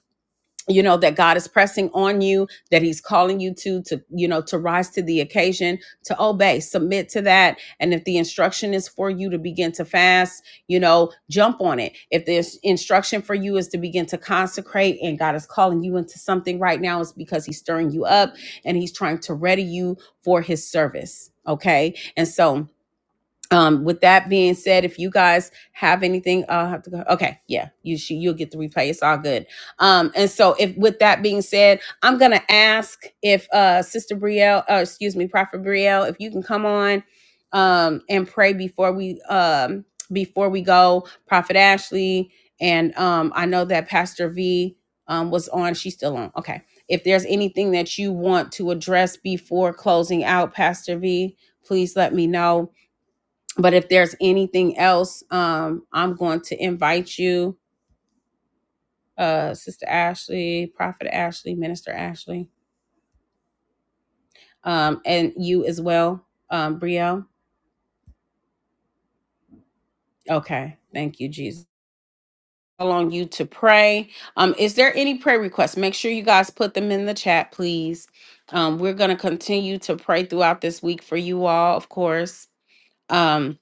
S2: you know that god is pressing on you that he's calling you to to you know to rise to the occasion to obey submit to that and if the instruction is for you to begin to fast you know jump on it if this instruction for you is to begin to consecrate and god is calling you into something right now it's because he's stirring you up and he's trying to ready you for his service okay and so um with that being said if you guys have anything i'll have to go okay yeah you should you'll get the replay it's all good um and so if with that being said i'm gonna ask if uh sister brielle uh, excuse me prophet brielle if you can come on um and pray before we um before we go prophet ashley and um i know that pastor v um was on she's still on okay if there's anything that you want to address before closing out pastor v please let me know but if there's anything else um i'm going to invite you uh sister ashley prophet ashley minister ashley um and you as well um brielle okay thank you jesus call on you to pray um is there any prayer requests make sure you guys put them in the chat please um we're going to continue to pray throughout this week for you all of course um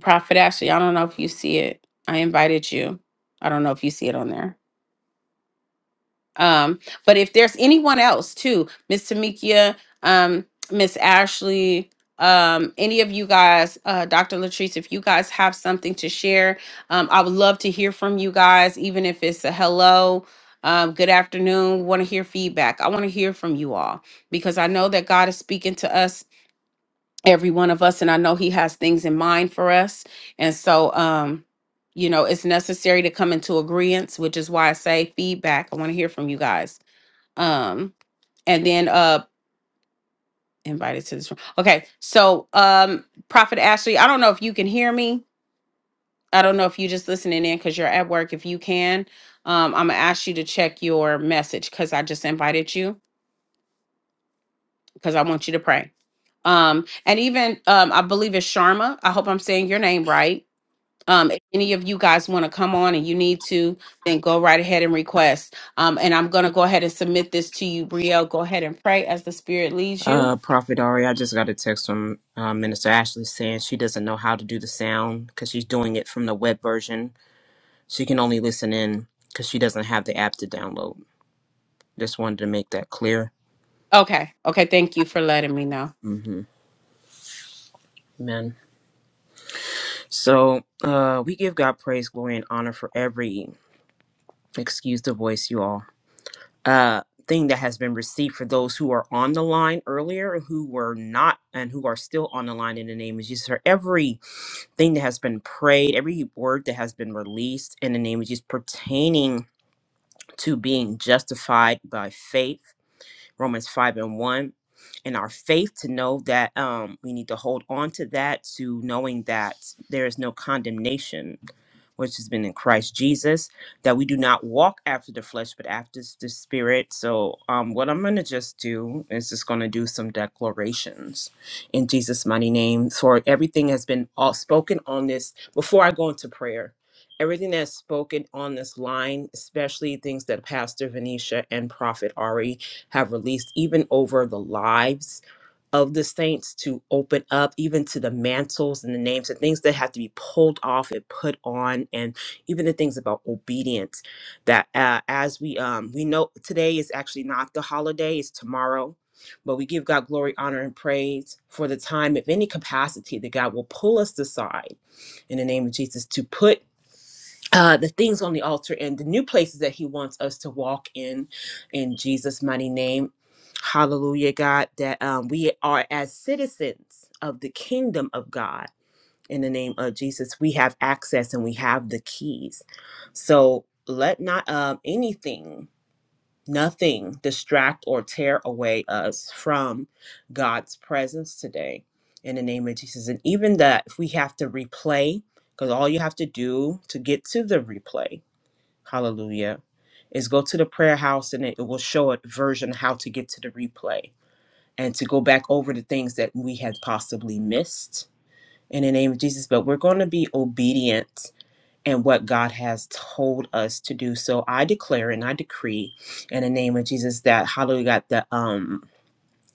S2: prophet ashley i don't know if you see it i invited you i don't know if you see it on there Um, but if there's anyone else too, Miss Tamikia, um, Miss Ashley, um, any of you guys, uh, Dr. Latrice, if you guys have something to share, um, I would love to hear from you guys, even if it's a hello, um, good afternoon, want to hear feedback. I want to hear from you all because I know that God is speaking to us, every one of us, and I know He has things in mind for us. And so, um, you know, it's necessary to come into agreement, which is why I say feedback. I want to hear from you guys. Um, and then uh invited to this room. Okay, so um Prophet Ashley, I don't know if you can hear me. I don't know if you just listening in because you're at work. If you can, um, I'm gonna ask you to check your message because I just invited you because I want you to pray. Um, and even um, I believe it's Sharma. I hope I'm saying your name right. Um, if any of you guys want to come on and you need to, then go right ahead and request. Um, and I'm gonna go ahead and submit this to you, Brielle. Go ahead and pray as the Spirit leads you
S3: Uh, Prophet Ari, I just got a text from uh, Minister Ashley saying she doesn't know how to do the sound because she's doing it from the web version. She can only listen in because she doesn't have the app to download. Just wanted to make that clear.
S2: Okay. Okay. Thank you for letting me know.
S3: hmm Amen. So uh, we give God praise, glory, and honor for every, excuse the voice, you all, uh, thing that has been received for those who are on the line earlier, who were not, and who are still on the line in the name of Jesus, for every thing that has been prayed, every word that has been released in the name of Jesus pertaining to being justified by faith Romans 5 and 1, and our faith to know that um, we need to hold on to that, to knowing that there is no condemnation, which has been in Christ Jesus, that we do not walk after the flesh, but after s- the spirit. So, um, what I'm going to just do is just going to do some declarations in Jesus' mighty name. For everything has been all spoken on this before I go into prayer everything that's spoken on this line, especially things that Pastor Venetia and Prophet Ari have released, even over the lives of the saints, to open up, even to the mantles and the names and things that have to be pulled off and put on, and even the things about obedience. That uh, as we um, we know today is actually not the holiday; it's tomorrow. But we give God glory, honor, and praise for the time, if any capacity, that God will pull us aside in the name of Jesus to put uh, the things on the altar and the new places that he wants us to walk in in jesus mighty name hallelujah god that um, we are as citizens of the kingdom of god in the name of jesus we have access and we have the keys so let not um, anything nothing distract or tear away us from god's presence today in the name of jesus and even that if we have to replay because all you have to do to get to the replay Hallelujah. Is go to the prayer house and it, it will show a version how to get to the replay and to go back over the things that we had possibly missed in the name of Jesus. But we're going to be obedient in what God has told us to do. So I declare and I decree in the name of Jesus that hallelujah, God, that the um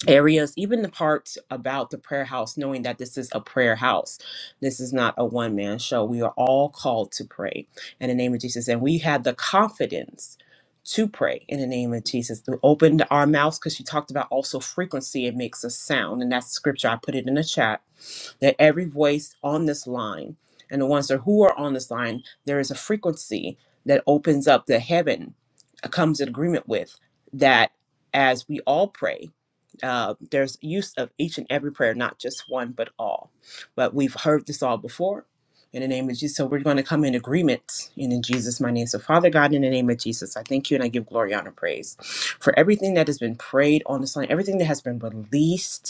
S3: areas, even the parts about the prayer house, knowing that this is a prayer house. This is not a one man show. We are all called to pray in the name of Jesus. And we had the confidence to pray in the name of Jesus. We opened our mouths because she talked about also frequency. It makes a sound. And that's scripture. I put it in the chat that every voice on this line and the ones that who are on this line, there is a frequency that opens up that heaven comes in agreement with that as we all pray, uh, there's use of each and every prayer, not just one, but all. But we've heard this all before. In the name of Jesus. So we're going to come in agreement. And in Jesus' my name. So, Father God, in the name of Jesus, I thank you and I give glory, honor, praise for everything that has been prayed on this line, everything that has been released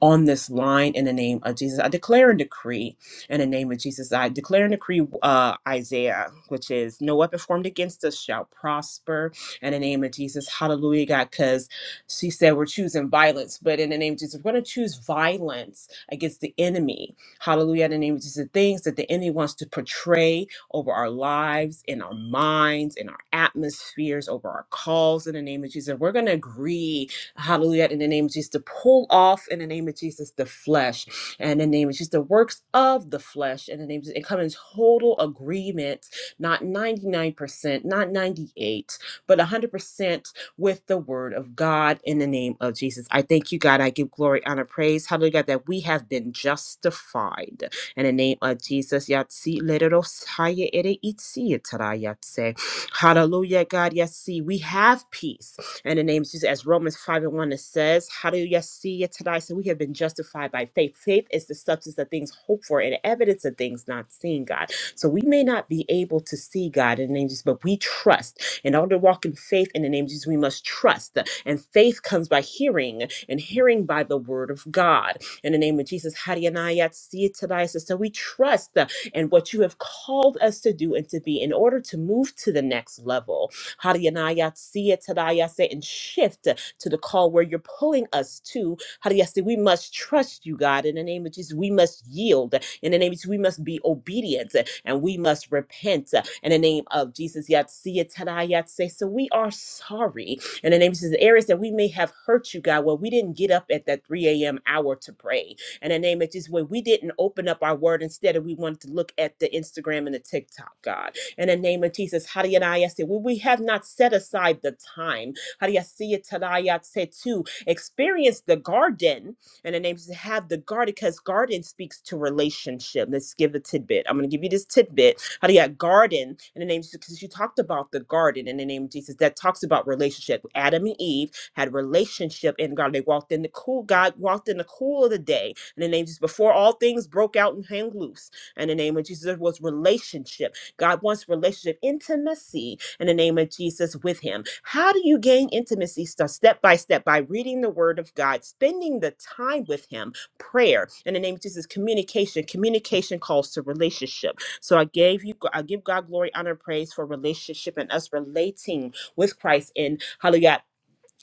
S3: on this line in the name of Jesus. I declare and decree in the name of Jesus. I declare and decree uh, Isaiah, which is no weapon formed against us shall prosper in the name of Jesus. Hallelujah, God, because she said we're choosing violence, but in the name of Jesus, we're going to choose violence against the enemy. Hallelujah, in the name of Jesus. The things that the enemy wants to portray over our lives, in our minds, in our atmospheres, over our calls in the name of Jesus. We're going to agree Hallelujah. In the name of Jesus, to pull off in the name of Jesus the flesh and in the name of Jesus the works of the flesh in the name of Jesus, and come in total agreement, not 99%, not 98, but 100% with the word of God in the name of Jesus. I thank you, God. I give glory, honor, praise. Hallelujah, God, that we have been justified in the name of Jesus. Yatsi leros haya ere itsi itara yatse. Hallelujah, God. Yes, see, we have peace. In the name of Jesus, as Romans 5 and 1 it says, "How do you see it today. So we have been justified by faith. Faith is the substance of things hoped for and evidence of things not seen, God. So we may not be able to see God in the name of Jesus, but we trust. In order to walk in faith in the name of Jesus, we must trust. And faith comes by hearing, and hearing by the word of God. In the name of Jesus, how do Hadianayat, see it today. So so we trust in what you have called us to do and to be in order to move to the next level. Hadiyanayasiyatadayase, and shift to the call where you're pulling us to. Hadiyasi, we must trust you, God, in the name of Jesus. We must yield. In the name of Jesus, we must be obedient and we must repent. In the name of Jesus, Yatsiyatadayase. So we are sorry. In the name of Jesus, The areas that we may have hurt you, God, where we didn't get up at that 3 a.m. hour to pray. In the name of Jesus, where we didn't open up our word instead, of we wanted to look at the Instagram and the TikTok, God in the name of Jesus. Hariyanayase. We we have not set aside the time Hariyasiyatadayase, to experience the garden in the name of Jesus. Have the garden because garden speaks to relationship. Let's give a tidbit. I'm going to give you this tidbit. Hariya garden in the name of Jesus because you talked about the garden in the name of Jesus that talks about relationship. Adam and Eve had relationship in God. They walked in the cool. God walked in the cool of the day in the name of Jesus before all things broke out and hang loose in the name of Jesus. There was relationship. God wants relationship, intimacy in the name of Jesus with Him. How do you gain intimacy? Start step by step by reading the Word of God, spending the time with Him, prayer in the name of Jesus, communication. Communication calls to relationship. So I gave you, I give God glory, honor, praise for relationship and us relating with Christ in Hallelujah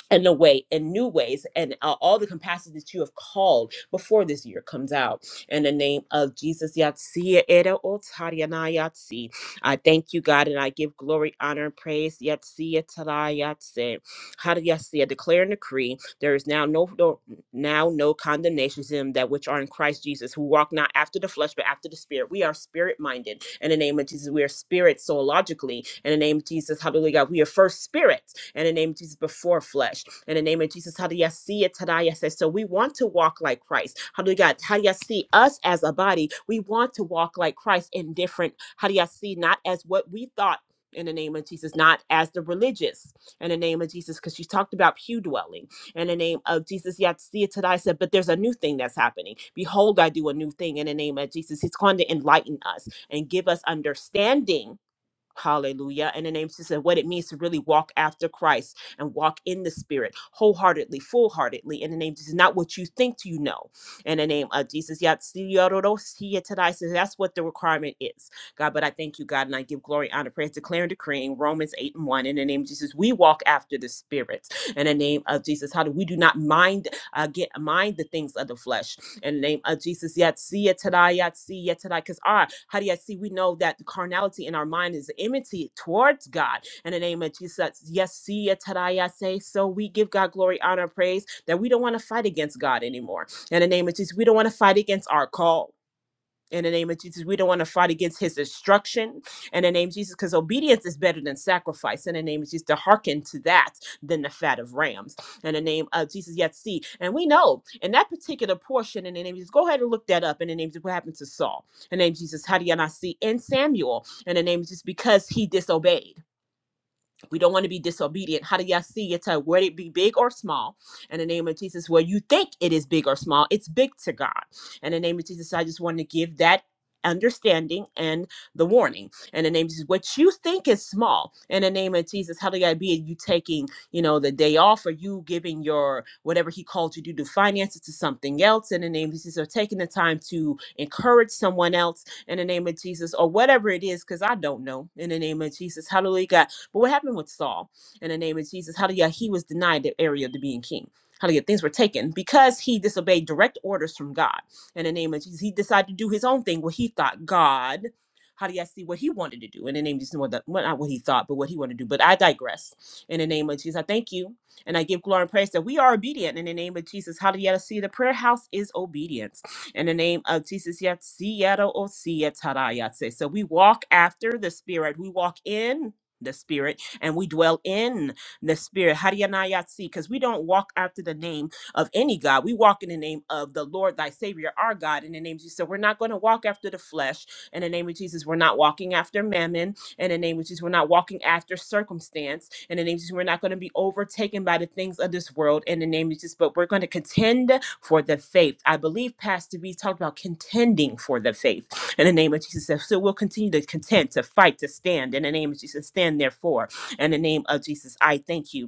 S3: and a way in new ways and uh, all the compassion that you have called before this year comes out in the name of jesus yatsia era otariana yatsi i thank you god and i give glory honor and praise yatsia tala yatsi how do yatsia declare and decree there is now no no again, now no condemnation to them that which are in Christ Jesus, who walk not after the flesh, but after the spirit. We are spirit minded. In the name of Jesus, we are spirit soologically. In the name of Jesus, hallelujah, God, we are first spirits. In the name of Jesus, before flesh. In the name of Jesus, hallelujah, see it, hallelujah, say. So we want to walk like Christ. Hallelujah, God, hallelujah, see us as a body. We want to walk like Christ in different, hallelujah, see, not as what we thought. In the name of Jesus, not as the religious, in the name of Jesus, because she talked about pew dwelling in the name of Jesus. Yet see it today. I said, but there's a new thing that's happening. Behold, I do a new thing in the name of Jesus. He's going to enlighten us and give us understanding Hallelujah. In the name of Jesus, and what it means to really walk after Christ and walk in the Spirit wholeheartedly, full heartedly. In the name of Jesus, not what you think you know. In the name of Jesus. Yat si yororo si yet tonight. So that's what the requirement is. God, but I thank you, God, and I give glory, honor, praise, declaring, decreeing Romans 8 and 1. In the name of Jesus, we walk after the Spirit. In the name of Jesus, how do we do not mind, uh, get mind the things of the flesh? in the name of Jesus. Yet see it today, yet see yet today. Because our how do you see? We know that the carnality in our mind is enmity towards God. In the name of Jesus, yes, see it today, I say. So we give God glory, honor, praise that we don't want to fight against God anymore. In the name of Jesus, we don't want to fight against our call in the name of Jesus. We don't want to fight against his instruction in the name of Jesus because obedience is better than sacrifice in the name of Jesus to hearken to that than the fat of rams in the name of Jesus. Yet see, and we know in that particular portion in the name of Jesus, go ahead and look that up in the name of Jesus, what happened to Saul in the name of Jesus, how do you not see in Samuel in the name of Jesus because he disobeyed. We don't want to be disobedient. How do y'all see it? Whether it be big or small, in the name of Jesus, where you think it is big or small, it's big to God. In the name of Jesus, I just want to give that understanding and the warning. In the name of Jesus, what you think is small, in the name of Jesus, how do y'all be it? You taking, you know, the day off or you giving your whatever he called you to do, finances to something else, in the name of Jesus, or taking the time to encourage someone else in the name of Jesus, or whatever it is, because I don't know in the name of Jesus. Hallelujah. But what happened with Saul in the name of Jesus? Hallelujah. He was denied the area of the being king. Hallelujah. Things were taken because he disobeyed direct orders from God in the name of Jesus. He decided to do his own thing, what he thought God. Hallelujah. See what he wanted to do in the name of Jesus. What the- what- not what he thought, but what he wanted to do. But I digress. In the name of Jesus, I thank you and I give glory and praise that we are obedient in the name of Jesus. Hallelujah. See, the prayer house is obedience in the name of Jesus. Yet, see, yet, oh, see, yet, tada, yet, say. So we walk after the Spirit. We walk in the spirit and we dwell in the spirit hadianayatsi because we don't walk after the name of any god we walk in the name of the lord thy savior our god in the name of jesus so we're not going to walk after the flesh in the name of jesus we're not walking after mammon in the name of Jesus. We're not walking after circumstance in the name of Jesus. We're not going to be overtaken by the things of this world in the name of Jesus, but we're going to contend for the faith. I believe Pastor V talked about contending for the faith in the name of Jesus. So so we'll continue to contend, to fight, to stand in the name of Jesus. Stand therefore in the name of Jesus. I thank you.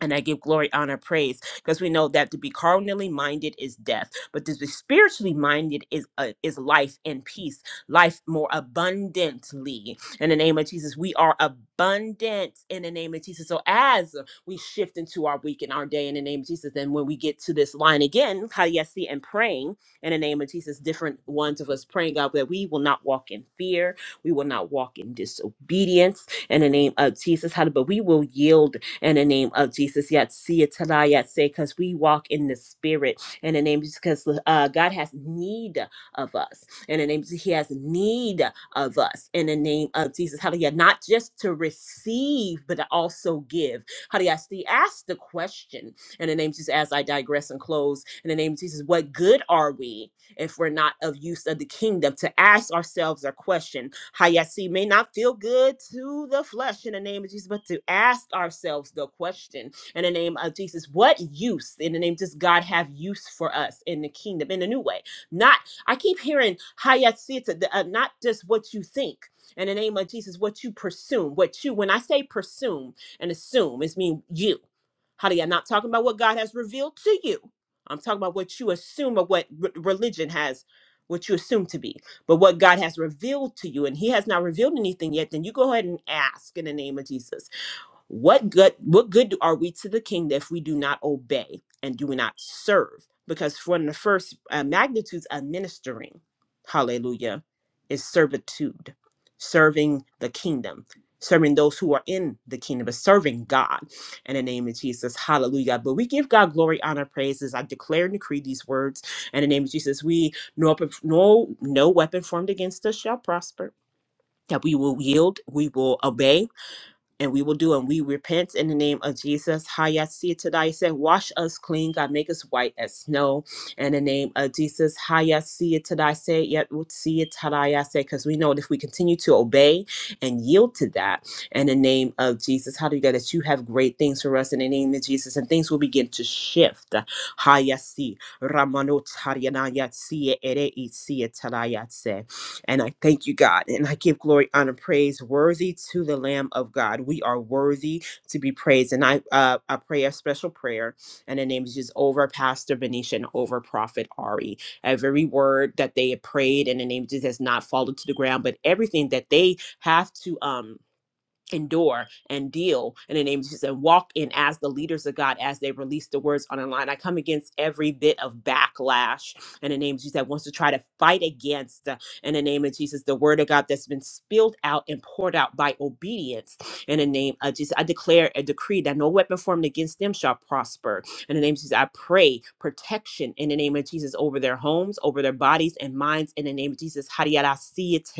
S3: And I give glory, honor, praise, because we know that to be carnally minded is death, but to be spiritually minded is uh, is life and peace, life more abundantly. In the name of Jesus, we are abundant. In the name of Jesus, so as we shift into our week and our day, in the name of Jesus, then when we get to this line again, Hayesi and praying in the name of Jesus, different ones of us praying God that we will not walk in fear, we will not walk in disobedience, in the name of Jesus, Hallelujah, but we will yield in the name of Jesus. Yet see it tonight, yet say, because we walk in the spirit in the name of Jesus, because uh, God has need of us. In the name of Jesus, He has need of us in the name of Jesus. Hallelujah. Not just to receive, but to also give. Hallelujah. I see- Ask the question in the name of Jesus as I digress and close. In the name of Jesus, what good are we if we're not of use of the kingdom to ask ourselves our question? Hayasi may not feel good to the flesh in the name of Jesus, but to ask ourselves the question in the name of Jesus, what use in the name of just God have use for us in the kingdom in a new way? Not I keep hearing Hayasi to uh, not just what you think in the name of Jesus, what you presume, what you when I say presume and assume, it's mean you. How do you not talking about what God has revealed to you? I'm talking about what you assume of what re- religion has, what you assume to be but what God has revealed to you, and He has not revealed anything yet, then you go ahead and ask in the name of Jesus. What good what good are we to the kingdom if we do not obey and do not serve? Because one of the first uh, magnitudes of ministering, hallelujah, is servitude, serving the kingdom, serving those who are in the kingdom, but serving God in the name of Jesus, hallelujah. But we give God glory, honor, praises. I declare and decree these words in the name of Jesus. We no no no weapon formed against us shall prosper. That we will yield, we will obey, and we will do and we repent in the name of Jesus. Hayasi tadai said, Wash us clean, God, make us white as snow in the name of Jesus. Hayasi tadai said, Yet we'll see it tadai I said, because we know that if we continue to obey and yield to that in the name of Jesus, how do you get that you have great things for us in the name of Jesus and things will begin to shift. Hayasi Ramanot Haryanayatsi Ere Isi and I thank you, God. And I give glory, honor, praise, worthy to the Lamb of God. We are worthy to be praised. And I, uh, I pray a special prayer and the name is just over Pastor Benicia and over Prophet Ari. Every word that they have prayed and the name just has not fallen to the ground, but everything that they have to, um, endure and deal in the name of Jesus and walk in as the leaders of God as they release the words on the line. I come against every bit of backlash in the name of Jesus that wants to try to fight against, uh, in the name of Jesus, the word of God that's been spilled out and poured out by obedience in the name of Jesus. I declare a decree that no weapon formed against them shall prosper. In the name of Jesus, I pray protection in the name of Jesus over their homes, over their bodies and minds in the name of Jesus. Hariara siete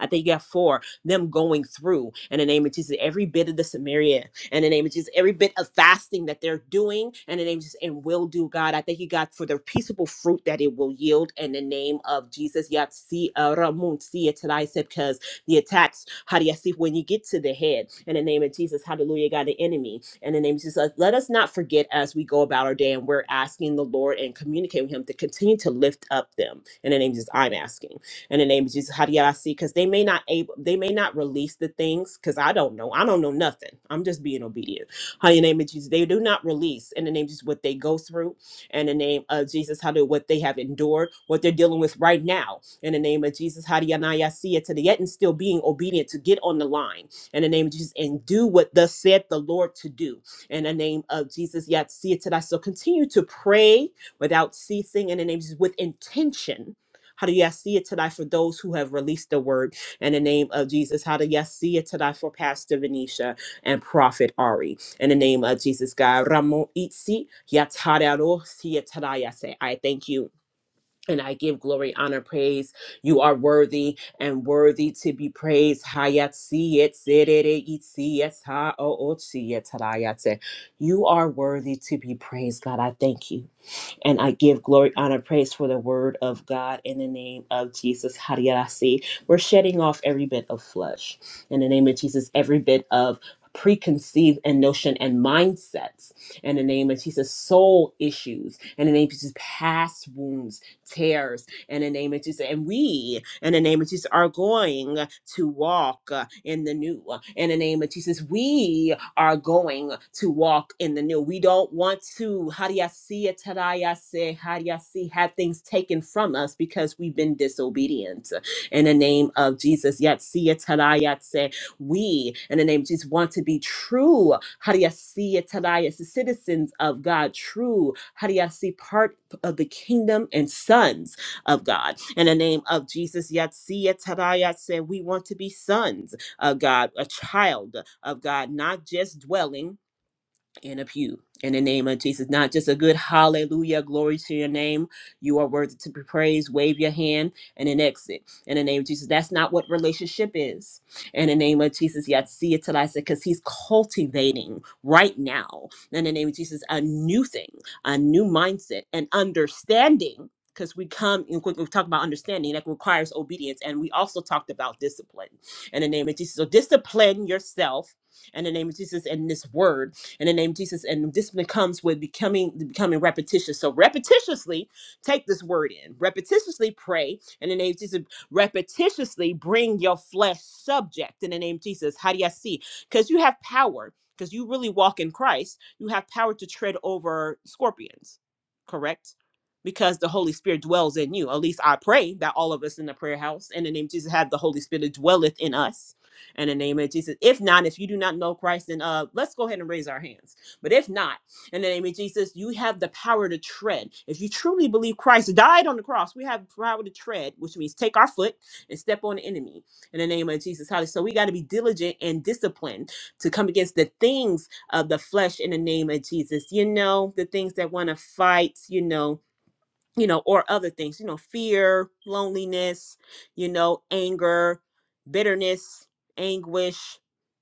S3: I think you got four them going through in the name of Jesus. Every bit of the Samaria in the name of Jesus, every bit of fasting that they're doing in the name of Jesus and will do, God. I thank you, God, for the peaceable fruit that it will yield in the name of Jesus. Yat si aramun si etalai sep, Because the attacks, how do you see when you get to the head in the name of Jesus? Hallelujah, God, the enemy in the name of Jesus. Let us not forget as we go about our day and we're asking the Lord and communicating with Him to continue to lift up them in the name of Jesus. I'm asking in the name of Jesus. Hadiasi, because they may not able they may not release the things because I don't know. I don't know nothing. I'm just being obedient. How in the name of Jesus. They do not release in the name of Jesus what they go through in the name of Jesus, how do what they have endured, what they're dealing with right now in the name of Jesus. Hadianayasiya to the yet and still being obedient to get on the line in the name of Jesus and do what thus said the Lord to do in the name of Jesus. Yet see it today. So continue to pray without ceasing in the name of Jesus with intention how do you see it tonight for those who have released the word in the name of Jesus? How do you see it tonight for Pastor Venetia and Prophet Ari in the name of Jesus? God, Ramon Itzi, Yatararo, Siataraya, say, I thank you. And I give glory, honor, praise. You are worthy and worthy to be praised. Hayat siyet zerere itsiyet ha o o siyet harayat se. You are worthy to be praised, God. I thank you. And I give glory, honor, praise for the word of God in the name of Jesus. Hariarasi. We're shedding off every bit of flesh in the name of Jesus, every bit of preconceived and notion and mindsets in the name of Jesus, soul issues in the name of Jesus, past wounds, tears in the name of Jesus. And we, in the name of Jesus, are going to walk uh, in the new. In the name of Jesus, we are going to walk in the new. We don't want to, how do you see it? Tadaya say. How do you see, Have things taken from us because we've been disobedient in the name of Jesus. Yet see it, Tadaya say we in the name of Jesus want to be true How do Hadiasi Atalias, the citizens of God, true How do you see? part of the kingdom and sons of God. In the name of Jesus, Yet see it. Yatsi say we want to be sons uh, God, a child of God, not just dwelling in a pew in the name of Jesus. Not just a good hallelujah, glory to your name. You are worthy to be praised. Wave your hand and then exit in the name of Jesus. That's not what relationship is in the name of Jesus. Yet see it till I say, because he's cultivating right now in the name of Jesus a new thing, a new mindset, and understanding. Because we come and quick, we talk about understanding that requires obedience, and we also talked about discipline in the name of Jesus. So discipline yourself in the name of Jesus in this word in the name of Jesus. And discipline comes with becoming becoming repetitious. So repetitiously take this word in. Repetitiously pray in the name of Jesus. Repetitiously bring your flesh subject in the name of Jesus. How do you see? Because you have power. Because you really walk in Christ, you have power to tread over scorpions. Correct? because the Holy Spirit dwells in you. At least I pray that all of us in the prayer house in the name of Jesus have the Holy Spirit that dwelleth in us in the name of Jesus. If not, if you do not know Christ, then uh, let's go ahead and raise our hands. But if not, in the name of Jesus, you have the power to tread. If you truly believe Christ died on the cross, we have power to tread, which means take our foot and step on the enemy in the name of Jesus. Hallelujah. So we got to be diligent and disciplined to come against the things of the flesh in the name of Jesus. You know, the things that want to fight, you know, you know, or other things, you know, fear, loneliness, you know, anger, bitterness, anguish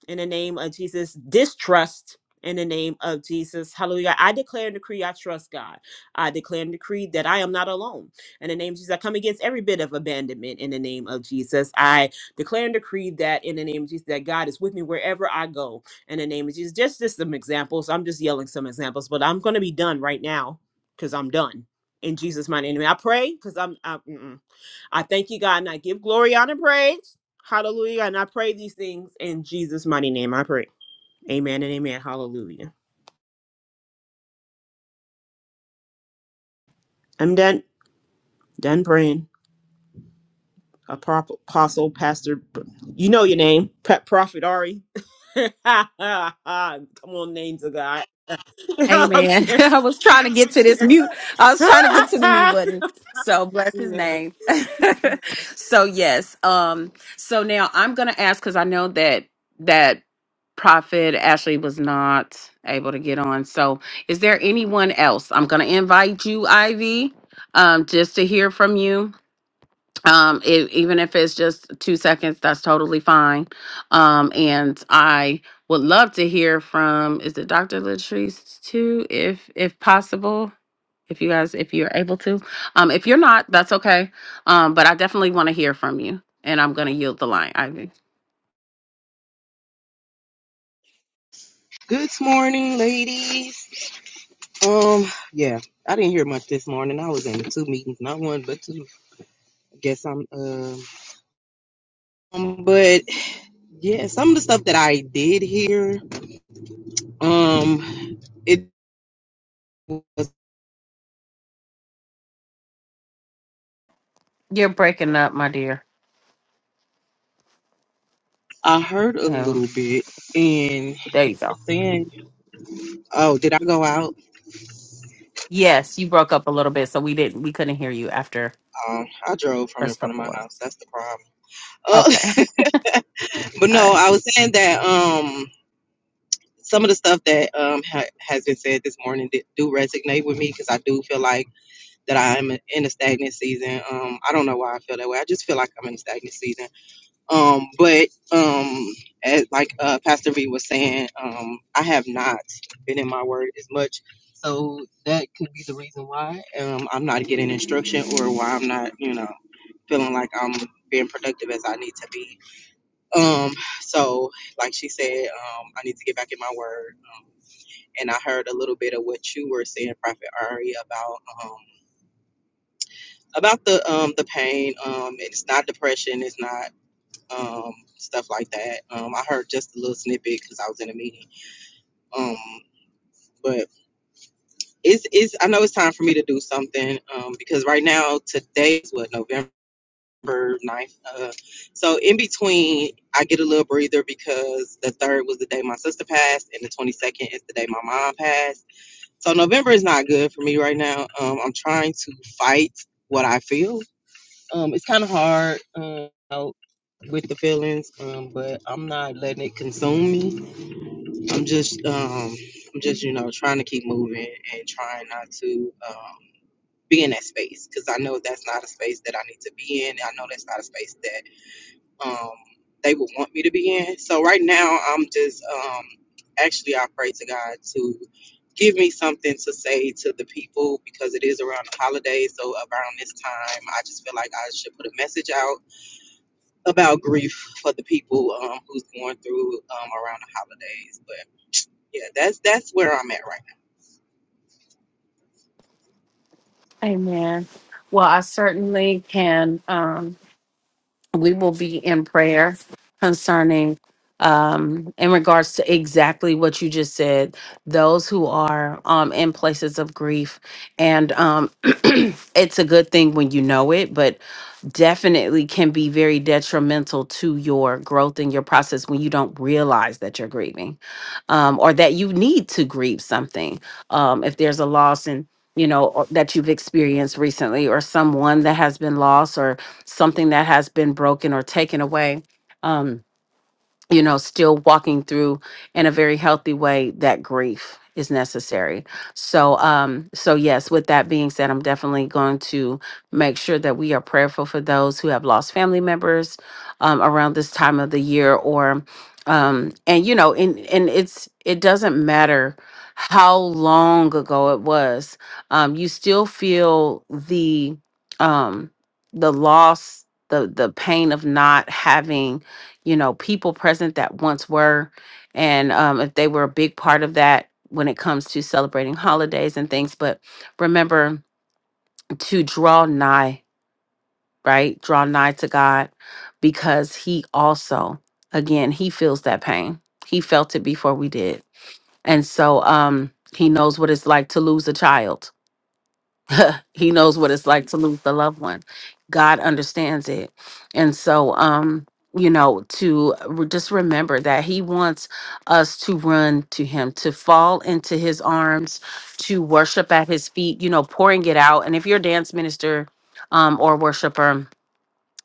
S3: in the name of Jesus, distrust in the name of Jesus. Hallelujah. I declare and decree I trust God. I declare and decree that I am not alone. In the name of Jesus, I come against every bit of abandonment in the name of Jesus. I declare and decree that in the name of Jesus, that God is with me wherever I go. In the name of Jesus, just, just some examples. I'm just yelling some examples, but I'm going to be done right now because I'm done in Jesus' mighty name. I pray because I'm I, mm-mm. I thank you, God, and I give glory, honor, and praise. Hallelujah. And I pray these things in Jesus' mighty name. I pray. Amen and amen. Hallelujah. I'm done. Done praying. Apo- Apostle, Pastor, you know your name. Pre- Prophet Ari. Come on, names of God. I'm
S2: Amen.
S3: serious.
S2: I was trying to get to this mute. I was trying to get to the mute button. So bless his
S3: Amen.
S2: name. so yes. Um, so now I'm gonna ask because I know that that prophet Ashley was not able to get on. So is there anyone else? I'm gonna invite you, Ivy, um, just to hear from you. um it, even if it's just two seconds that's totally fine um and i would love to hear from is it dr latrice too if if possible if you guys if you're able to um if you're not that's okay um but i definitely want to hear from you and i'm gonna yield the line ivy
S4: Good morning, ladies. Um, yeah, I didn't hear much this morning. I was in two meetings, not one but two. I guess I'm um, um but yeah, some of the stuff that I did hear, um, it was
S2: you're breaking up my dear
S4: I heard a
S2: um
S4: little bit, and you
S2: there you go
S4: were saying, "Oh, did I go out?
S2: yes you broke up a little bit so we didn't we couldn't hear you after
S4: Um, I drove from in
S2: first
S4: front of
S2: couple
S4: my house.
S2: words
S4: That's the problem." Uh,
S2: okay
S4: but
S2: all right.
S4: no, I was saying that um, some of the stuff that um ha- has been said this morning did, do resonate with me because I do feel like that I'm in a stagnant season. Um, I don't know why I feel that way. I just feel like I'm in a stagnant season. Um, but um, as like uh, Pastor V was saying, um, I have not been in my word as much. So that could be the reason why um, I'm not getting instruction or why I'm not, you know, feeling like I'm being productive as I need to be. Um, so, like she said, um, I need to get back in my word. Um, and I heard a little bit of what you were saying, Prophet Ari, about. um, about the um the pain. Um, it's not depression. It's not um stuff like that. Um, I heard just a little snippet because I was in a meeting. Um, but it's it's I know it's time for me to do something. Um, because right now today is what November. ninth Uh, so in between, I get a little breather because the third was the day my sister passed, and the twenty second is the day my mom passed. So November is not good for me right now. Um, I'm trying to fight what I feel, Um, it's kind of hard um, out with the feelings, um, but I'm not letting it consume me. I'm just, um, I'm just, you know, trying to keep moving and trying not to um, be in that space because I know that's not a space that I need to be in. I know that's not a space that um, they would want me to be in. So right now, I'm just, um, actually, I pray to God to give me something to say to the people because it is around the holidays. So around this time, I just feel like I should put a message out about grief for the people um, who's going through um, around the holidays. But yeah, that's that's where I'm at right
S2: Amen. Well, I certainly can. Um, we will be in prayer concerning, um, in regards to exactly what you just said, those who are um, in places of grief. And um, it's a good thing when you know it, but definitely can be very detrimental to your growth and your process when you don't realize that you're grieving um, or that you need to grieve something. Um, if there's a loss and you know or- that you've experienced recently or someone that has been lost or something that has been broken or taken away. Um, you know, still walking through in a very healthy way that grief is necessary. So um so yes, with that being said, I'm definitely going to make sure that we are prayerful for those who have lost family members um around this time of the year or um and you know, and and it's it doesn't matter how long ago it was. Um you still feel the um the loss the the pain of not having you know, people present that once were, and um, if they were a big part of that when it comes to celebrating holidays and things. But remember to draw nigh, right? Draw nigh to God because He also, again, He feels that pain. He felt it before we did. And so um, He knows what it's like to lose a child He knows what it's like to lose the loved one. God understands it. And so, um, you know, to re- just remember that He wants us to run to Him, to fall into His arms, to worship at His feet, you know, pouring it out. And if you're a dance minister um, or worshiper,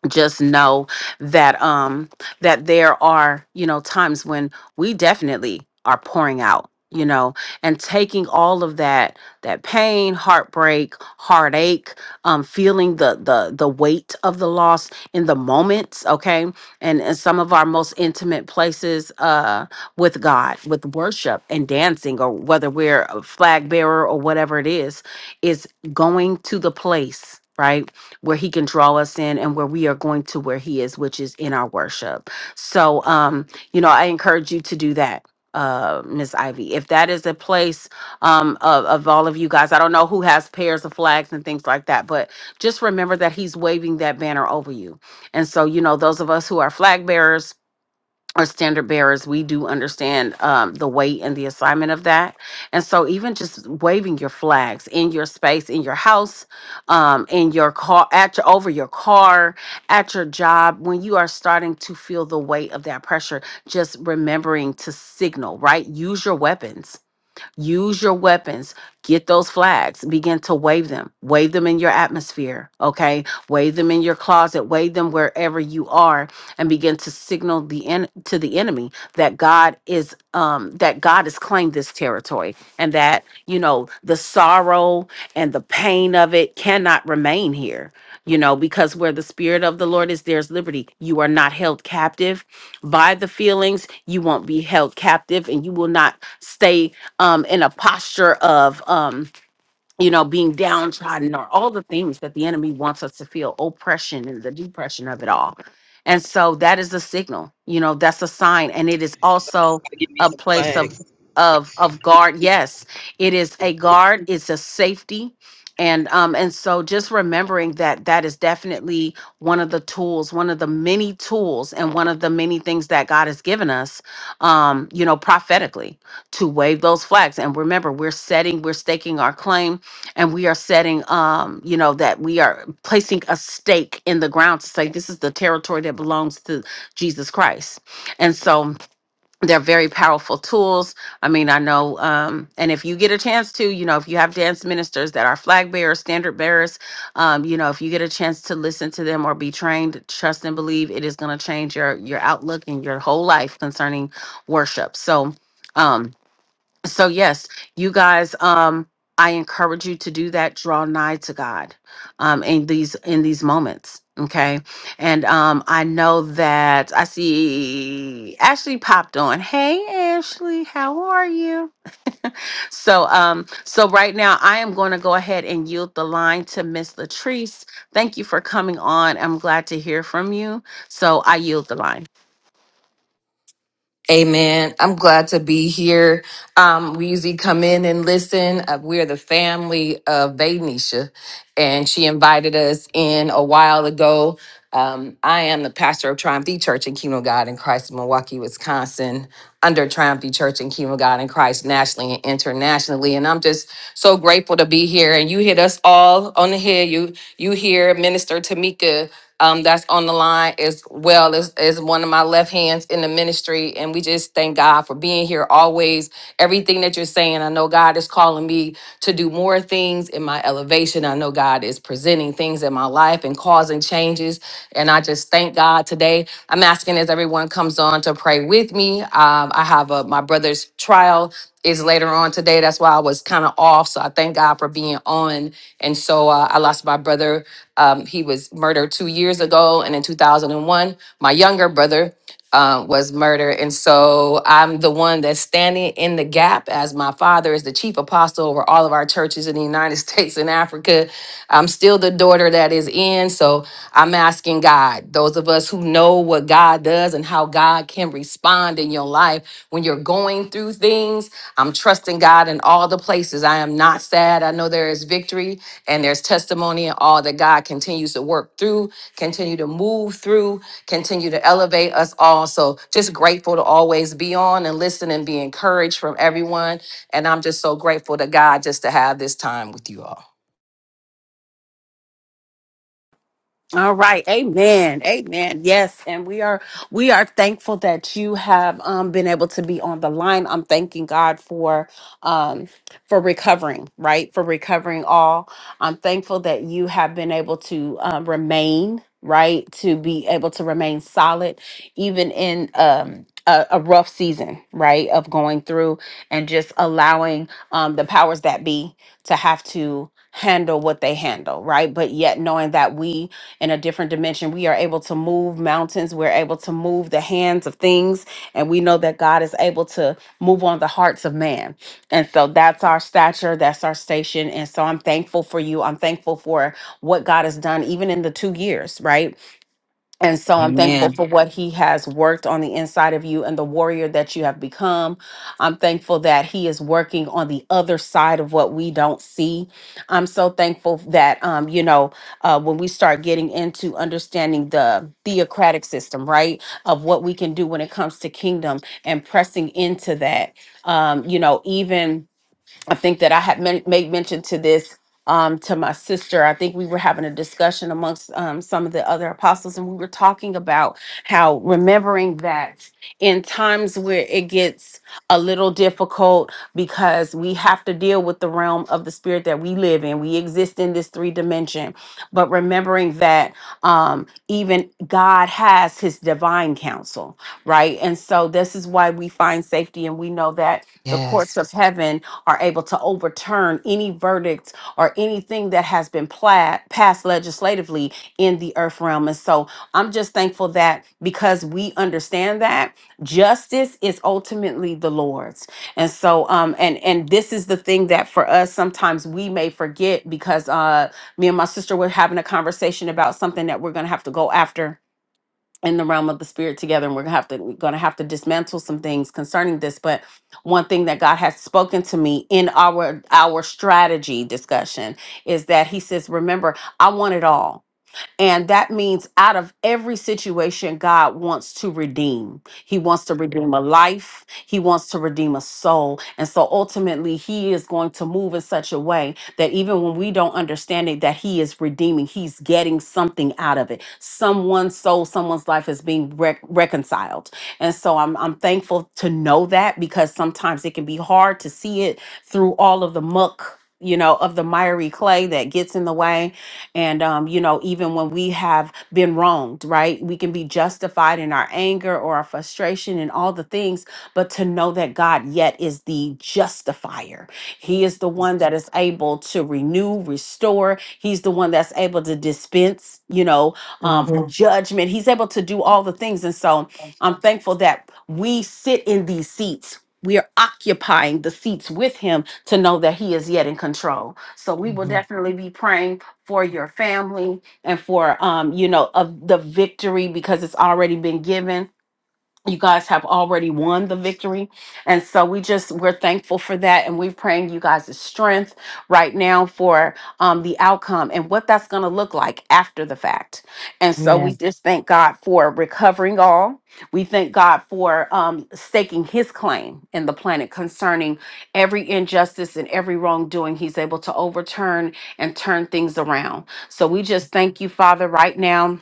S2: just know that um that there are you know times when we definitely are pouring out you know and taking all of that that pain heartbreak heartache um feeling the the the weight of the loss in the moments okay and in some of our most intimate places uh with god with worship and dancing or whether we're a flag bearer or whatever it is is going to the place right where he can draw us in and where we are going to where he is, which is in our worship. So, um, you know, I encourage you to do that. Uh, Miss Ivy, if that is a place um, of, of all of you guys, I don't know who has pairs of flags and things like that, but just remember that he's waving that banner over you. And so, you know, those of us who are flag bearers, or standard bearers, we do understand um, the weight and the assignment of that. And so, even just waving your flags in your space, in your house, um, in your car, at your, over your car, at your job, when you are starting to feel the weight of that pressure, just remembering to signal, right? Use your weapons Use your weapons. Get those flags. Begin to wave them. Wave them in your atmosphere. Okay. Wave them in your closet. Wave them wherever you are and begin to signal the en- to the enemy that God is um that God has claimed this territory and that, you know, the sorrow and the pain of it cannot remain here. You know, because where the spirit of the Lord is, there's liberty. You are not held captive by the feelings. You won't be held captive and you will not stay um, in a posture of um, you know, being downtrodden or all the things that the enemy wants us to feel oppression and the depression of it all. And so that is a signal, you know, that's a sign. And it is
S4: now. So I
S2: also
S4: gotta give me
S2: a
S4: some
S2: place of
S4: flags.
S2: of of guard. Yes, it is a guard, it's a safety. And um and so just remembering that that is definitely one of the tools, one of the many tools and one of the many things that God has given us um, you know, prophetically to wave those flags. And remember, we're setting, we're staking our claim and we are setting um you know that we are placing a stake in the ground to say this is the territory that belongs to jesus christ and so they're very powerful tools i mean i know um and if you get a chance to you know if you have dance ministers that are flag bearers standard bearers um you know if you get a chance to listen to them or be trained trust and believe it is going to change your your outlook and your whole life concerning worship so um so yes you guys um i encourage you to do that draw nigh to god um in these in these moments okay and um i know that i see ashley popped on hey ashley how are you so um so right now i am going to go ahead and yield the line to miss latrice thank you for coming on i'm glad to hear from you so i yield the line
S5: Amen. I'm glad to be here. Um, we usually come in and listen. Uh, we're the family of Veganisha, and she invited us in a while ago. Um, I am the pastor of Triumph the Church in Kingdom of God in Christ in Milwaukee, Wisconsin, under Triumph the Church in Kingdom of God in Christ nationally and internationally. And I'm just so grateful to be here. And you hit us all on the head. You you hear Minister Tamika um, that's on the line as well as, as one of my left hands in the ministry. And we just thank God for being here always. Everything that you're saying, I know God is calling me to do more things in my elevation. I know God is presenting things in my life and causing change changes. And I just thank God today. I'm asking as everyone comes on to pray with me. Um, I have a, my brother's trial is later on today. That's why I was kind of off. So I thank God for being on. And so uh, I lost my brother. Um, he was murdered two years ago. And in 2001, my younger brother uh, was murdered. And so I'm the one that's standing in the gap as my father is the chief apostle over all of our churches in the United States and Africa. I'm still the daughter that is in. So I'm asking God, those of us who know what God does and how God can respond in your life when you're going through things, I'm trusting God in all the places. I am not sad. I know there is victory and there's testimony and all that God continues to work through, continue to move through, continue to elevate us all. So just grateful to always be on and listen and be encouraged from everyone. And I'm just so grateful to God just to have this time with you all.
S2: All right. Amen. Amen. Yes. And we are we are thankful that you have um been able to be on the line. I'm thanking God for um for recovering, right? For recovering all. I'm thankful that you have been able to um, remain, right? To be able to remain solid even in um a, a rough season, right? Of going through and just allowing um the powers that be to have to handle what they handle, right? But yet knowing that we in a different dimension. We are able to move mountains. We're able to move the hands of things. And we know that God is able to move on the hearts of man. And so that's our stature, that's our station. And so I'm thankful for you. I'm thankful for what God has done, even in the two years, right? And so I'm thankful
S5: Amen.
S2: for what he has worked on the inside of you and the warrior that you have become. I'm thankful that he is working on the other side of what we don't see. I'm so thankful that, um, you know, uh, when we start getting into understanding the theocratic system, right, of what we can do when it comes to kingdom and pressing into that, um, you know, even I think that I had men- made mention to this um, to my sister. I think we were having a discussion amongst um, some of the other apostles, and we were talking about how remembering that in times where it gets a little difficult because we have to deal with the realm of the spirit that we live in. We exist in this three dimension, but remembering that um, even God has his divine counsel, right? And so this is why we find safety, and we know that the courts
S5: Yes.
S2: of heaven are able to overturn any verdicts or anything that has been pla- passed legislatively in the earth realm. And so I'm just thankful that because we understand that justice is ultimately the Lord's. And so um and and this is the thing that for us sometimes we may forget because uh me and my sister were having a conversation about something that we're going to have to go after in the realm of the spirit together and we're gonna have to we're gonna have to dismantle some things concerning this but one thing that god has spoken to me in our our strategy discussion is that he says remember i want it all and that means out of every situation, God wants to redeem. He wants to redeem a life, He wants to redeem a soul. And so ultimately, He is going to move in such a way that even when we don't understand it, that He is redeeming, He's getting something out of it. Someone's soul, someone's life is being rec- reconciled. And so I'm, I'm thankful to know that because sometimes it can be hard to see it through all of the muck. You know, of the miry clay that gets in the way and, um, you know, even when we have been wronged, right, we can be justified in our anger or our frustration and all the things, but to know that God yet is the justifier. He is the one that is able to renew, restore. He's the one that's able to dispense, you know, um, Mhm.
S5: Mhm.
S2: judgment. He's able to do all the things. And so I'm thankful that we sit in these seats. We are occupying the seats with him to know that he is yet in control. So we will definitely be praying for your family and for um you know of the victory because it's already been given you guys have already won the victory and so we just we're thankful for that and we're praying you guys' strength right now for um, the outcome and what that's going to look like after the fact and so
S5: Yeah.
S2: we just thank god for recovering all we thank god for um, staking his claim in the planet concerning every injustice and every wrongdoing he's able to overturn and turn things around so we just thank you father right now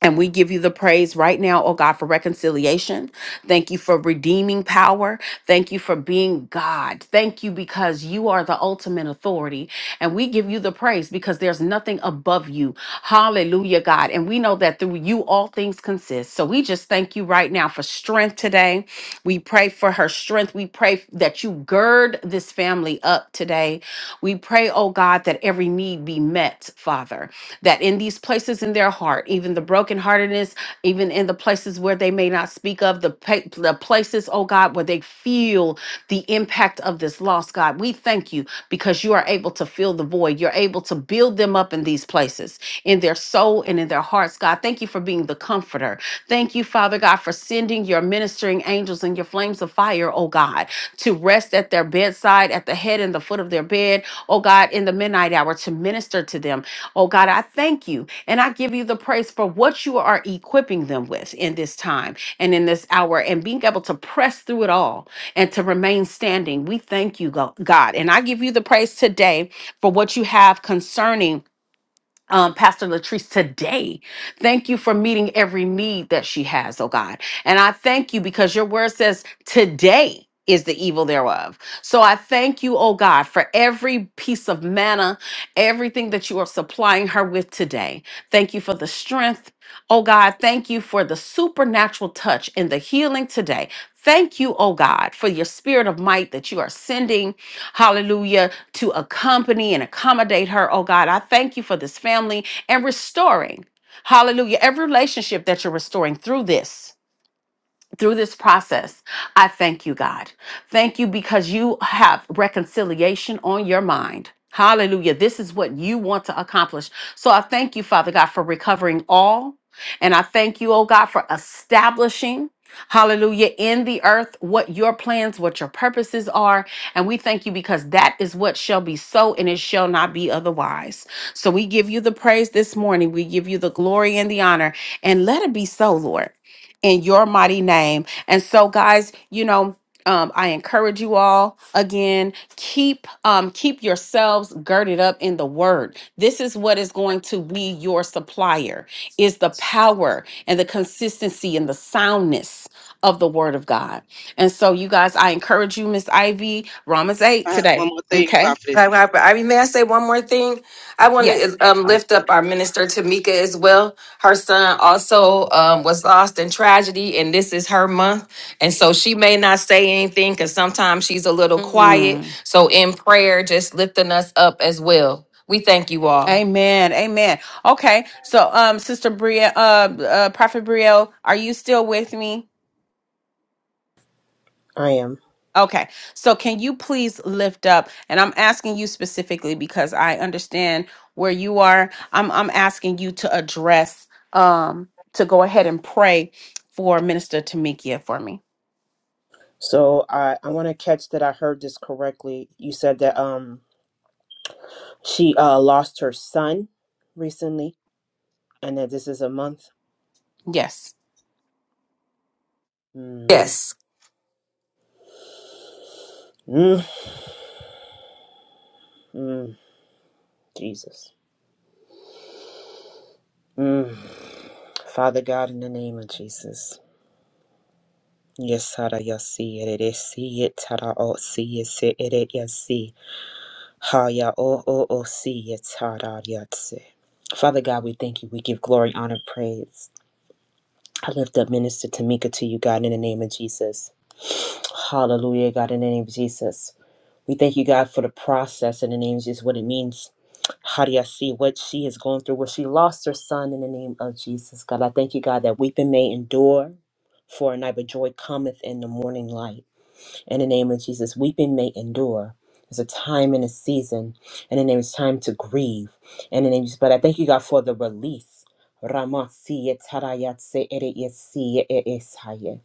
S2: and we give you the praise right now, oh God, for reconciliation. Thank you for redeeming power. Thank you for being God. Thank you because you are the ultimate authority. And we give you the praise because there's nothing above you. Hallelujah, God. And we know that through you all things consist. So we just thank you right now for strength today. We pray for her strength. We pray that you gird this family up today. We pray, oh God, that every need be met, Father, that in these places in their heart, even the brokenheartedness, even in the places where they may not speak of, the, pa- the places, oh God, where they feel the impact of this loss, God, we thank you because you are able to fill the void. You're able to build them up in these places, in their soul and in their hearts, God. Thank you for being the comforter. Thank you, Father. Father God, for sending your ministering angels and your flames of fire, oh God, to rest at their bedside, at the head and the foot of their bed, oh God, in the midnight hour to minister to them. Oh God, I thank you and I give you the praise for what you are equipping them with in this time and in this hour and being able to press through it all and to remain standing. We thank you, Go- God. And I give you the praise today for what you have concerning um, Pastor Latrice today. Thank you for meeting every need that she has, oh God. And I thank you because your word says today is the evil thereof. So I thank you, oh God, for every piece of manna, everything that you are supplying her with today. Thank you for the strength, oh God. Thank you for the supernatural touch and the healing today. Thank you, oh God, for your spirit of might that you are sending hallelujah, to accompany and accommodate her. Oh God, I thank you for this family and restoring, hallelujah, every relationship that you're restoring through this through this process, I thank you, God. Thank you because you have reconciliation on your mind. Hallelujah. This is what you want to accomplish. So I thank you, Father God, for recovering all. And I thank you, oh God, for establishing, hallelujah, in the earth what your plans, what your purposes are. And we thank you because that is what shall be so and it shall not be otherwise. So we give you the praise this morning. We give you the glory and the honor. And let it be so, Lord in your mighty name. And so, guys, you know, um, I encourage you all again. Keep um, keep yourselves girded up in the word. This is what is going to be your supplier: is the power and the consistency and the soundness of the word of God. And so, you guys, I encourage you, Miss Ivy, Romans eight
S4: I have
S2: today.
S4: one more thing,
S2: Okay.
S4: prophetess.
S5: I, I, I mean, may I say one more thing? I want
S2: Yes.
S5: to um,
S4: um,
S5: lift up our minister Tamika as well. Her son also um, was lost in tragedy, and this is her month, and so she may not say anything because sometimes she's a little quiet.
S2: Mm.
S5: So in prayer, just lifting us up as well. We thank you all.
S2: Amen. Amen. Okay. So, um, Sister Bria, uh, uh, Prophet Brielle, are you still with me?
S3: I am.
S2: Okay. So can you please lift up and I'm asking you specifically because I understand where you are. I'm I'm asking you to address um to go ahead and pray for Minister Tamikia for me.
S3: So I I want to catch that I heard this correctly. You said that um She uh, lost her son recently, and that this is a month.
S2: Yes.
S3: Mm,
S5: Yes.
S3: mm, mm, Jesus. Mm. Father God, in the name of Jesus. Yes, Hara, yes, see it, it is, see it, Tara, oh, see it, see it, it, yes, see. Ha, ya, oh, oh, oh, see it, Tara, yes, see. Father God, we thank you. We give glory, honor, praise. I lift up Minister Tamika to you, God, in the name of Jesus. Hallelujah, God, in the name of Jesus. We thank you, God, for the process in the name of Jesus, what it means. How do you see what she is going through? Where she lost her son in the name of Jesus, God. I thank you, God, that weeping may endure for a night, but joy cometh in the morning light in the name of Jesus. Weeping may endure. There's a time and a season. In the name, it's time to grieve. In the name, of Jesus. but I thank you, God, for the release. Ramasi yetarayatse ereyesi eesaye.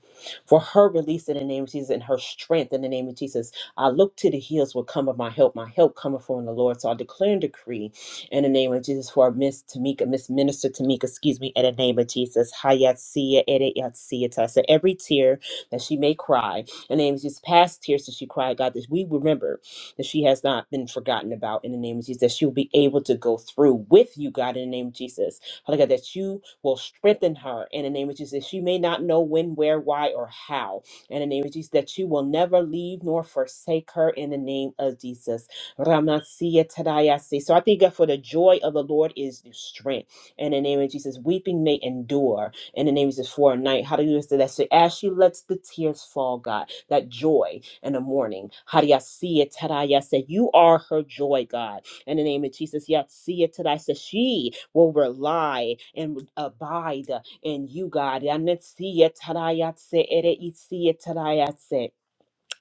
S3: For her release in the name of Jesus and her strength in the name of Jesus, I look to the hills will come of my help. My help cometh from the Lord. So I declare and decree in the name of Jesus for Miss Tamika, Miss Minister Tamika, excuse me, in the name of Jesus. Hayatsia ereyatsia. So every tear that she may cry. In the name of Jesus, past tears that she cried, God, that we remember that she has not been forgotten about in the name of Jesus, that she'll be able to go through with you, God, in the name of Jesus. Father God, that you will strengthen her in the name of Jesus. that She may not know when, where, why, or how. In the name of Jesus, that you will never leave nor forsake her in the name of Jesus. Ramasiya tadayasi. So I thank God for the joy of the Lord is the strength. In the name of Jesus, weeping may endure and the name is for a night. Hallelujah. So that's it. As she lets the tears fall, God, that joy in the morning. Hallelujah. See it. Tadaya said, You are her joy, God. In the name of Jesus, yet see it today. So she will rely and abide in you, God. Yeah, And it's see it. Tadaya said, it is see it. Tadaya said.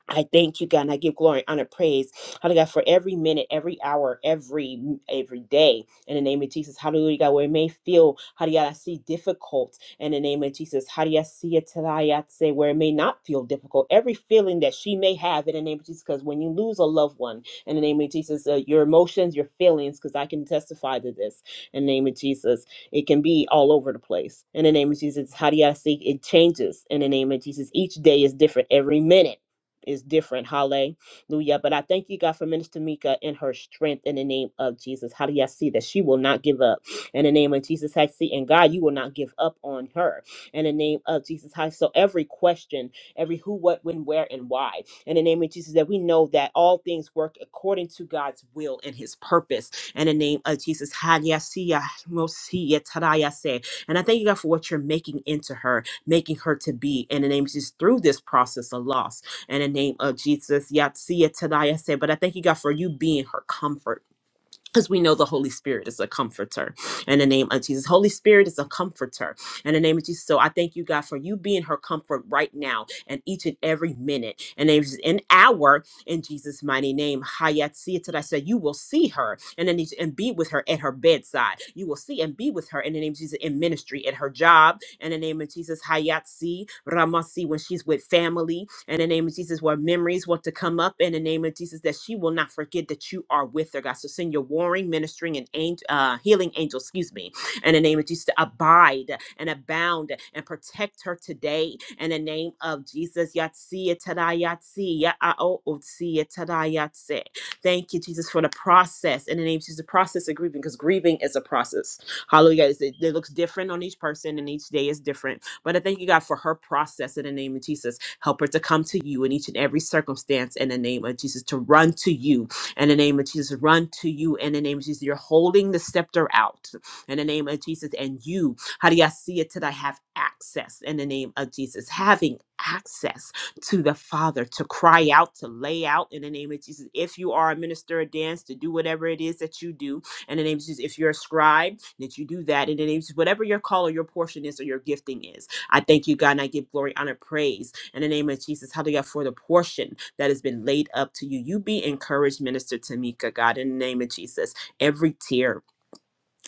S3: I thank you, God, and I give glory, honor, praise, Hallelujah, God, for every minute, every hour, every every day. In the name of Jesus, Hallelujah, God, where it may feel, Hallelujah, God, I see difficult. In the name of Jesus, Hallelujah, I see it today, I say where it may not feel difficult. Every feeling that she may have, in the name of Jesus, because when you lose a loved one, in the name of Jesus, uh, your emotions, your feelings, because I can testify to this. In the name of Jesus, it can be all over the place. In the name of Jesus, Hallelujah, I see it changes. In the name of Jesus, each day is different. Every minute is different. Hallelujah. But I thank you, God, for Minister Mika and her strength in the name of Jesus. How do y'all see that she will not give up in the name of Jesus? I see, and God, you will not give up on her in the name of Jesus. How so every question, every who, what, when, where, and why, in the name of Jesus, that we know that all things work according to God's will and his purpose. In the name of Jesus. hallelujah, see ya? We'll see ya. Ta-da, I say. And I thank you, God, for what you're making into her, making her to be in the name of Jesus through this process of loss in the name of Jesus. Yatsia Tadaya said, but I thank you, God, for you being her comfort. Because we know the Holy Spirit is a comforter in the name of Jesus. Holy Spirit is a comforter in the name of Jesus. So I thank you, God, for you being her comfort right now and each and every minute and there's an hour in Jesus' mighty name. Hayat see it I said, you will see her and then and be with her at her bedside. You will see and be with her in the name of Jesus in ministry, at her job, in the name of Jesus. Hayatsi, Ramasi, when she's with family, in the name of Jesus, where memories want to come up, in the name of Jesus, that she will not forget that you are with her, God. So send your warring, ministering, and angel, uh, healing angel, excuse me, in the name of Jesus, to abide and abound and protect her today, in the name of Jesus. Yatsi, Yatada, Yatsi, Ya'ao, Otsi, Yatada, Yatsi. Thank you, Jesus, for the process. In the name of Jesus, the process of grieving, because grieving is a process Hallelujah. It's- It, it looks different on each person, and each day is different. But I thank you, God, for her process in the name of Jesus. Help her to come to you in each and every circumstance in the name of Jesus, to run to you in the name of Jesus. Run to you in the name of Jesus. You're holding the scepter out in the name of Jesus. And you, how do you see it? Till I have access in the name of Jesus. Having access to the Father, to cry out, to lay out in the name of Jesus. If you are a minister of dance, to do whatever it is that you do in the name of Jesus. If you're a scribe, that you do that in the name of Jesus, whatever your call or your portion is or your gifting is. I thank you, God, and I give glory, honor, praise in the name of Jesus. Hallelujah for the portion that has been laid up to you. You be encouraged, Minister Tamika, God, in the name of Jesus. Every tear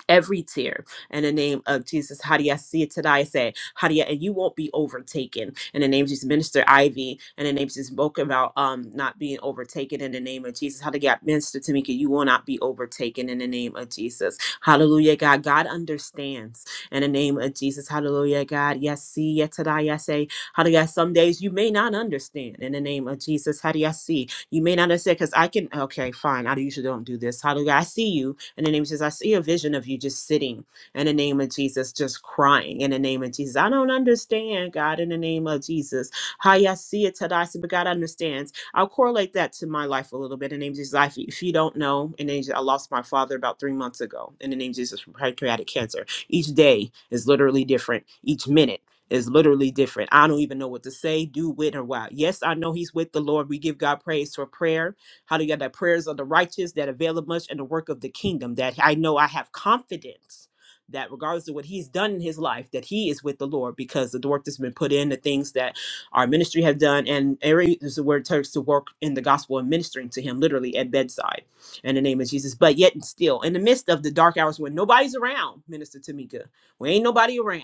S3: every tear in the name of Jesus. Hadia see it today. I say Hadia, and you won't be overtaken in the name of Jesus. Minister Ivy, in the name of Jesus, spoke about um not being overtaken in the name of Jesus. Hadia, Minister Tamika, you will not be overtaken in the name of Jesus. Hallelujah, God. God understands in the name of Jesus. Hallelujah, God. Yes, see yet today. I say Hadia. Some days you may not understand in the name of Jesus. Hadia, see you may not understand because I can. Okay, fine. I usually don't do this. Hallelujah. I see you in the name of Jesus, I see a vision of you just sitting in the name of Jesus, just crying in the name of Jesus. I don't understand, God, in the name of Jesus. How I see it today, but God understands. I'll correlate that to my life a little bit in the name of Jesus. Life, if you don't know, in the name of Jesus, I lost my father about three months ago in the name of Jesus from pancreatic cancer. Each day is literally different, each minute is literally different. I don't even know what to say, do, with, or why. Yes, I know he's with the Lord. We give God praise for prayer Hallelujah. The prayers of the righteous that avail much in the work of the kingdom, that I know I have confidence that regardless of what he's done in his life, that he is with the Lord because of the work that's been put in, the things that our ministry have done, and areas where it takes to work in the gospel and ministering to him literally at bedside in the name of Jesus. But yet and still, in the midst of the dark hours when nobody's around, Minister Tamika, when ain't nobody around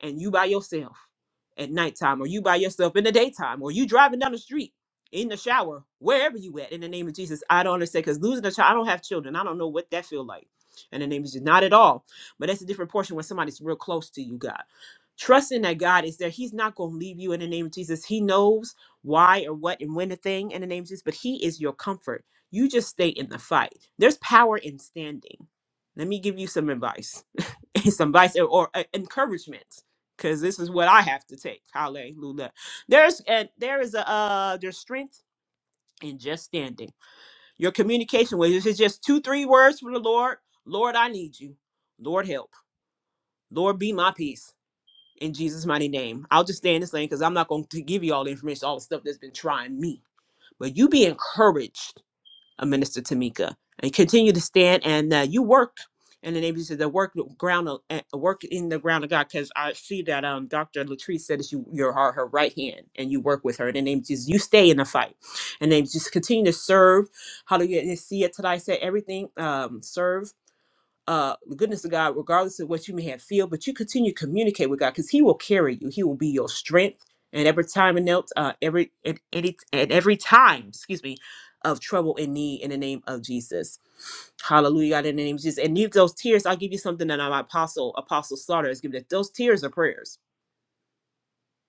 S3: and you by yourself at nighttime or you by yourself in the daytime or you driving down the street in the shower wherever you at in the name of jesus i don't understand because losing a child i don't have children i don't know what that feel like in the name of jesus not at all but that's a different portion when somebody's real close to you god trusting that god is there he's not going to leave you in the name of jesus he knows why or what and when a thing in the name of jesus but he is your comfort you just stay in the fight there's power in standing let me give you some advice some advice or, or uh, encouragement because this is what I have to take. Hallelujah. There's and there is a uh there's strength in just standing. Your communication with this is just two, three words from the Lord. Lord, I need you. Lord help. Lord be my peace. In Jesus' mighty name. I'll just stay in this lane because I'm not going to give you all the information, all the stuff that's been trying me. But you be encouraged uh, Minister Tamika, and continue to stand and uh, you work and the name of Jesus, the work ground of, uh, eh, work in the ground of God because I see that um Dr. Latrice said that you you are her right hand and you work with her. In the name of Jesus, you stay in the fight, and then just continue to serve. Hallelujah! And see it today. I said everything. Um, serve uh the goodness of God, regardless of what you may have feel, but you continue to communicate with God because He will carry you. He will be your strength. And every time and else, uh, every at any at every time, excuse me, of trouble and need in the name of Jesus. Hallelujah. God, In the name of Jesus. And if those tears, I'll give you something that my apostle, Apostle Slaughter has given us. Those tears are prayers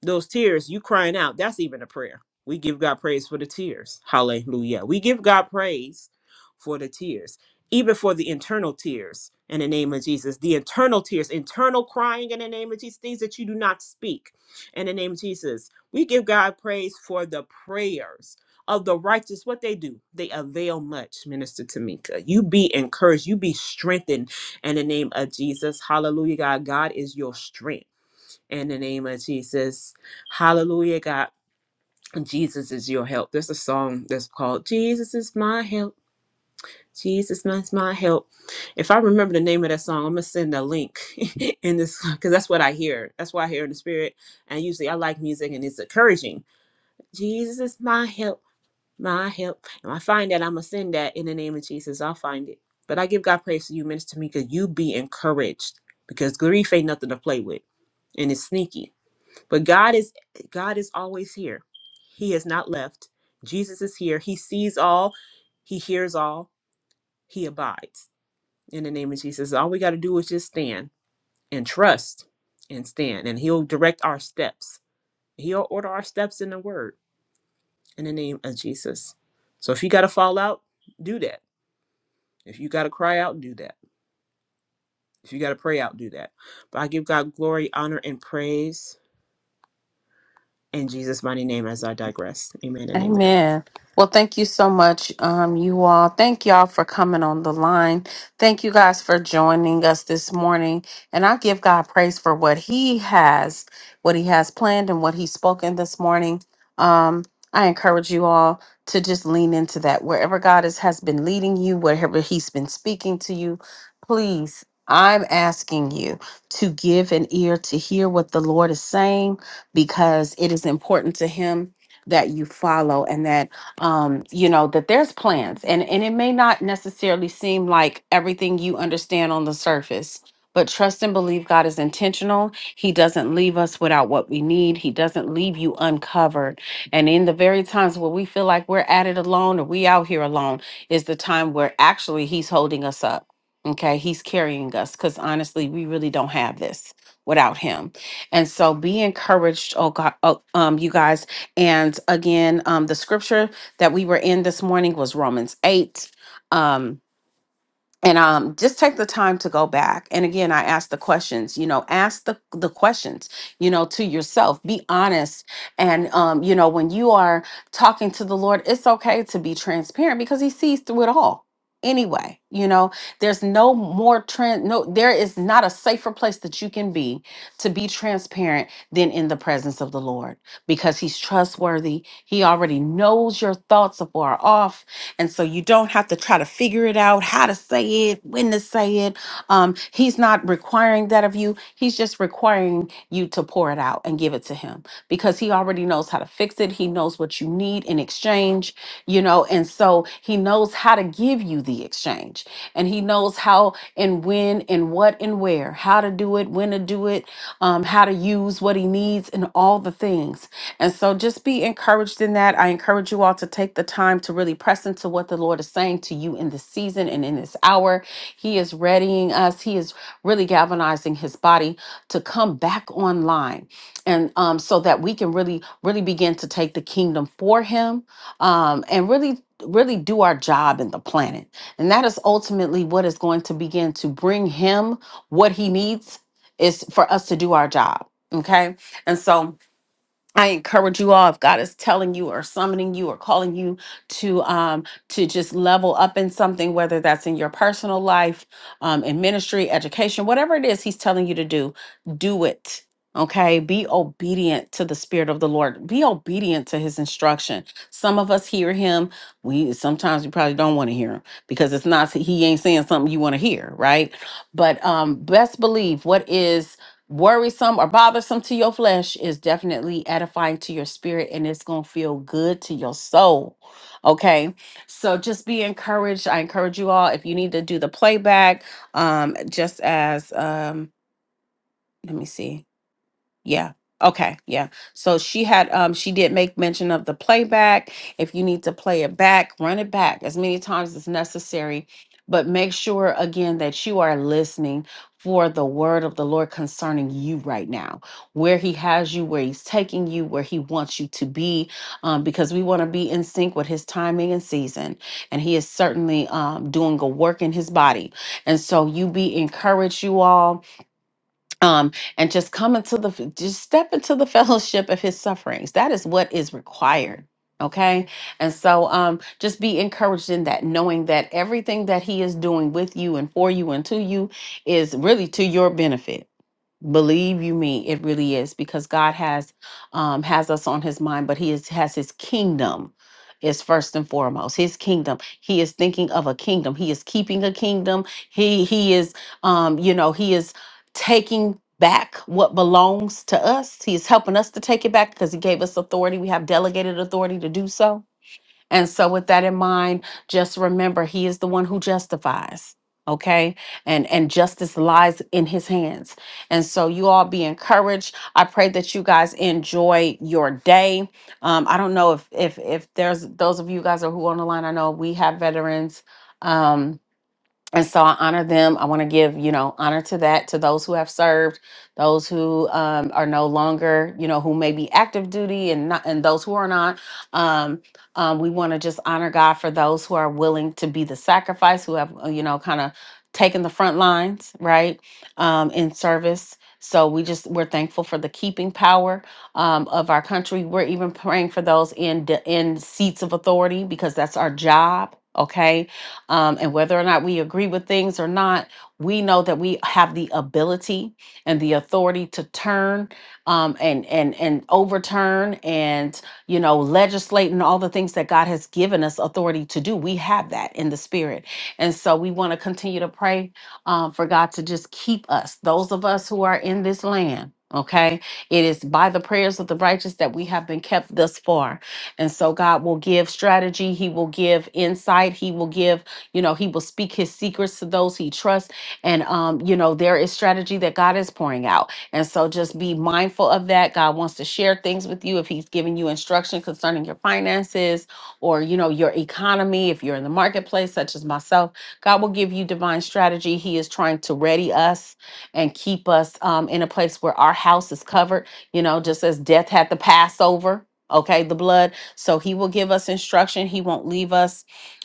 S3: those tears, you crying out, that's even a prayer. We give God praise for the tears. Hallelujah. We give God praise for the tears, even for the internal tears in the name of Jesus. The internal tears, internal crying in the name of Jesus, things that you do not speak in the name of Jesus. We give God praise for the prayers of the righteous. What they do, they avail much, Minister Tamika. You be encouraged, you be strengthened in the name of Jesus. Hallelujah, God. God is your strength in the name of Jesus. Hallelujah, God. Jesus is your help. There's a song that's called Jesus is my help. Jesus is my help. If I remember the name of that song, I'm gonna send a link in this because that's what I hear. That's what I hear in the spirit. And usually I like music and it's encouraging. Jesus is my help, my help. And I find that I'm gonna send that in the name of Jesus. I'll find it. But I give God praise for you, Minister Mika. You be encouraged because grief ain't nothing to play with and it's sneaky but God is God is always here. He has not left. Jesus is here. He sees all, he hears all, he abides. In the name of Jesus, all we got to do is just stand and trust and stand and he'll direct our steps. He'll order our steps in the word in the name of Jesus. So if you got to fall out, do that. If you got to cry out, do that. If you got to pray out, do that. But I give God glory, honor, and praise in Jesus' mighty name as I digress. Amen and amen.
S2: Amen. Well, thank you so much, um, you all. Thank y'all for coming on the line. Thank you guys for joining us this morning. And I give God praise for what He has, what He has planned, and what He's spoken this morning. Um, I encourage you all to just lean into that. Wherever God is, has been leading you, wherever He's been speaking to you, please, I'm asking you to give an ear to hear what the Lord is saying because it is important to Him that you follow and that um you know that there's plans and and it may not necessarily seem like everything you understand on the surface but trust and believe God is intentional. He doesn't leave us without what we need. He doesn't leave you uncovered. And in the very times where we feel like we're at it alone or we out here alone is the time where actually he's holding us up. Okay? He's carrying us cuz honestly, we really don't have this without him. And so be encouraged, oh God, oh, um you guys and again, um, the scripture that we were in this morning was Romans 8. Um, and um, just take the time to go back and again i ask the questions you know ask the, the questions you know to yourself be honest and um, you know when you are talking to the lord it's okay to be transparent because he sees through it all anyway you know there's no more trend no there is not a safer place that you can be to be transparent than in the presence of the lord because he's trustworthy he already knows your thoughts afar off and so you don't have to try to figure it out, how to say it, when to say it. Um, he's not requiring that of you. He's just requiring you to pour it out and give it to him because he already knows how to fix it. He knows what you need in exchange, you know, and so he knows how to give you the exchange and he knows how and when and what and where, how to do it, when to do it, um, how to use what he needs, and all the things. And so just be encouraged in that. I encourage you all to take the time to really press into what the Lord is saying to you in this season and in this hour. He is readying us, He is really galvanizing His body to come back online. And um, so that we can really, really begin to take the kingdom for Him um, and really. Really do our job in the planet. And that is ultimately what is going to begin to bring him what he needs is for us to do our job. Okay. And so I encourage you all if God is telling you or summoning you or calling you to um to just level up in something, whether that's in your personal life, um, in ministry, education, whatever it is He's telling you to do, do it. Okay. Be obedient to the Spirit of the Lord. Be obedient to his instruction. Some of us hear him. We sometimes we probably don't want to hear him because it's not he ain't saying something you want to hear, right? But um best believe what is worrisome or bothersome to your flesh is definitely edifying to your spirit and it's going to feel good to your soul. Okay. So just be encouraged. I encourage you all if you need to do the playback um just as um let me see. Yeah. Okay. Yeah. So she had um she did make mention of the playback. If you need to play it back, run it back as many times as necessary, but make sure again that you are listening for the word of the Lord concerning you right now, where he has you, where he's taking you, where he wants you to be, um, because we want to be in sync with his timing and season. And he is certainly um, doing a work in his body. And so you be encouraged, you all um, and just come into the just step into the fellowship of his sufferings. That is what is required. Okay. And so um just be encouraged in that, knowing that everything that he is doing with you and for you and to you is really to your benefit believe you me it really is because god has um has us on his mind but he is, has his kingdom is first and foremost his kingdom he is thinking of a kingdom he is keeping a kingdom he he is um you know he is taking back what belongs to us he is helping us to take it back because he gave us authority we have delegated authority to do so and so, with that in mind, just remember He is the one who justifies. Okay, and and justice lies in His hands. And so, you all be encouraged. I pray that you guys enjoy your day. Um, I don't know if if if there's those of you guys are who on the line. I know we have veterans. Um, and so I honor them. I want to give, you know, honor to that, to those who have served, those who um, are no longer, you know, who may be active duty and not, and those who are not. Um, um, we want to just honor God for those who are willing to be the sacrifice, who have, uh, you know, kind of taken the front lines, right, um, in service. So we just we're thankful for the keeping power um, of our country. We're even praying for those in in seats of authority because that's our job. Okay, um, and whether or not we agree with things or not, we know that we have the ability and the authority to turn um, and and and overturn and you know legislate and all the things that God has given us authority to do. We have that in the spirit, and so we want to continue to pray um, for God to just keep us, those of us who are in this land. Okay, it is by the prayers of the righteous that we have been kept thus far. And so God will give strategy, He will give insight, He will give you know, he will speak his secrets to those he trusts. And, um, you know, there is strategy that God is pouring out. And so just be mindful of that. God wants to share things with you if he's giving you instruction concerning your finances or, you know, your economy. If you're in the marketplace, such as myself, God will give you divine strategy. He is trying to ready us and keep us um, in a place where our house is covered, you know, just as death had the Passover. Okay, the blood. So he will give us instruction. He won't leave us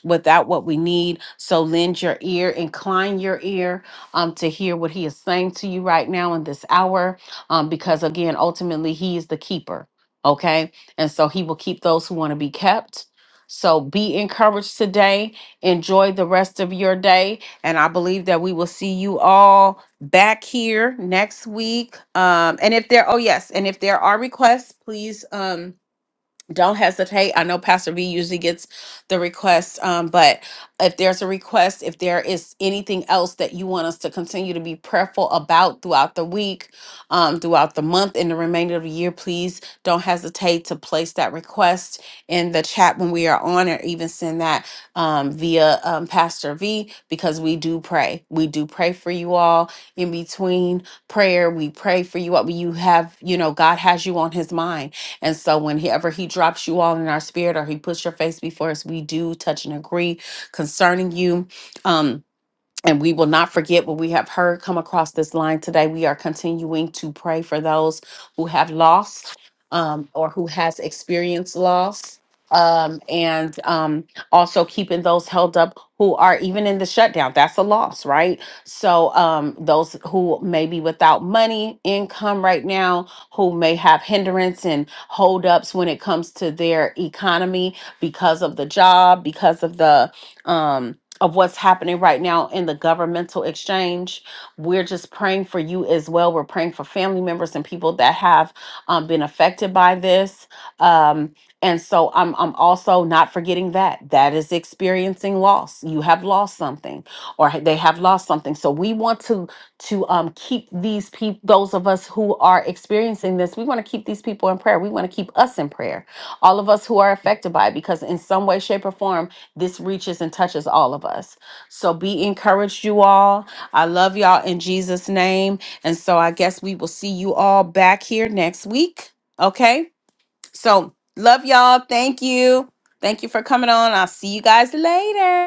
S2: without what we need. So lend your ear, incline your ear um, to hear what He is saying to you right now in this hour, um, because again, ultimately, He is the keeper. Okay. And so He will keep those who want to be kept. So be encouraged today. Enjoy the rest of your day. And I believe that we will see you all back here next week. Um, and if there, oh, yes. And if there are requests, please. Um, don't hesitate. I know Pastor V usually gets the requests, um, but if there's a request, if there is anything else that you want us to continue to be prayerful about throughout the week, um, throughout the month, and the remainder of the year, please don't hesitate to place that request in the chat when we are on, or even send that um, via um, Pastor V because we do pray. We do pray for you all in between prayer. We pray for you. all. You have, you know, God has you on His mind and so whenever he drops you all in our spirit or he puts your face before us, we do touch and agree concerning you. Um, and we will not forget what we have heard come across this line today. We are continuing to pray for those who have lost um, or who has experienced loss. Um, and um, also keeping those held up who are even in the shutdown. That's a loss, right? So um, those who may be without money, income right now, who may have hindrance and holdups when it comes to their economy because of the job, because of the um, of what's happening right now in the governmental exchange. We're just praying for you as well. We're praying for family members and people that have um, been affected by this. Um, and so I'm, I'm also not forgetting that. That is experiencing loss. You have lost something or ha- they have lost something. So we want to to um, keep these people, those of us who are experiencing this, we want to keep these people in prayer. We want to keep us in prayer. All of us who are affected by it because in some way, shape or form, this reaches and touches all of us. So be encouraged, you all. I love y'all in Jesus' name. And so I guess we will see you all back here next week. Okay. So love y'all. Thank you. Thank you for coming on. I'll see you guys later.